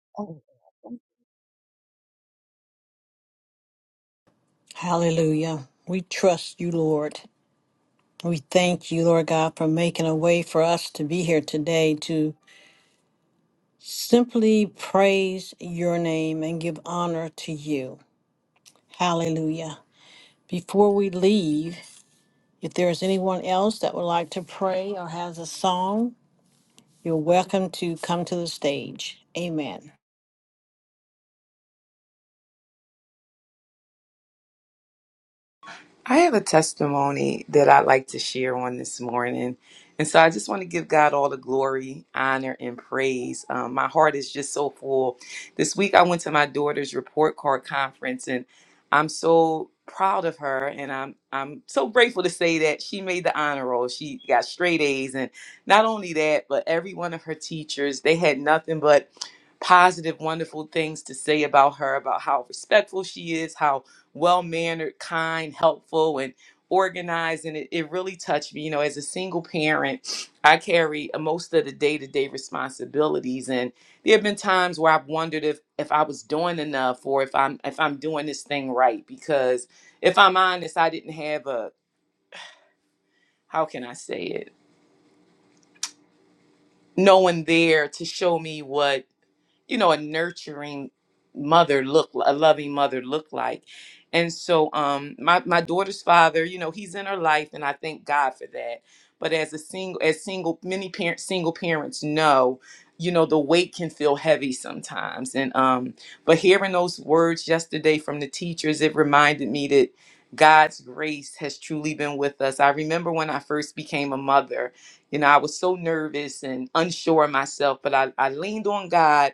Speaker 12: God. Amen. Thank
Speaker 2: Hallelujah. We trust you, Lord. We thank you, Lord God, for making a way for us to be here today to Simply praise your name and give honor to you. Hallelujah. Before we leave, if there is anyone else that would like to pray or has a song, you're welcome to come to the stage. Amen.
Speaker 7: I have a testimony that I'd like to share on this morning. And so I just want to give God all the glory, honor, and praise. Um, my heart is just so full. This week I went to my daughter's report card conference and I'm so proud of her and I'm I'm so grateful to say that she made the honor roll. She got straight A's and not only that, but every one of her teachers, they had nothing but positive, wonderful things to say about her, about how respectful she is, how well mannered, kind, helpful, and organized. And it, it really touched me. You know, as a single parent, I carry uh, most of the day to day responsibilities. And there have been times where I've wondered if if I was doing enough or if I'm if I'm doing this thing right. Because if I'm honest, I didn't have a how can I say it? No one there to show me what you know, a nurturing mother look a loving mother look like. And so um my my daughter's father, you know, he's in her life and I thank God for that. But as a single as single many parents single parents know, you know, the weight can feel heavy sometimes. And um but hearing those words yesterday from the teachers, it reminded me that God's grace has truly been with us. I remember when I first became a mother, you know, I was so nervous and unsure of myself, but I, I leaned on God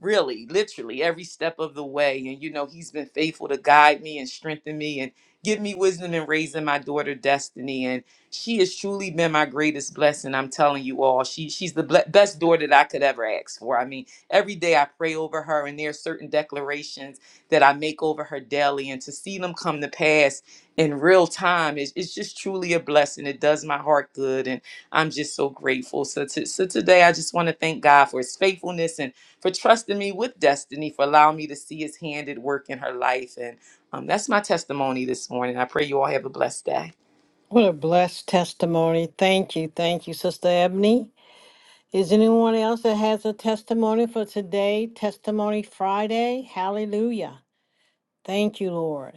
Speaker 7: really literally every step of the way and you know he's been faithful to guide me and strengthen me and give me wisdom in raising my daughter destiny and she has truly been my greatest blessing i'm telling you all she she's the ble- best daughter that i could ever ask for i mean every day i pray over her and there are certain declarations that i make over her daily and to see them come to pass in real time is it's just truly a blessing it does my heart good and i'm just so grateful so, to, so today i just want to thank god for his faithfulness and for trusting me with destiny, for allowing me to see his hand at work in her life. And um, that's my testimony this morning. I pray you all have a blessed day.
Speaker 2: What a blessed testimony. Thank you. Thank you, Sister Ebony. Is anyone else that has a testimony for today? Testimony Friday? Hallelujah. Thank you, Lord.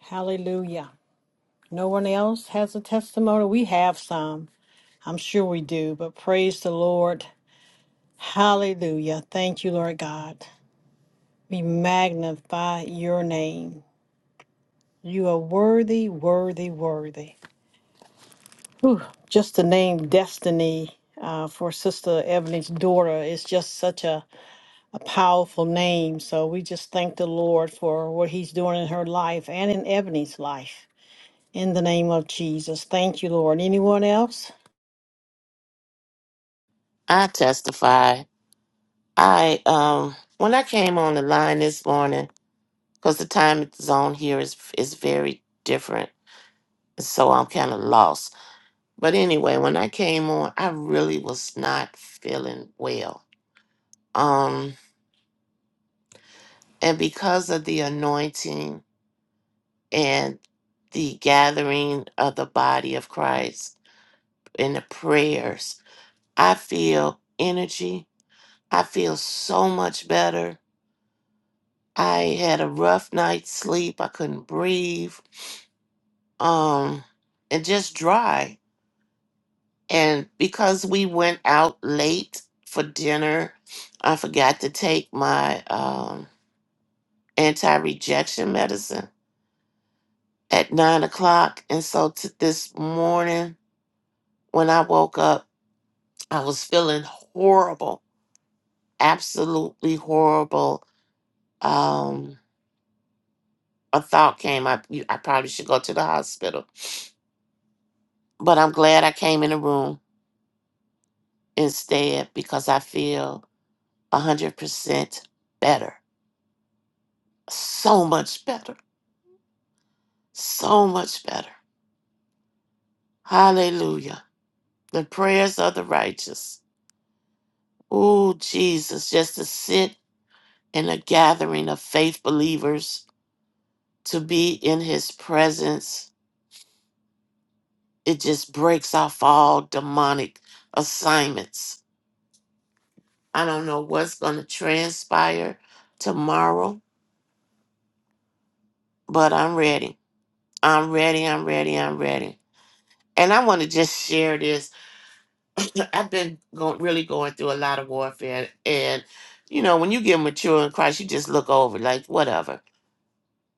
Speaker 2: Hallelujah. No one else has a testimony? We have some. I'm sure we do, but praise the Lord. Hallelujah. Thank you, Lord God. We magnify your name. You are worthy, worthy, worthy. Whew, just the name Destiny uh, for Sister Ebony's daughter is just such a, a powerful name. So we just thank the Lord for what he's doing in her life and in Ebony's life. In the name of Jesus. Thank you, Lord. Anyone else?
Speaker 8: I testify. I um when I came on the line this morning. because the time zone here is is very different. So I'm kind of lost. But anyway, when I came on, I really was not feeling well. Um, and because of the anointing and the gathering of the body of Christ and the prayers, I feel energy. I feel so much better. I had a rough night's sleep. I couldn't breathe. Um, and just dry. And because we went out late for dinner, I forgot to take my um, anti rejection medicine at nine o'clock. And so t- this morning, when I woke up, I was feeling horrible, absolutely horrible. Um, a thought came up you- I probably should go to the hospital. But I'm glad I came in the room instead because I feel 100% better, so much better. So much better. Hallelujah. The prayers of the righteous. Oh, Jesus, just to sit in a gathering of faith believers, to be in his presence, it just breaks off all demonic assignments. I don't know what's going to transpire tomorrow, but I'm ready. I'm ready. I'm ready. I'm ready. And I want to just share this I've been going really going through a lot of warfare, and you know, when you get mature in Christ, you just look over like whatever,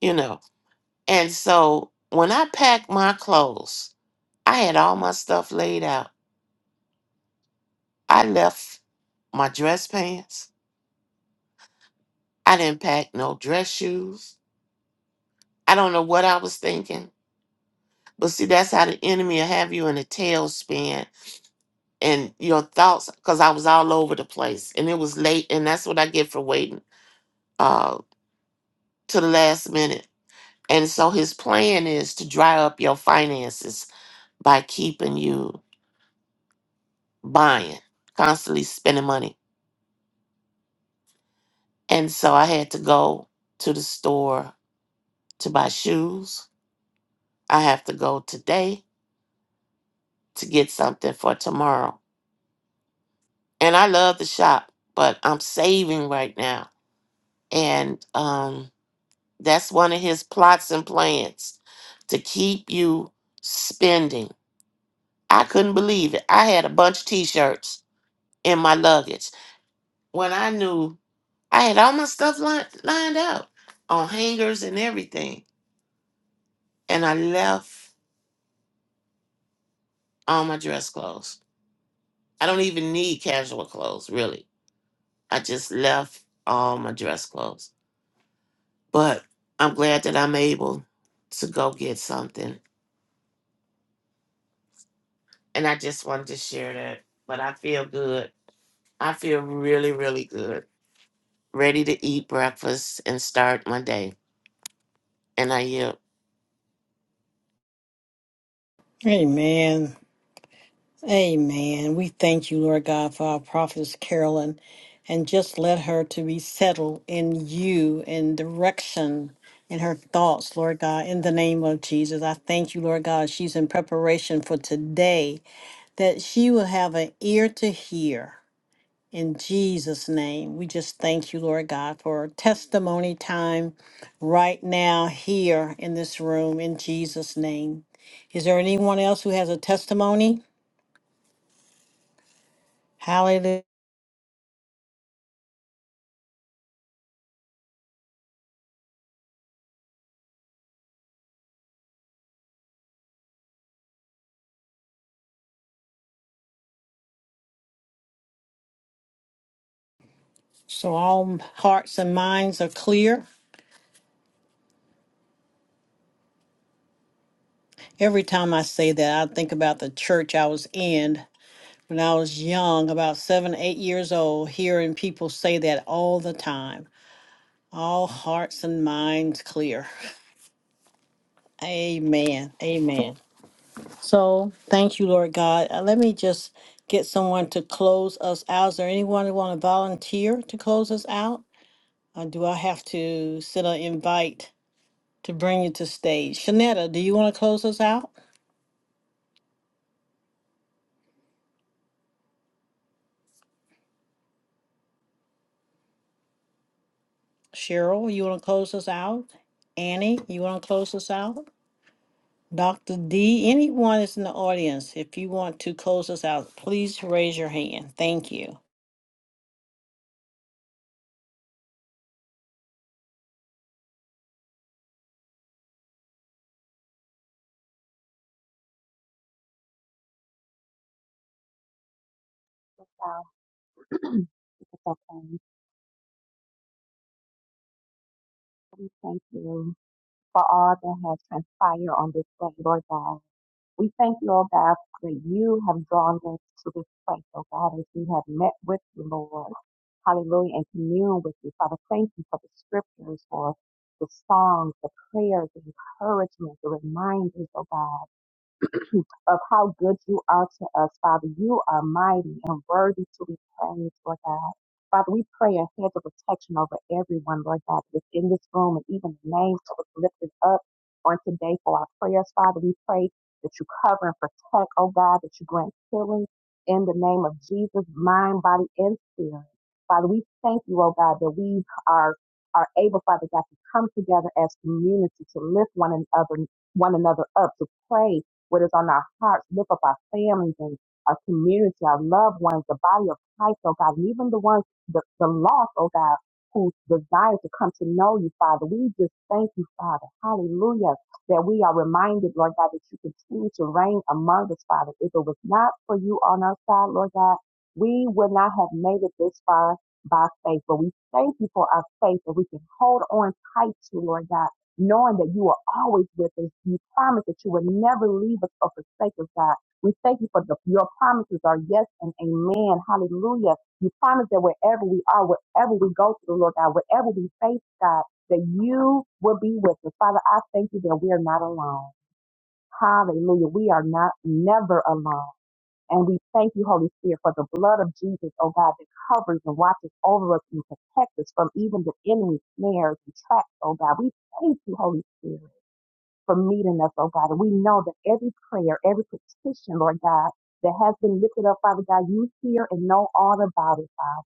Speaker 8: you know. And so when I packed my clothes, I had all my stuff laid out. I left my dress pants. I didn't pack no dress shoes. I don't know what I was thinking, but see, that's how the enemy will have you in a tailspin and your thoughts, because I was all over the place, and it was late, and that's what I get for waiting uh, to the last minute. And so his plan is to dry up your finances by keeping you buying, constantly spending money. And so I had to go to the store to buy shoes. I have to go today to get something for tomorrow. And I love to shop, but I'm saving right now. And um, that's one of his plots and plans to keep you spending. I couldn't believe it. I had a bunch of t shirts in my luggage when I knew I had all my stuff lined, lined up on hangers and everything, and I left all my dress clothes. I don't even need casual clothes, really. I just left all my dress clothes. But I'm glad that I'm able to go get something. And I just wanted to share that. But I feel good. I feel really, really good. Ready to eat breakfast and start my day. And I yield.
Speaker 2: Amen. Amen. We thank you, Lord God, for our prophetess Carolyn, and just let her to be settled in you, in direction, in her thoughts, Lord God, in the name of Jesus. I thank you, Lord God, she's in preparation for today, that she will have an ear to hear. In Jesus' name, we just thank you, Lord God, for testimony time right now here in this room, in Jesus' name. Is there anyone else who has a testimony? Hallelujah. So all hearts and minds are clear. Every time I say that, I think about the church I was in when I was young, about seven, eight years old, hearing people say that all the time. All hearts and minds clear. Amen. Amen. So thank you, Lord God. Uh, Let me just get someone to close us out. Is there anyone who want to volunteer to close us out? Or do I have to send an invite to bring you to stage? Shanetta, do you want to close us out? Cheryl, you want to close us out? Annie, you want to close us out? Dr. D, anyone that's in the audience, if you want to close us out, please raise your hand. Thank you.
Speaker 12: you, God. It's okay. We thank you for all that has transpired on this day, Lord God. We thank you, oh God, that you have drawn us to this place, oh God, as we have met with you, Lord. Hallelujah, and commune with you. Father, thank you for the scriptures, for the songs, the prayers, the encouragement, the reminders, oh God. of how good you are to us, Father. You are mighty and worthy to be praised, Lord God. Father, we pray a hedge of protection over everyone, Lord God, that's in this room and even the names that was lifted up on today for our prayers, Father. We pray that you cover and protect, oh God, that you grant healing in the name of Jesus, mind, body, and spirit. Father, we thank you, oh God, that we are are able, Father God, to come together as community to lift one another one another up, to pray what is on our hearts. Lift up our families and our community, our loved ones, the body of Christ, oh God, and even the ones, the, the lost, oh God, who desire to come to know you, Father. We just thank you, Father. Hallelujah. That we are reminded, Lord God, that you continue to reign among us, Father. If it was not for you on our side, Lord God, we would not have made it this far by faith. But we thank you for our faith that we can hold on tight to, Lord God knowing that you are always with us. You promise that you will never leave us or forsake us, God. We thank you for the, your promises are yes and amen. Hallelujah. You promise that wherever we are, wherever we go to the Lord God, wherever we face God, that you will be with us. Father, I thank you that we are not alone. Hallelujah. We are not never alone. And we thank you, Holy Spirit, for the blood of Jesus, oh God, that covers and watches over us and protects us from even the enemy's snares and traps, oh God. We thank you, Holy Spirit for meeting us, oh God. And we know that every prayer, every petition, Lord God, that has been lifted up, Father God, you hear and know all about it, Father.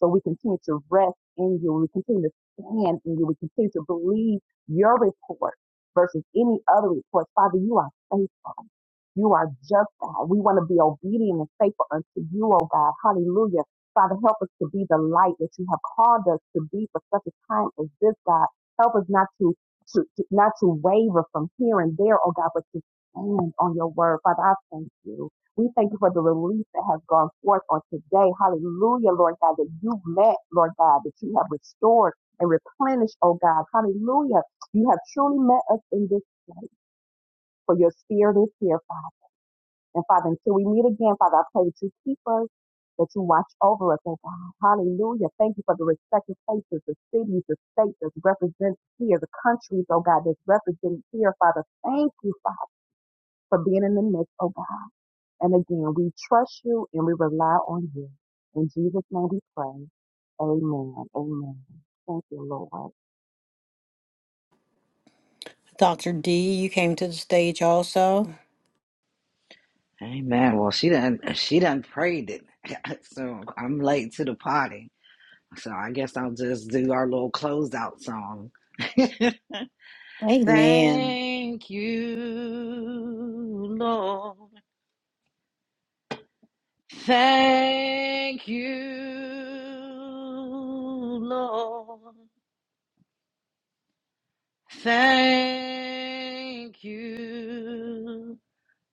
Speaker 12: So we continue to rest in you. We continue to stand in you. We continue to believe your report versus any other report. Father, you are faithful. You are just God. We want to be obedient and faithful unto you, oh God. Hallelujah. Father, help us to be the light that you have called us to be for such a time as this, God. Help us not to, to, to not to waver from here and there, oh God, but to stand on your word. Father, I thank you. We thank you for the release that has gone forth on today. Hallelujah, Lord God, that you've met, Lord God, that you have restored and replenished, oh God. Hallelujah. You have truly met us in this place, for your spirit is here, Father. And Father, until we meet again, Father, I pray that you keep us, that you watch over us, oh God. Hallelujah. Thank you for the respective places, the cities, the states that's represented here, the countries, oh God, that's represented here, Father. Thank you, Father, for being in the midst, oh God. And again, we trust you and we rely on you. In Jesus' name we pray. Amen. Amen. Thank you, Lord.
Speaker 2: Dr. D, you came to the stage also.
Speaker 13: Amen. Well, she done she done prayed it, so I'm late to the party. So I guess I'll just do our little closeout song.
Speaker 2: Amen.
Speaker 13: Thank you, Lord. Thank you, Lord. Thank you,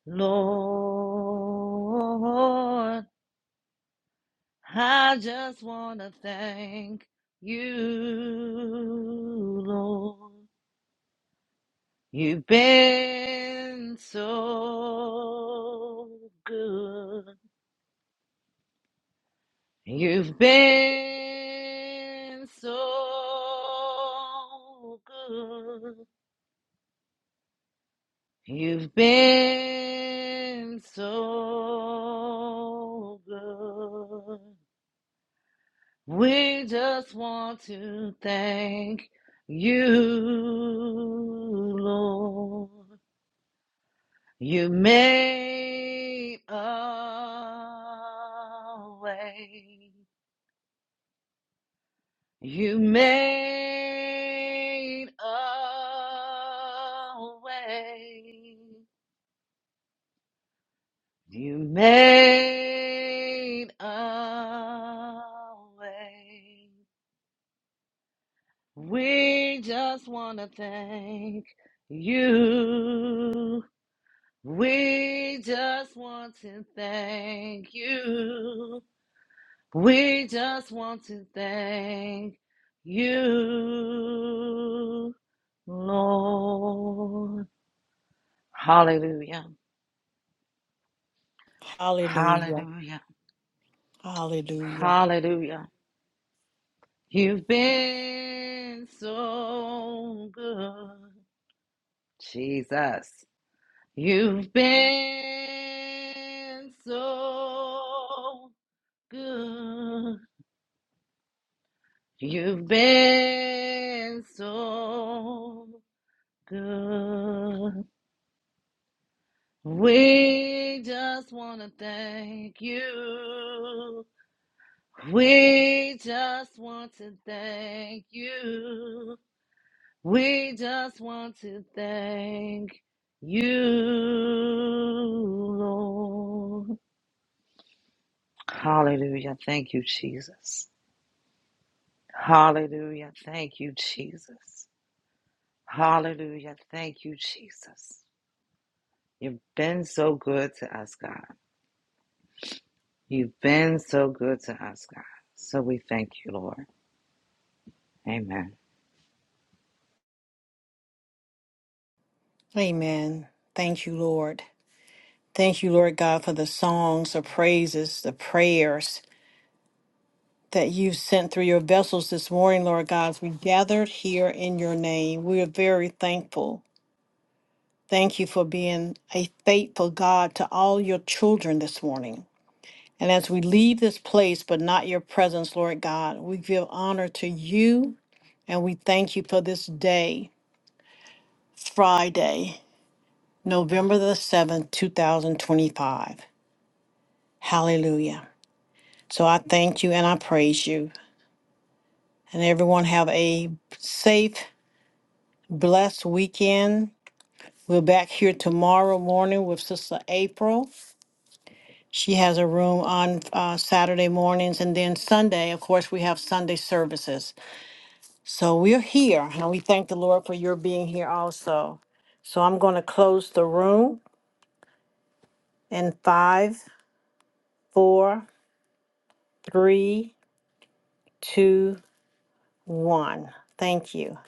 Speaker 13: Lord. I just want to thank you, Lord. You've been so good. You've been so good. You've been so good. We just want to thank you, Lord. You made a way. You made a way. You made a way. We just want to thank you. We just want to thank you. We just want to thank you, Lord. Hallelujah.
Speaker 2: Hallelujah.
Speaker 13: Hallelujah.
Speaker 2: Hallelujah.
Speaker 13: Hallelujah. You've been so good, Jesus. You've been so good. You've been so good. We just want to thank you. We just want to thank you. We just want to thank you, Lord. Hallelujah. Thank you, Jesus. Hallelujah. Thank you, Jesus. Hallelujah. Thank you, Jesus. You've been so good to us, God. You've been so good to us, God. So we thank you, Lord. Amen.
Speaker 2: Amen. Thank you, Lord. Thank you, Lord God, for the songs, the praises, the prayers that you've sent through your vessels this morning, Lord God. As we gathered here in your name, we are very thankful. Thank you for being a faithful God to all your children this morning. And as we leave this place, but not your presence, Lord God, we give honor to you and we thank you for this day, Friday, November the 7th, 2025. Hallelujah. So I thank you and I praise you. And everyone have a safe, blessed weekend. We're back here tomorrow morning with Sister April. She has a room on uh, Saturday mornings, and then Sunday, of course, we have Sunday services. So we're here, and we thank the Lord for your being here also. So I'm going to close the room in five, four, three, two, one. Thank you.